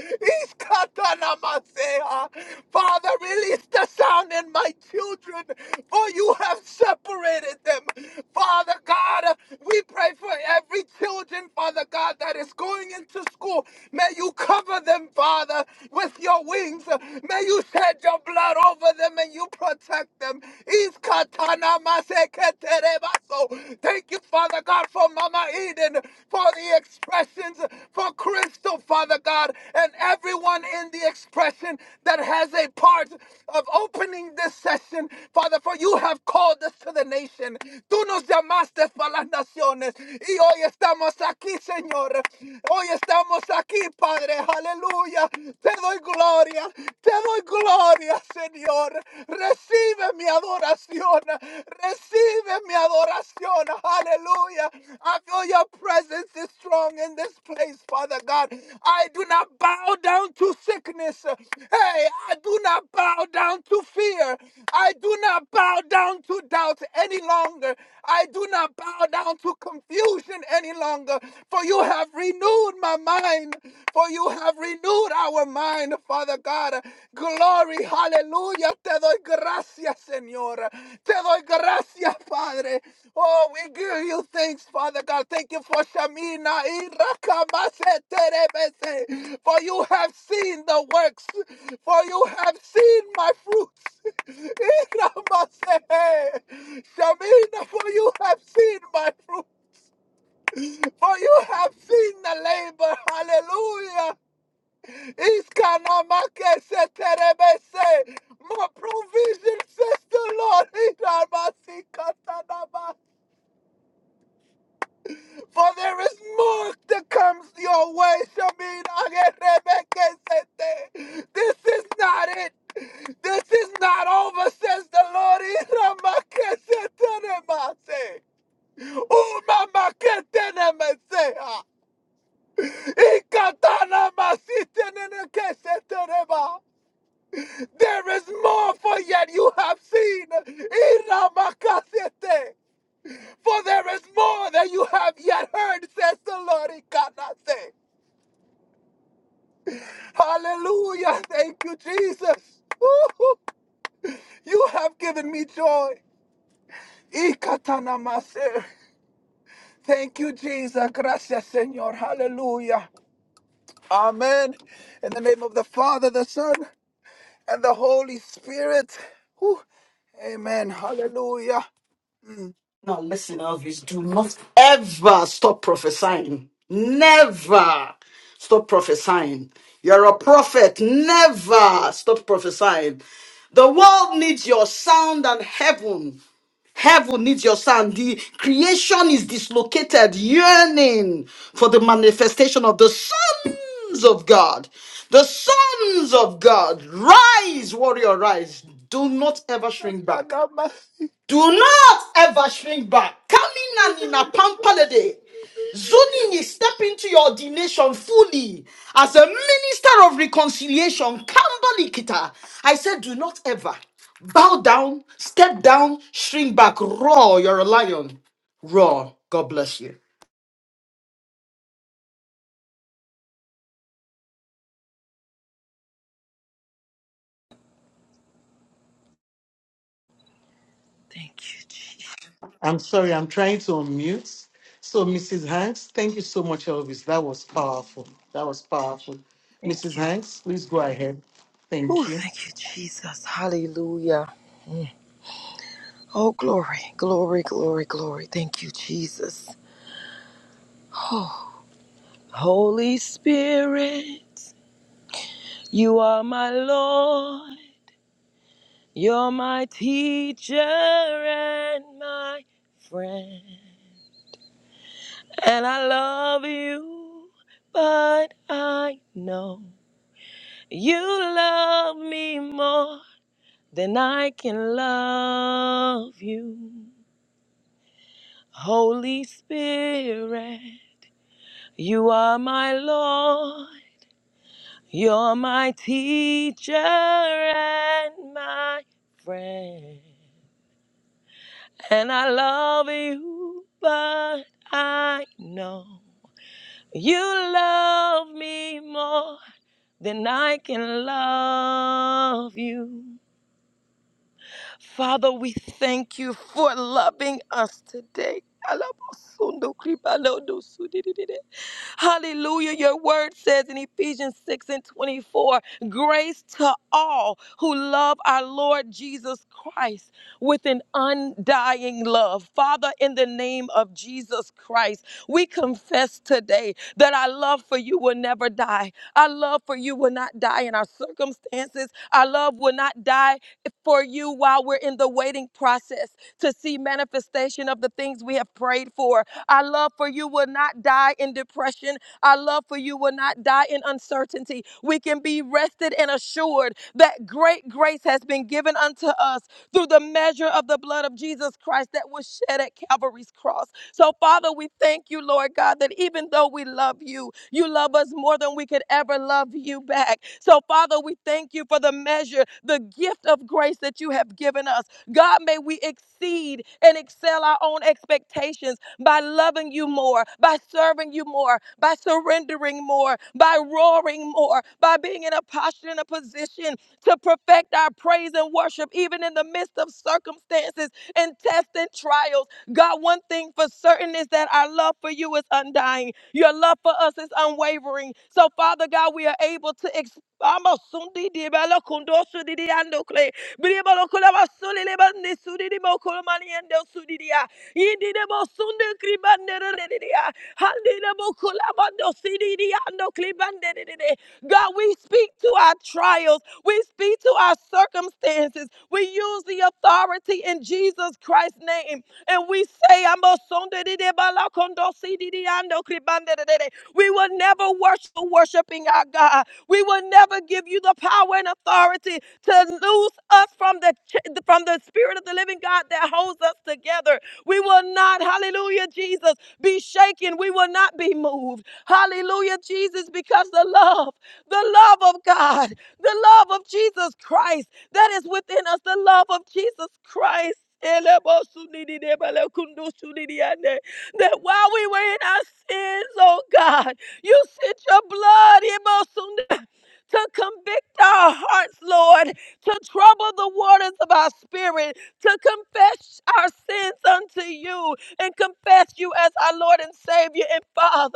Speaker 13: Iskatanamasaya. Father, release the sound in my children, for you have separated them. Father God, we pray for every children children, Father God, that is going into school, may you cover them, Father, with your wings. May you shed your blood over them and you protect them. Is katana maseketerebaso. Thank you, Father God, for Mama Eden, for the expressions, for Crystal, Father God, and everyone in the expression that has a part of opening this session, Father, for you have called us to the nation. Tú nos llamaste para las naciones. y hoy estamos aquí, Señor. Hoy estamos aquí, Padre. Aleluya. Te doy gloria. Te doy gloria, Señor. Recibe mi adoración. Recibe mi adoración. Aleluya. I feel your presence is strong in this place, Father God. I do not bow down to sickness. Hey, I do not bow down to fear. I do not bow down to doubt any longer. I do not bow down to confusion confusion any longer, for you have renewed my mind, for you have renewed our mind, Father God. Glory, hallelujah. Te doy gracias, Señor. Te doy gracias, Padre. Oh, we give you thanks, Father God. Thank you for Shamina. y Rakamase Terebese. For you have seen the works, for you have seen my fruits. (laughs) Y Shamina, for you have seen my fruits. For you have seen the labor, hallelujah. Iskanamake seterebese. More provision, says the Lord. Idarabasikatanaba. For there is more that comes your way. Shaminagerebeke sete. This is not it. This is not over, says the Lord. Iramake seterebase. Umamake tenemese. Ikatana There is more for yet you have seen. Iramakasete. For there is more that you have yet heard, says the Lord. Ikanase. Hallelujah. Thank you, Jesus. Woo-hoo. You have given me joy. Ikatana Thank you, Jesus. Gracias, Señor. Hallelujah. Amen. In the name of the Father, the Son. and the Holy Spirit. Whew. Amen. Hallelujah. Mm.
Speaker 1: Now, listen, Elvis, do not ever stop prophesying. Never stop prophesying. You're a prophet. Never stop prophesying. The world needs your sound and heaven. Heaven needs your sound. The creation is dislocated, yearning for the manifestation of the sons of God. The sons of God. Rise, warrior, rise. Do not ever shrink back. Do not ever shrink back. Coming and in a pampalade. Zoning is step into your ordination fully as a minister of reconciliation. Kambalikita. I said, do not ever bow down, step down, shrink back, roar. You're a lion, roar. God bless you.
Speaker 14: Thank you, Jesus.
Speaker 8: I'm sorry, I'm trying to unmute. So, Mrs. Hanks, thank you so much, Elvis. That was powerful. That was powerful.
Speaker 14: Thank
Speaker 8: Mrs.
Speaker 14: you.
Speaker 8: Hanks, please go ahead.
Speaker 14: Oh,
Speaker 8: Thank you.
Speaker 14: thank you, Jesus. Hallelujah. Mm. Oh, glory, glory, glory, glory. Thank you, Jesus. Oh, Holy Spirit, you are my Lord. You're my teacher and my friend. And I love you, but I know you love me more than I can love you. Holy Spirit, you are my Lord, you're my teacher and my friend. And I love you, but I know you love me more than I can love you. Father, we thank you for loving us today. Hallelujah. Your word says in Ephesians 6 and 24 grace to all who love our Lord Jesus Christ with an undying love. Father, in the name of Jesus Christ, we confess today that our love for you will never die. Our love for you will not die in our circumstances. Our love will not die for you while we're in the waiting process to see manifestation of the things we have prayed for. Our love for you will not die in depression. Our love for you will not die in uncertainty. We can be rested and assured that great grace has been given unto us through the measure of the blood of Jesus Christ that was shed at Calvary's cross. So, Father, we thank you, Lord God, that even though we love you, you love us more than we could ever love you back. So, Father, we thank you for the measure, the gift of grace that you have given us. God, may we exceed and excel our own expectations by loving you more, by serving you more, by surrendering more, by roaring more, by being in a posture and a position to perfect our praise and worship, even in the midst of circumstances and tests and trials. God, one thing for certain is that our love for you is undying. Your love for us is unwavering. So, Father God, we are able to ex- God, we speak to our trials. We speak to our circumstances. We use the authority in Jesus Christ's name and we say, "Amosondedidebalakondosididiandokribanderere." we will never worship worshiping our God. We will never give you the power and authority to loose us from the ch- from the spirit of the living God that holds us together. We will not, hallelujah, Jesus, be shaken. We will not be moved. Hallelujah, Jesus, because the love, the love of God, the love of Jesus Christ that is within us, the love of Jesus Christ. That while we were in our sins, oh God, you sent your blood to convict our hearts, Lord, to trouble the waters of our spirit, to confess our sins unto you and confess you as our Lord and Savior and Father.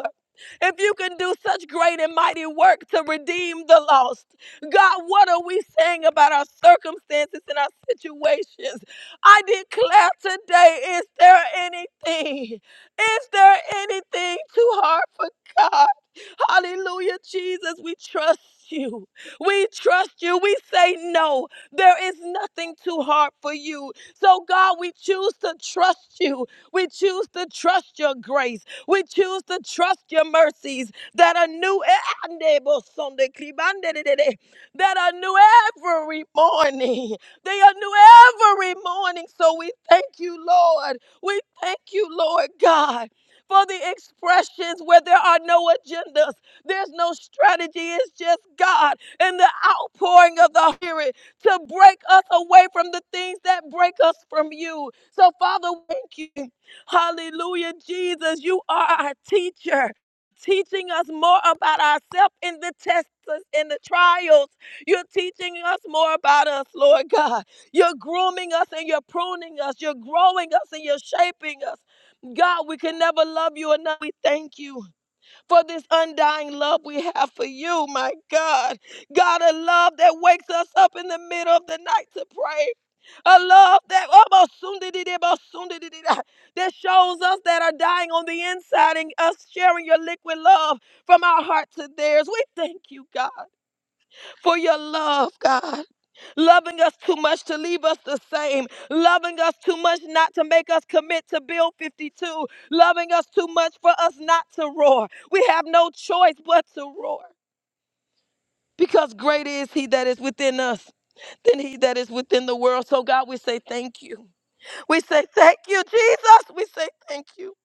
Speaker 14: If you can do such great and mighty work to redeem the lost, God, what are we saying about our circumstances and our situations? I declare today, is there anything? Is there anything too hard for God? Hallelujah, Jesus. We trust you. We trust you. We say no. There is nothing too hard for you. So, God, we choose to trust you. We choose to trust your grace. We choose to trust your mercies that are new that are new every morning. They are new every morning. So we thank you, Lord. We thank you, Lord God for the expressions where there are no agendas. There's no strategy. It's just God and the outpouring of the Spirit to break us away from the things that break us from you. So, Father, thank you. Hallelujah, Jesus. You are our teacher. Teaching us more about ourselves in the tests and the trials. You're teaching us more about us, Lord God. You're grooming us and you're pruning us. You're growing us and you're shaping us. God, we can never love you enough. We thank you for this undying love we have for you, my God. God, a love that wakes us up in the middle of the night to pray. A love that that shows us that are dying on the inside and us sharing your liquid love from our heart to theirs. We thank you, God, for your love, God loving us too much to leave us the same, loving us too much not to make us commit to Bill 52, loving us too much for us not to roar. We have no choice but to roar. Because greater is he that is within us than he that is within the world. So, God, we say thank you. We say thank you, Jesus. We say thank you.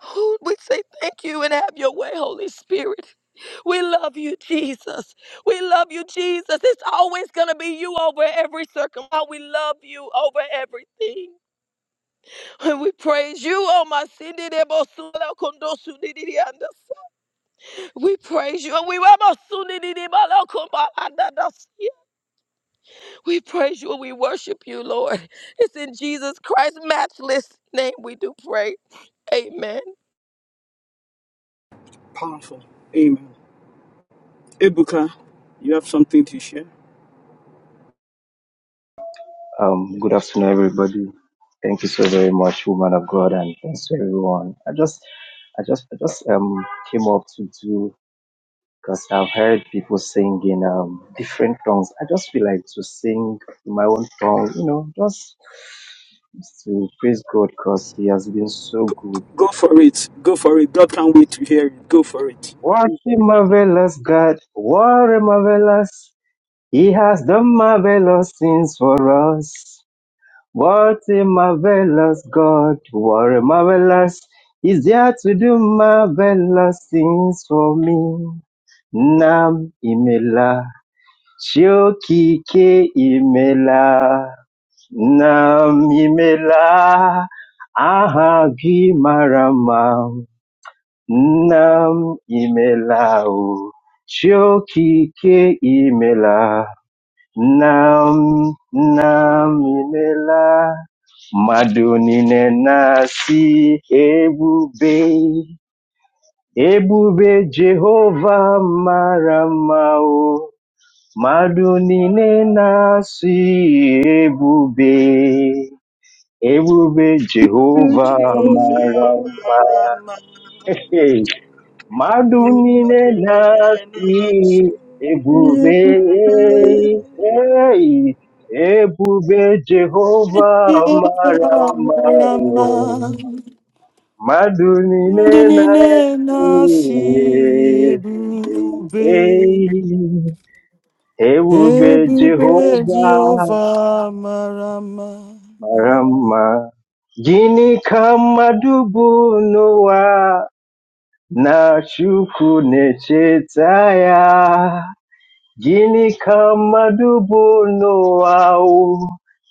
Speaker 14: Who- We say thank you and have your way, Holy Spirit. We love you, Jesus. We love you, Jesus. It's always going to be you over every circumstance. We love you over everything. And we praise you, oh my Cindy de Bosula Condosu We praise you. and We Ramasuni di di baloko baladadasi. We praise you and we worship you, Lord. It's in Jesus Christ's matchless name we do pray. Amen.
Speaker 1: Powerful. Amen. Ebuka, you have something to share?
Speaker 15: Um, good afternoon, everybody. Thank you so very much, woman of God, and thanks to everyone. I just, I just, I just um came up to do because I've heard people sing in um different tongues. I just feel like to sing in my own tongue, you know, just to praise God because He has been so good.
Speaker 1: Go for it. Go for it. God can't wait to hear it. Go for it.
Speaker 15: What a marvelous God! What a marvelous! He has done marvelous things for us. What a marvelous God, what a marvelous. He's there to do marvelous things for me. Nam imela, shokike imela. Nam imela, ahagi marama. Nam imela, o, shokike imela. Nam nam inela mmadụ nasi na-asị ebube ebube Jehovah mara mma nasi mmadụ niile na-asị ebube ebube Jehova mara mma Mmadụ niile na-asị ebube, ei, ebube Jehova mara mma. o." Mmadụ niile na-asị ebube, ei, ebube Jehova mara mma. Gịnị ka mmadụ bụ n'ụwa na Chukwu na-echeta ya? Jini kama dubuno wao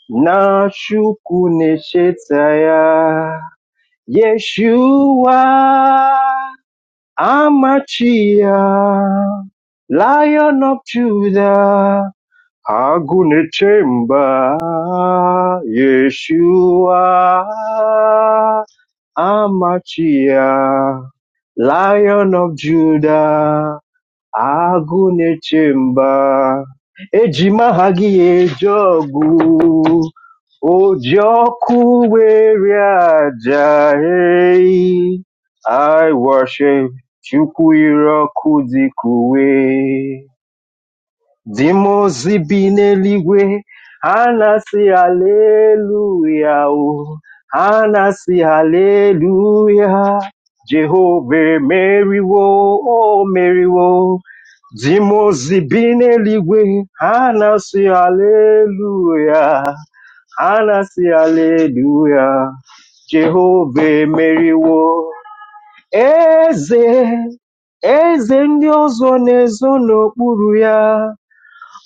Speaker 15: na shuku neshetaya Yeshua Amachia Lion of Judah Agunechemba Yeshua Amachia Lion of Judah আগুনের chamber ejima ha gị ọkụ were aja ehi I worship Chukwu ire ọkụ Dimo zibi n'eluigwe, anasi na-asị haleluya o, ha na-asị haleluya. Jehova emeriwo, o meriwo. Dimo zibi n'eluigwe, ha na-asị haleluya, ha na-asị eze, eze ndị ọzọ n'okpuru ya.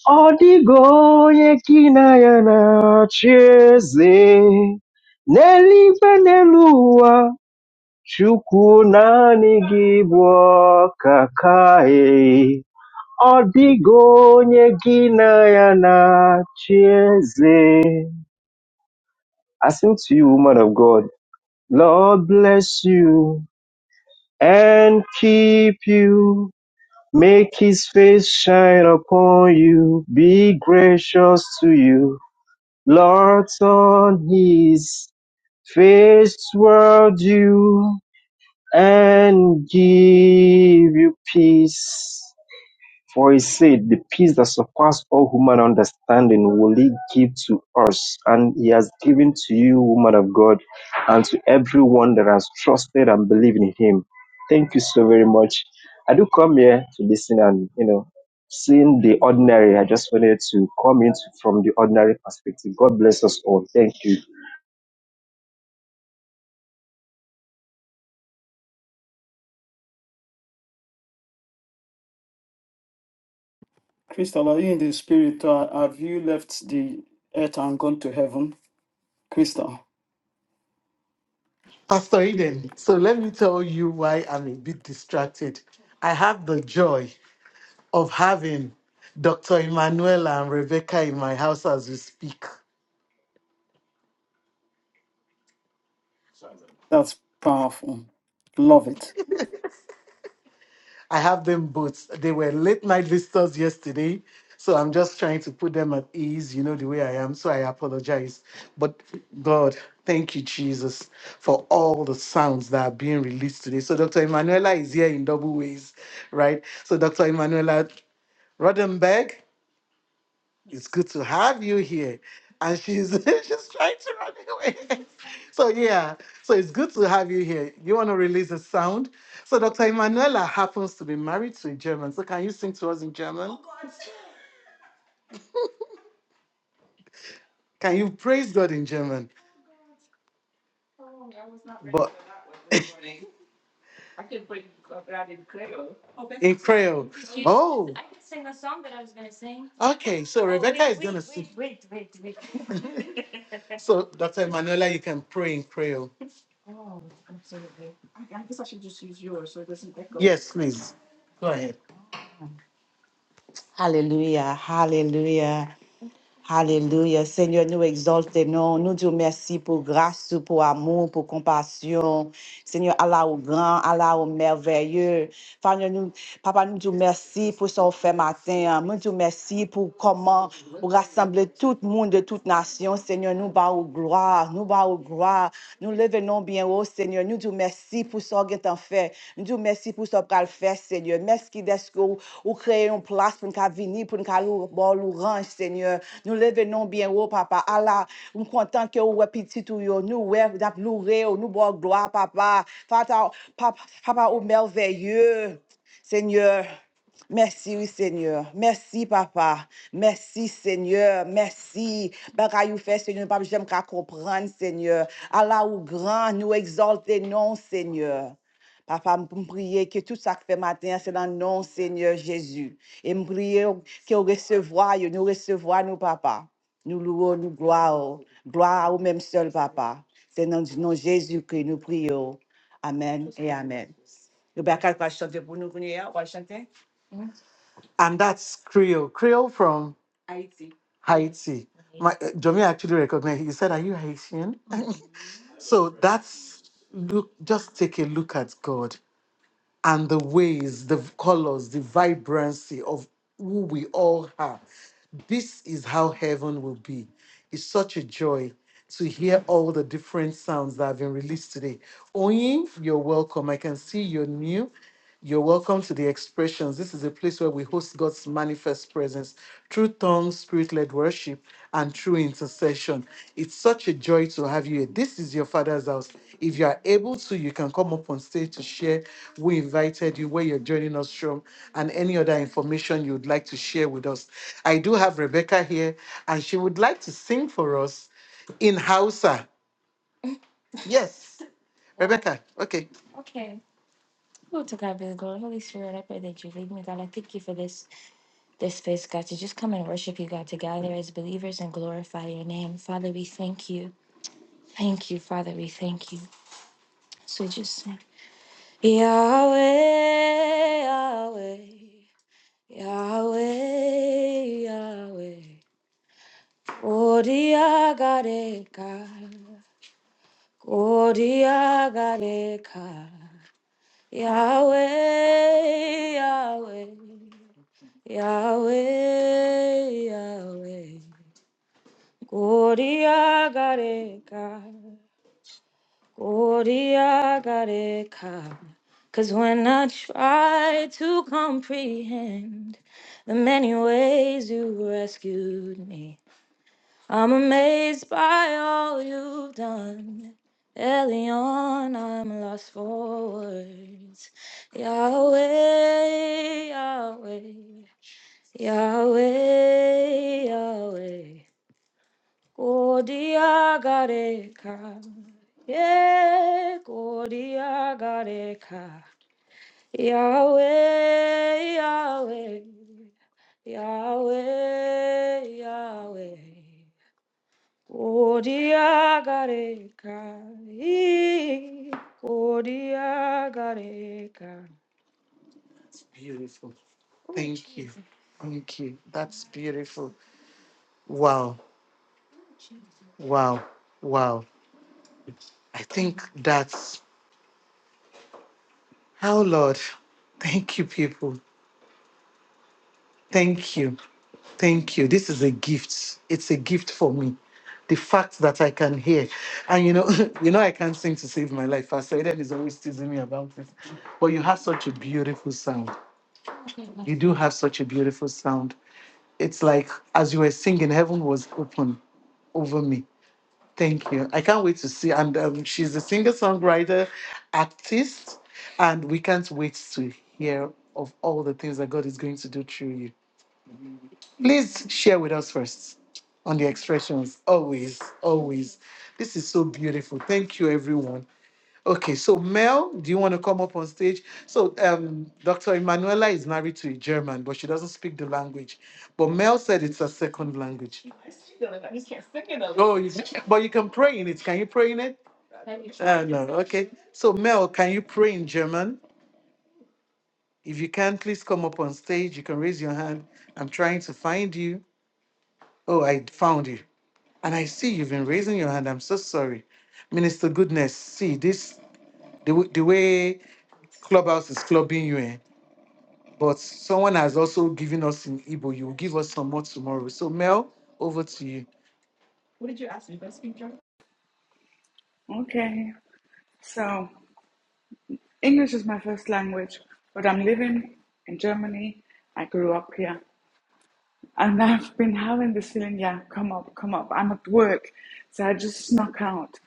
Speaker 15: Odigoye kinayana cheze nelipe chukunani gibwa kakae Odigonye kinayana cheze I sing to you, woman of God. Lord bless you and keep you. Make his face shine upon you. Be gracious to you Lords on his face were due and give you peace. For he said, The peace that surpasses all human understanding will he give to us, and he has given to you, woman of God, and to everyone that has trusted and believed in him. Thank you so very much. I do come here to listen and, you know, seeing the ordinary. I just wanted to come in from the ordinary perspective. God bless us all. Thank you.
Speaker 1: Crystal, are you in the spirit? Or have you left the earth and gone to heaven? Crystal,
Speaker 8: Pastor Eden, so let me tell you why I'm a bit distracted. I have the joy of having Dr. Emanuela and Rebecca in my house as we speak.
Speaker 1: that's powerful. Love it.
Speaker 8: I have them both. They were late night visitors yesterday. So I'm just trying to put them at ease, you know, the way I am. So I apologize. But God, thank you, Jesus, for all the sounds that are being released today. So Dr. Emanuela is here in double ways, right? So Dr. Emanuela Rodenberg, it's good to have you here. And she's (laughs) she's trying to run away. (laughs) so yeah, so it's good to have you here. You want to release a sound? So Dr. Emanuela happens to be married to a German. So can you sing to us in German? Can you praise God in German? Well, (coughs) (laughs) in Creole. Oh, okay. So (laughs) so Dr. Emanuela, you can pray in Creole. Yes, please. Go ahead. Hallelujah, hallelujah. Alléluia. Seigneur, nous exaltons, nous disons merci pour grâce, pour amour, pour compassion. Seigneur, Allah au grand, Allah au merveilleux. Seigneur, nous, Papa, nous disons merci pour son fait matin. Nous disons merci pour comment vous rassemblez tout le monde de toute nation. Seigneur, nous bas au gloire, nous bas au gloire. Nous levons bien oh Seigneur. Nous disons merci pour ce que tu as fait. Nous disons merci pour ce que tu as fait, Seigneur. Merci d'être que vous vous créez une place pour nous venir, pour nous aller bon l'orange, Seigneur. Nous levons bien haut, Papa. Allah, nous sommes contents que vous petit tout, nous ouais, d'ap louer, oh, nous bon gloire, Papa. Papa, Papa, oh merveilleux, Seigneur. Merci, oui, Seigneur. Merci, papa. Merci, Seigneur. Merci. Bagay ou fait, Seigneur, papa, j'aime qu'à comprendre, Seigneur. Allah ou grand, nous exalter, non, Seigneur. Papa, me prier que tout ça que fait matin, c'est dans le nom, Seigneur Jésus. Et me prier que nous recevoir, nous recevoir, nous, papa. Nous louons, nous gloire. Gloire au même seul, papa. C'est dans le nom de Jésus que nous prions. Amen et Amen. Le bacal va chanter pour nous, on va chanter and that's Creole. Creole from Haiti. My uh, Jomi actually recognized. He said, "Are you Haitian?" (laughs) so that's look. Just take a look at God and the ways, the colors, the vibrancy of who we all are. This is how heaven will be. It's such a joy to hear all the different sounds that have been released today. Oyin, you're welcome. I can see you're new. You're welcome to the expressions. This is a place where we host God's manifest presence through tongues, spirit led worship, and through intercession. It's such a joy to have you here. This is your Father's house. If you are able to, you can come up on stage to share who invited you, where you're joining us from, and any other information you'd like to share with us. I do have Rebecca here, and she would like to sing for us in Hausa. Yes, Rebecca. Okay. Lord, to God be the glory. Holy Spirit, I pray that you lead me, God. I thank you for this this space, God, to just come and worship you, God, together as believers and glorify your name. Father, we thank you. Thank you, Father, we thank you. So we just sing. Yahweh, Yahweh, Yahweh, Yahweh. Odiagareka, Odiagareka. Yahweh, Yahweh. Yahweh, Yahweh, Gloria Gareka, Gloria Gareka. Cause when I try to comprehend the many ways you rescued me, I'm amazed by all you've done. Early on, I'm lost for words. Yahweh, Yahweh. Yahweh, Yahweh, Kodiagareka, yeah, Kodiagareka, Yahweh, Yahweh, Yahweh, Yahweh, Kodiagareka, ee, Kodiagareka. Beautiful. Thank you. Thank you. That's beautiful. Wow. Wow, wow. I think that's how, Lord. Thank you, people. Thank you. Thank you. This is a gift. It's a gift for me. The fact that I can hear. And you know, (laughs) you know, I can't sing to save my life. Pastor Eden is always teasing me about it. But you have such a beautiful sound. You do have such a beautiful sound. It's like as you were singing, heaven was open over me. Thank you. I can't wait to see. And um, she's a singer songwriter, artist, and we can't wait to hear of all the things that God is going to do through you. Please share with us first on the expressions. Always, always. This is so beautiful. Thank you, everyone. Okay, so Mel, do you want to come up on stage? So, um, Dr. Emanuela is married to a German, but she doesn't speak the language. But Mel said it's a second language. Oh, you, but you can pray in it. Can you pray in it? Oh, no. Okay. So, Mel, can you pray in German? If you can, please come up on stage. You can raise your hand. I'm trying to find you. Oh, I found you. And I see you've been raising your hand. I'm so sorry. Minister Goodness, see this the, w- the way Clubhouse is clubbing you in. But someone has also given us in Igbo. You will give us some more tomorrow. So, Mel, over to you.
Speaker 16: Okay, so English is my first language, but I'm living in Germany. I grew up here, and (laughs) I've been having this feeling, yeah, come up, come up. I'm at work, so I just snuck out.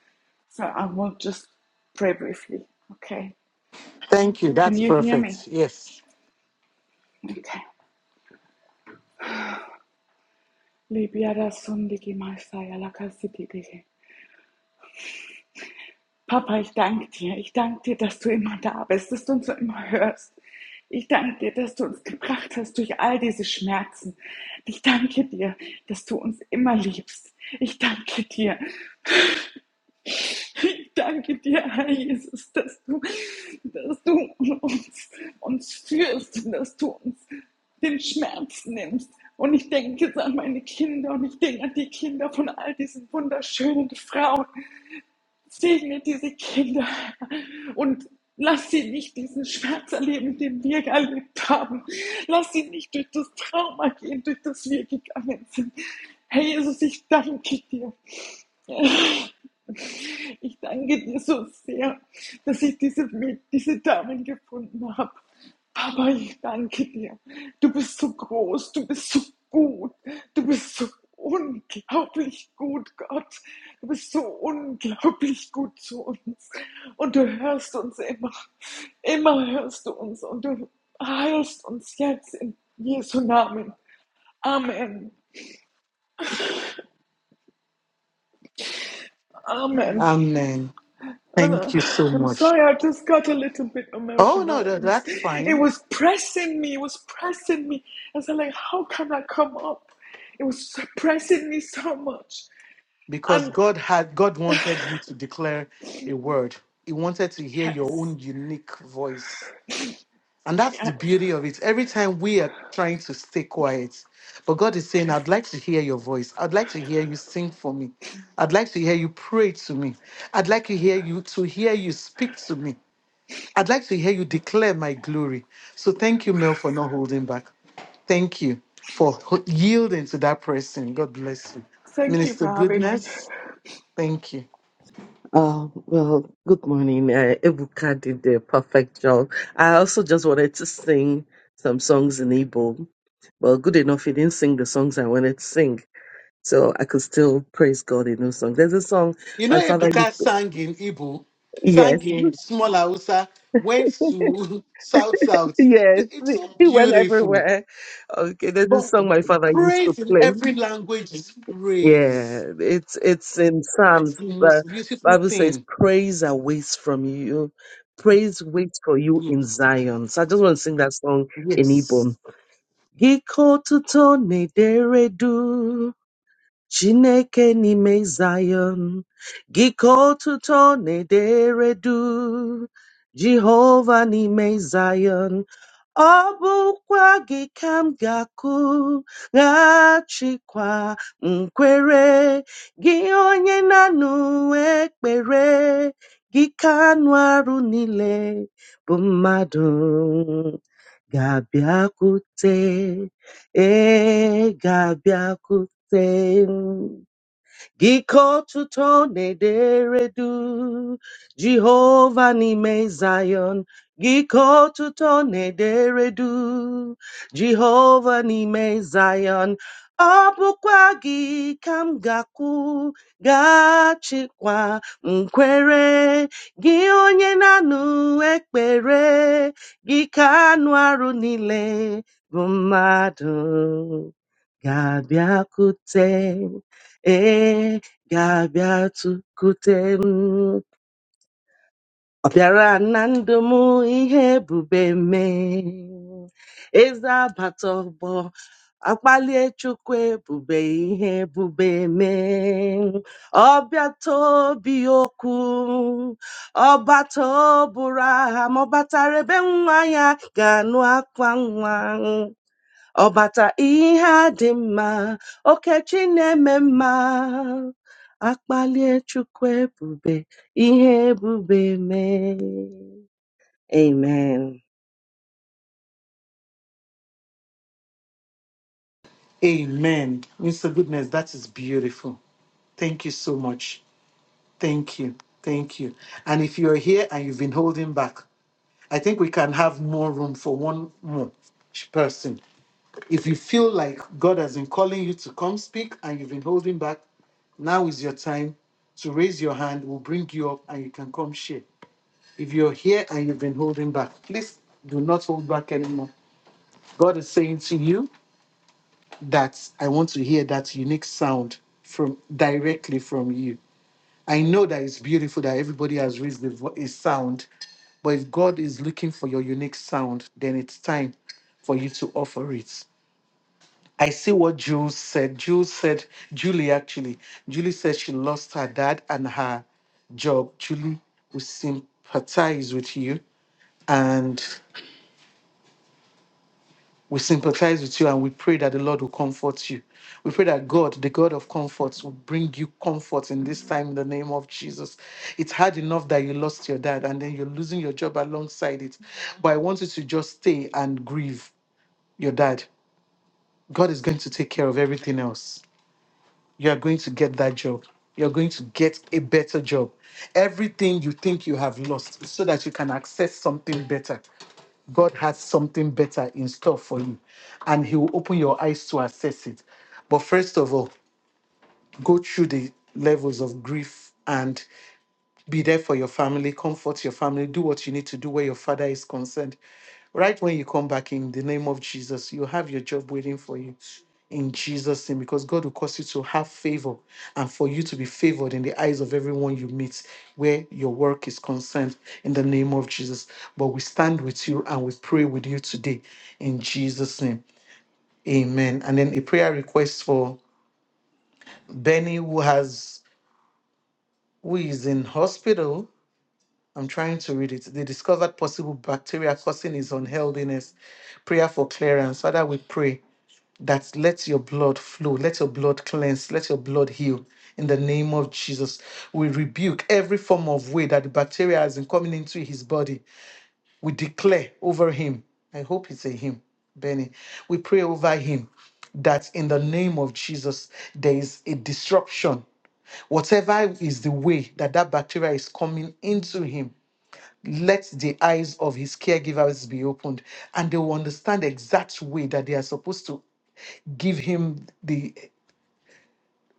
Speaker 16: So I will just pray briefly. Okay,
Speaker 8: Thank you.
Speaker 16: can
Speaker 8: That's
Speaker 16: you hear me?
Speaker 8: perfect. Yes.
Speaker 16: Okay. Libiada sundigi maestai alakasitidigi. Papa, ich danke dir. Ich danke dir, dass du immer da bist, dass du uns so immer hörst. Ich danke dir, dass du uns gebracht hast durch all diese Schmerzen. Ich danke dir, dass du uns immer liebst. Ich danke dir. Ich danke dir, Herr Jesus, dass du, dass du uns, uns führst und dass du uns den Schmerz nimmst. Und ich denke jetzt an meine Kinder und ich denke an die Kinder von all diesen wunderschönen Frauen, segne diese Kinder und lass sie nicht diesen Schmerz erleben, den wir erlebt haben. Lass sie nicht durch das Trauma gehen, durch das wir gegangen sind. Herr Jesus, ich danke dir. (laughs) Ich danke dir so sehr, dass ich diese, diese Damen gefunden habe. Papa, ich danke dir. Du bist so groß, du bist so gut, du bist so unglaublich gut, Gott. Du bist so unglaublich gut zu uns. Und du hörst uns immer, immer hörst du uns und du heilst uns jetzt in Jesu Namen. Amen, Amen.
Speaker 8: Amen.
Speaker 16: Uh,
Speaker 8: Thank
Speaker 16: (sighs)
Speaker 8: you so
Speaker 16: I'm
Speaker 8: much.
Speaker 16: sorry, I just got a little bit
Speaker 8: Oh,
Speaker 16: emotional.
Speaker 8: no,
Speaker 16: It
Speaker 8: no
Speaker 16: was,
Speaker 8: that's fine.
Speaker 16: it was pressing me, it was pressing me. I was like, how can I come up? It was pressing me so much.
Speaker 8: because
Speaker 16: And
Speaker 8: God had God wanted you to declare a word. He wanted to hear your
Speaker 16: yes,
Speaker 8: own unique voice. And that's the
Speaker 16: yes,
Speaker 8: beauty of it. Every time we are trying to stay quiet, but God is saying, I'd like to hear your voice. I'd like to hear you sing for me. I'd like to hear you pray to me. I'd like to hear you to hear you speak to me. I'd like to hear you declare my glory. So thank you, Mel, for not holding back. Thank you for ho- yielding to that person. God bless you.
Speaker 16: thank you
Speaker 8: Minister
Speaker 16: for having me.
Speaker 8: Goodness. Thank you.
Speaker 3: Oh, well, good morning. Uh, Ebuka did the perfect job. I also just wanted to sing some songs in Igbo. Well, good enough, he didn't sing the songs I wanted to sing. So I could still praise God in those songs. There's a song
Speaker 8: You know,
Speaker 3: my father used
Speaker 8: Ebuka
Speaker 3: to,
Speaker 8: sang in Igbo, sang
Speaker 3: yes,
Speaker 8: in small Hausa, went
Speaker 3: (laughs)
Speaker 8: to (laughs) South South.
Speaker 3: yes,
Speaker 8: It's so
Speaker 3: he went
Speaker 8: beautiful.
Speaker 3: everywhere. Okay, there's a
Speaker 8: But
Speaker 3: song my father used to
Speaker 8: praise in
Speaker 3: play.
Speaker 8: every language is
Speaker 3: Yeah,
Speaker 8: praise.
Speaker 3: it's it's in
Speaker 8: That's
Speaker 3: Psalms.
Speaker 8: the
Speaker 3: The
Speaker 8: most beautiful
Speaker 3: Bible says,
Speaker 8: thing.
Speaker 3: "Praise awaits from you. Praise waits for you in
Speaker 8: Yes.
Speaker 3: Zion." So I just want to sing that song in Igbo.
Speaker 8: Yes.
Speaker 3: Giko tuto n'edere du, Chineke n'ime Zion. Giko tuto n'edere du, Jehovah n'ime Zion ọ bụkwa gị ka m ga-akụghachikwa nkwere gị onye na-anụ ekpere gị ka anụ arụ niile bụ mmadụ ga-abịakwute e ga-abịakwute Gikotu tone deredu, Jehovah nime Zion. Gikotu tone deredu, Jehovah nime Zion. Ọ bụkwa gị ka m ga-akwụ, ga-achịkwa nkwere gị onye na-anụ ekpere gị ka anụ arụ niile bụ mmadụ ga-abịakwute E ga-abịa tụkwute m. Ọ bịara na ndụ m ihe ebube mee. Eze agbata ọgbọ akpalie Chukwu ebube ihe ebube mee. Ọ bịata obi okwu, ọbata ọbụrụ aha, ma ọ ebe nwa ya ga-anụ akwa nwa. Ọbata ihe a dị mma, Okechi na-eme mma, akpalie Chukwu ebube, ihe ebube mee. Amen.
Speaker 8: Amen. Mr. Goodness, that is beautiful. Thank you so much. Thank you. Thank you. And if you're here and you've been holding back, I think we can have more room for one more person. If you feel like God has been calling you to come speak and you've been holding back, now is your time to raise your hand. We'll bring you up and you can come share. If you're here and you've been holding back, please do not hold back anymore. God is saying to you that I want to hear that unique sound from directly from you. I know that it's beautiful that everybody has raised the vo- a sound, but if God is looking for your unique sound, then it's time for you to offer it. I see what Jules said. Jules said, Julie actually, Julie said she lost her dad and her job. Julie, we sympathize with you and we sympathize with you and we pray that the Lord will comfort you. We pray that God, the God of comforts, will bring you comfort in this time in the name of Jesus. It's hard enough that you lost your dad and then you're losing your job alongside it. But I want you to just stay and grieve your dad. God is going to take care of everything else. you are going to get that job. You're going to get a better job. Everything you think you have lost so that you can access something better. God has something better in store for you, and He will open your eyes to assess it. But first of all, go through the levels of grief and be there for your family, comfort your family, do what you need to do where your father is concerned. Right when you come back in the name of Jesus, you have your job waiting for you in Jesus' name, because God will cause you to have favor and for you to be favored in the eyes of everyone you meet where your work is concerned in the name of Jesus. But we stand with you and we pray with you today in Jesus' name. Amen. And then a prayer request for Benny who has who is in hospital I'm trying to read it. They discovered possible bacteria causing his unhealthiness. Prayer for clearance. Father, we pray that let your blood flow, let your blood cleanse, let your blood heal. In the name of Jesus, we rebuke every form of way that the bacteria has been coming into his body. We declare over him. I hope it's a him, Benny. We pray over him that in the name of Jesus, there is a disruption whatever is the way that that bacteria is coming into him let the eyes of his caregivers be opened and they will understand the exact way that they are supposed to give him the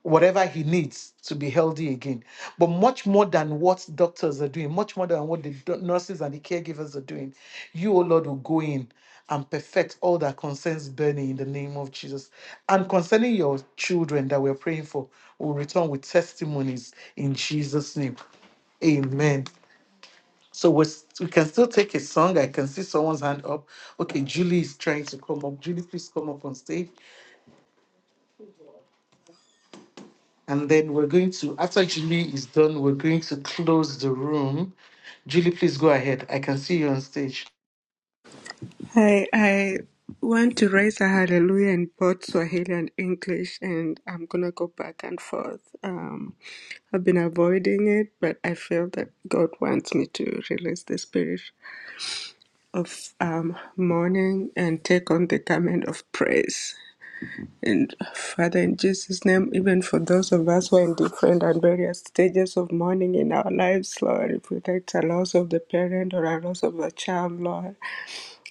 Speaker 8: whatever he needs to be healthy again. But much more than what doctors are doing, much more than what the do- nurses and the caregivers are doing, you, O Lord, will go in and perfect all that concerns Bernie in the name of Jesus. And concerning your children that we're praying for, we'll return with testimonies in Jesus' name. Amen. So we s- we can still take a song. I can see someone's hand up. Okay, Julie is trying to come up. Julie, please come up on stage. And then we're going to, after Julie is done, we're going to close the room. Julie, please go ahead. I can see you on stage.
Speaker 17: I I want to raise a hallelujah in both Swahili and English, and I'm gonna go back and forth. Um, I've been avoiding it, but I feel that God wants me to release the spirit of um, mourning and take on the garment of praise. And Father, in Jesus' name, even for those of us who are in different and various stages of mourning in our lives, Lord, if it's a loss of the parent or a loss of a child, Lord.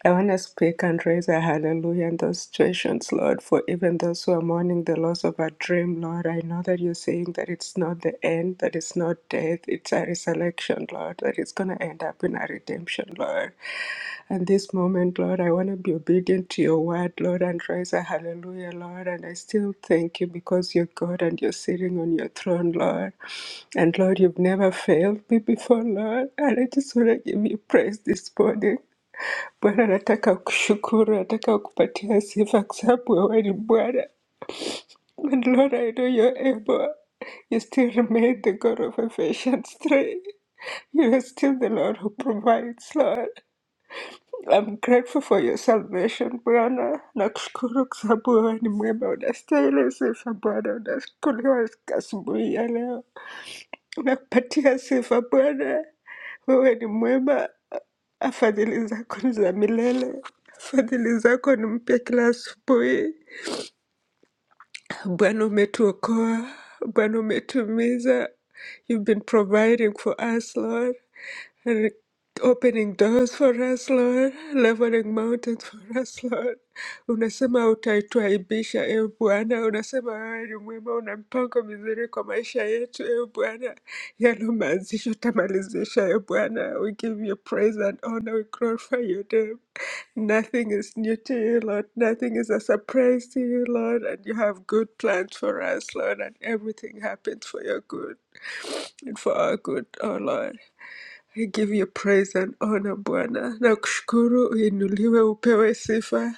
Speaker 17: I want to speak and raise a hallelujah in those situations, Lord, for even those who are mourning the loss of a dream, Lord. I know that you're saying that it's not the end, that it's not death, it's a resurrection, Lord, that it's going to end up in a redemption, Lord. And this moment, Lord, I want to be obedient to your word, Lord, and raise a hallelujah, Lord. And I still thank you because you're God and you're sitting on your throne, Lord. And Lord, you've never failed me before, Lord. And I just want to give you praise this morning. Bwana, nataka kushukuru, nataka kupatia sifa kwa sababu wewe ni Bwana. And Lord, I know you're able. You still remain the God of affection, strength. You are still the Lord who provides, Lord. I'm grateful for your salvation Bwana. Nakushukuru kwa sababu wewe ni mwema, unastahili sifa Bwana. Unashukuriwa asubuhi ya leo, nakupatia sifa Bwana. Wewe ni mwema, fadhili zako ni za milele, fadhili zako ni mpya kila asubuhi. Bwana umetuokoa, Bwana umetumiza. You've been providing for us, Lord and opening doors for us, Lord, leveling mountains for us, Lord. Unasema utaituaibisha, ewe Bwana. Unasema wewe ni mwema, una mpango mizuri kwa maisha yetu, ewe Bwana. Yaliyoanzishwa utamalizisha, ewe Bwana. We give you praise and honor, we glorify your name. Nothing is new to you, Lord. Nothing is a surprise to you, Lord. And you have good plans for us, Lord. And everything happens for your good and for our good, oh Lord. I give you praise and honor Bwana. Nakushukuru uinuliwe upewe sifa.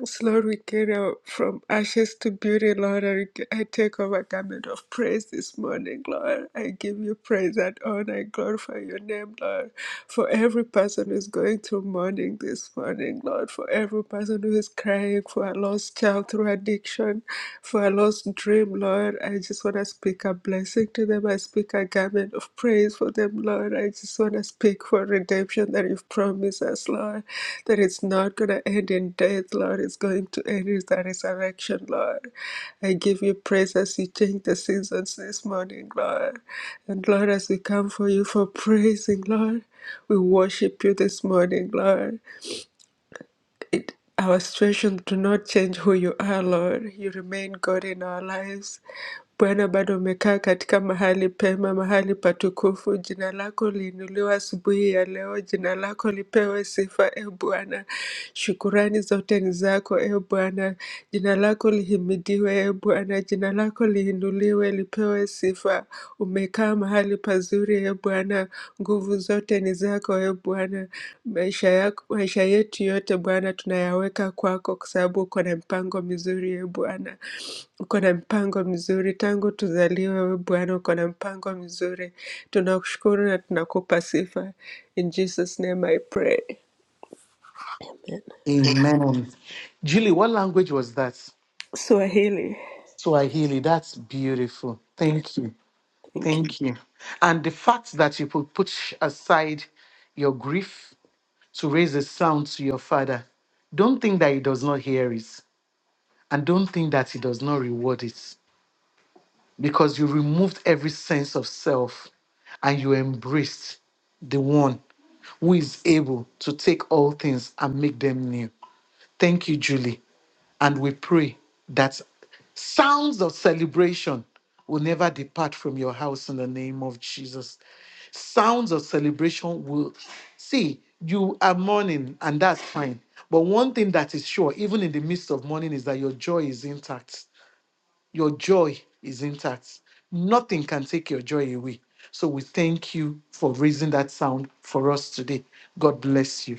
Speaker 17: Yes, Lord, we get out from ashes to beauty, Lord. and I take off a garment of praise this morning, Lord. I give you praise and honor. I glorify your name, Lord. For every person who's going through mourning this morning, Lord. For every person who is crying for a lost child through addiction, for a lost dream, Lord. I just want to speak a blessing to them to them. I speak a garment of praise for them, Lord. I just want to speak for redemption that you've promised us, Lord. That it's not going to end in death, Lord. It's going to end in the resurrection, Lord. I give you praise as you change the seasons this morning, Lord. And Lord, as we come for you for praising, Lord, we worship you this morning, Lord. It, our situation do not change who you are, Lord. You remain God in our lives. Bwana, bado umekaa katika mahali pema, mahali patukufu. Jina lako liinuliwa asubuhi ya leo, jina lako lipewe sifa. E Bwana, shukurani zote ni zako. E Bwana, jina lako lihimidiwe. E Bwana, jina lako liinuliwe, lipewe sifa. Umekaa mahali pazuri, e Bwana. Nguvu zote ni zako, e Bwana. Maisha yako, maisha yetu yote Bwana tunayaweka kwako, kwa sababu uko na mpango mizuri, e Bwana. Uko na mpango mzuri tangu tuzaliwe, we Bwana, uko na mpango mzuri. Tunakushukuru na tunakupa sifa. In Jesus name I pray. Amen.
Speaker 8: Amen. Julie, what language was that?
Speaker 17: Swahili.
Speaker 8: Swahili. That's beautiful. Thank you. Thank you. And the fact that you could put aside your grief to raise a sound to your father, don't think that he does not hear it. and don't think that he does not reward it because you removed every sense of self and you embraced the one who is able to take all things and make them new. Thank you, Julie. And we pray that sounds of celebration will never depart from your house in the name of Jesus. Sounds of celebration will see you are mourning, and that's fine. But one thing that is sure, even in the midst of mourning, is that your joy is intact your joy is intact. Nothing can take your joy away. So we thank you for raising that sound for us today. God bless you.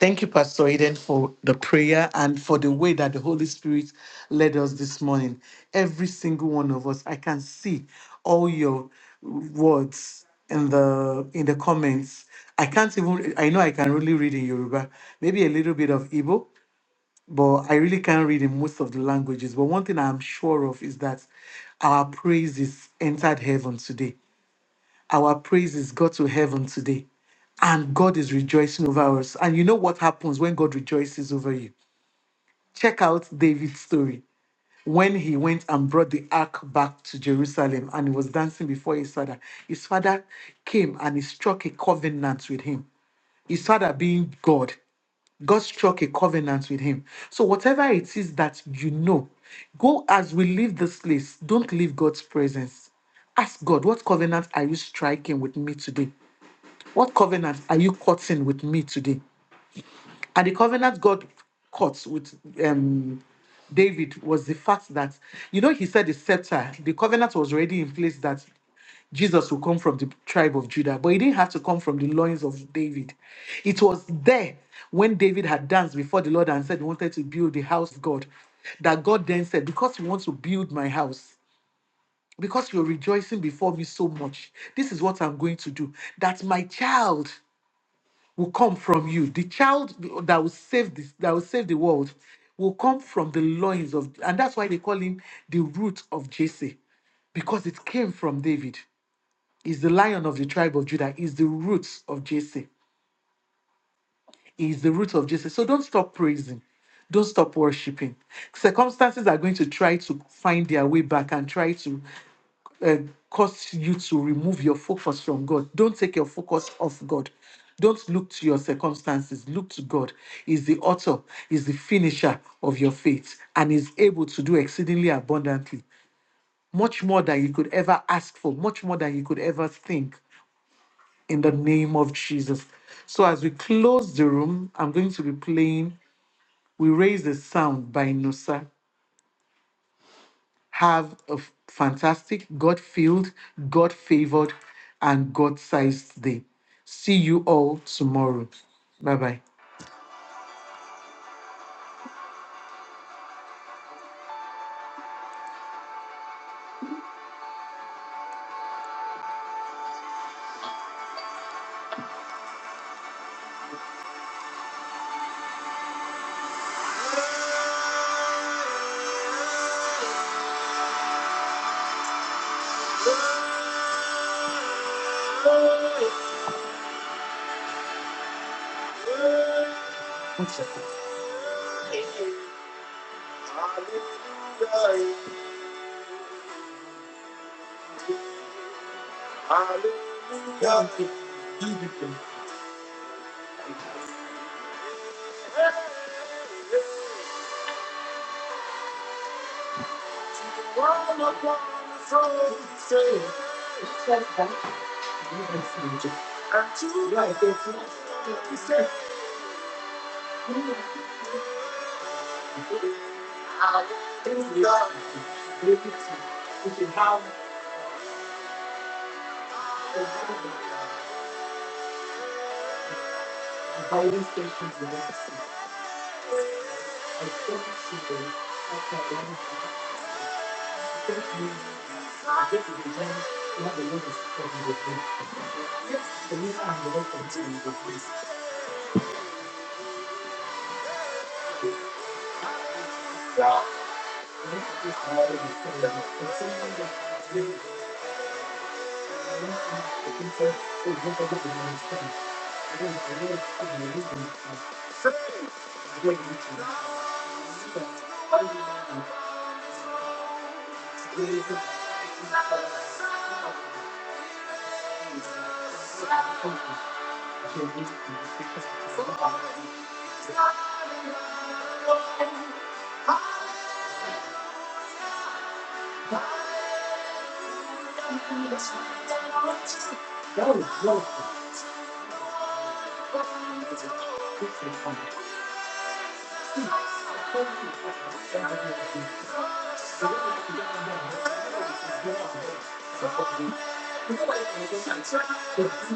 Speaker 8: Thank you, Pastor Eden, for the prayer and for the way that the Holy Spirit led us this morning. Every single one of us, I can see all your words in the in the comments. I can't even I know I can only read in Yoruba, maybe a little bit of Igbo, but I really can't read in most of the languages. But one thing I'm sure of is that our praises entered heaven today. Our praises got to heaven today. And God is rejoicing over us. And you know what happens when God rejoices over you? Check out David's story. When he went and brought the ark back to Jerusalem and he was dancing before his father, his father came and he struck a covenant with him. His father being God God struck a covenant with him. So, whatever it is that you know, go as we leave this place, don't leave God's presence. Ask God, what covenant are you striking with me today? What covenant are you cutting with me today? And the covenant God cut with um, David was the fact that, you know, he said the scepter, the covenant was already in place that Jesus will come from the tribe of Judah, but he didn't have to come from the loins of David. It was there when David had danced before the Lord and said he wanted to build the house of God that God then said, Because you want to build my house, because you're rejoicing before me so much, this is what I'm going to do. That my child will come from you. The child that will save this, that will save the world, will come from the loins of, and that's why they call him the root of Jesse, because it came from David. He's the lion of the tribe of Judah. He's the root of Jesse. He is the root of Jesse. So don't stop praising. Don't stop worshiping. Circumstances are going to try to find their way back and try to uh, cause you to remove your focus from God. Don't take your focus off God. Don't look to your circumstances. Look to God. He's the author, He's the finisher of your faith, and is able to do exceedingly abundantly, much more than you could ever ask for, much more than you could ever think, in the name of Jesus. So, as we close the room, I'm going to be playing We Raise the Sound by Nusa. have a f- fantastic, God filled, God favored, and God sized day. See you all tomorrow. Bye bye.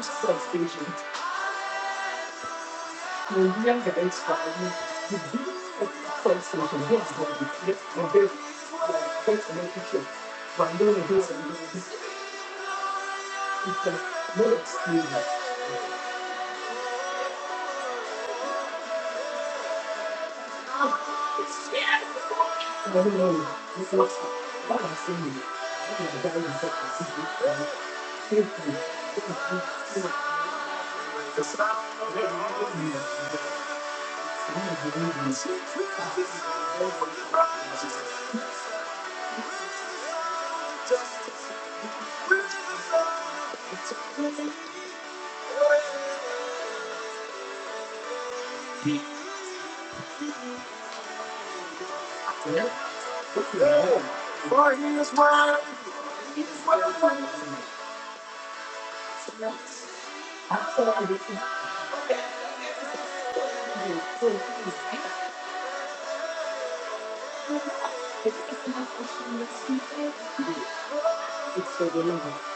Speaker 8: Thank you. Museum that is found the first solution here is going to be a bit relationship. But I don't do something like this. It's a no excuse. I don't know. It's not What I'm I've something Thank you. It's for the love.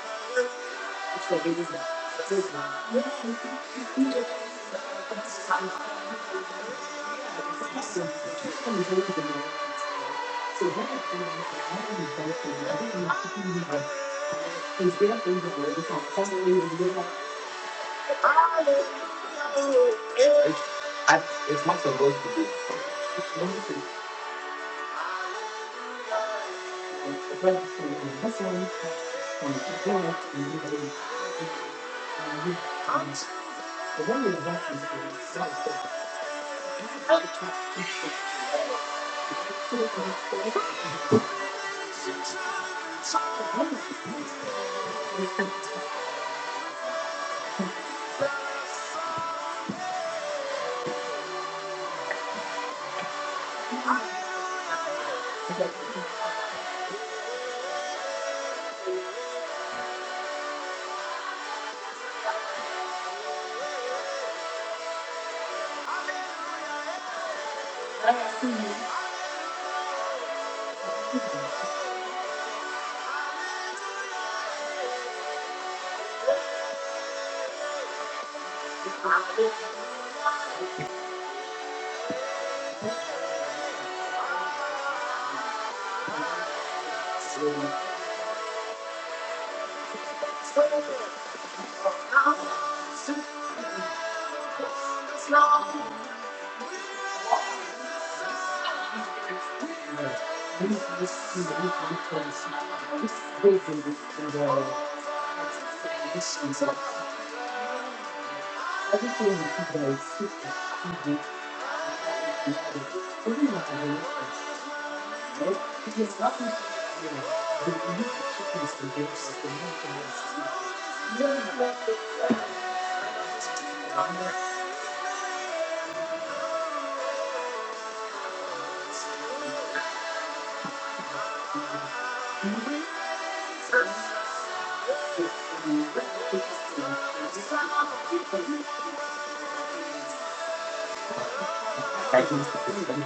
Speaker 8: It's for the reason. It's his love. It's time for the person to enjoy the love. So when I come out, I am thankful. I didn't have to be here. Things get up in the world. It's not family. We live up wonderful. The brother from the husband and the girl and the baby. And the one in the back is the son. So, so it's not love. This is the weekly policy. This is the weekly policy. This is the weekly policy. I just want to keep my sister who did for me not to be right? Because nothing you know, the belief that she is the gifts of the I can see this one.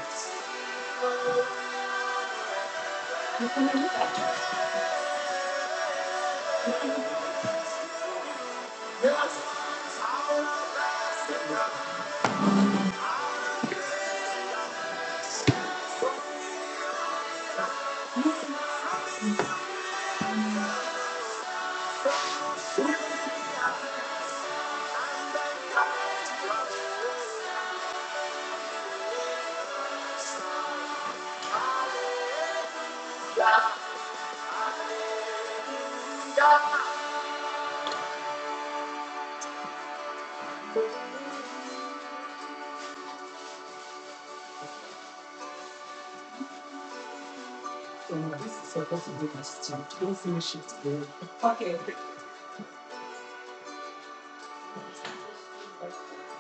Speaker 8: So this is supposed to be my sister. Don't finish it today. Okay.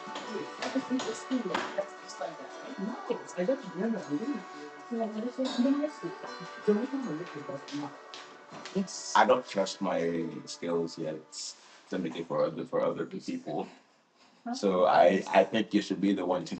Speaker 8: I just need to see just like that. No, I don't remember. I No, don't remember. i don't trust my skills yet. Let me for other for other people. So I I think you should be the one to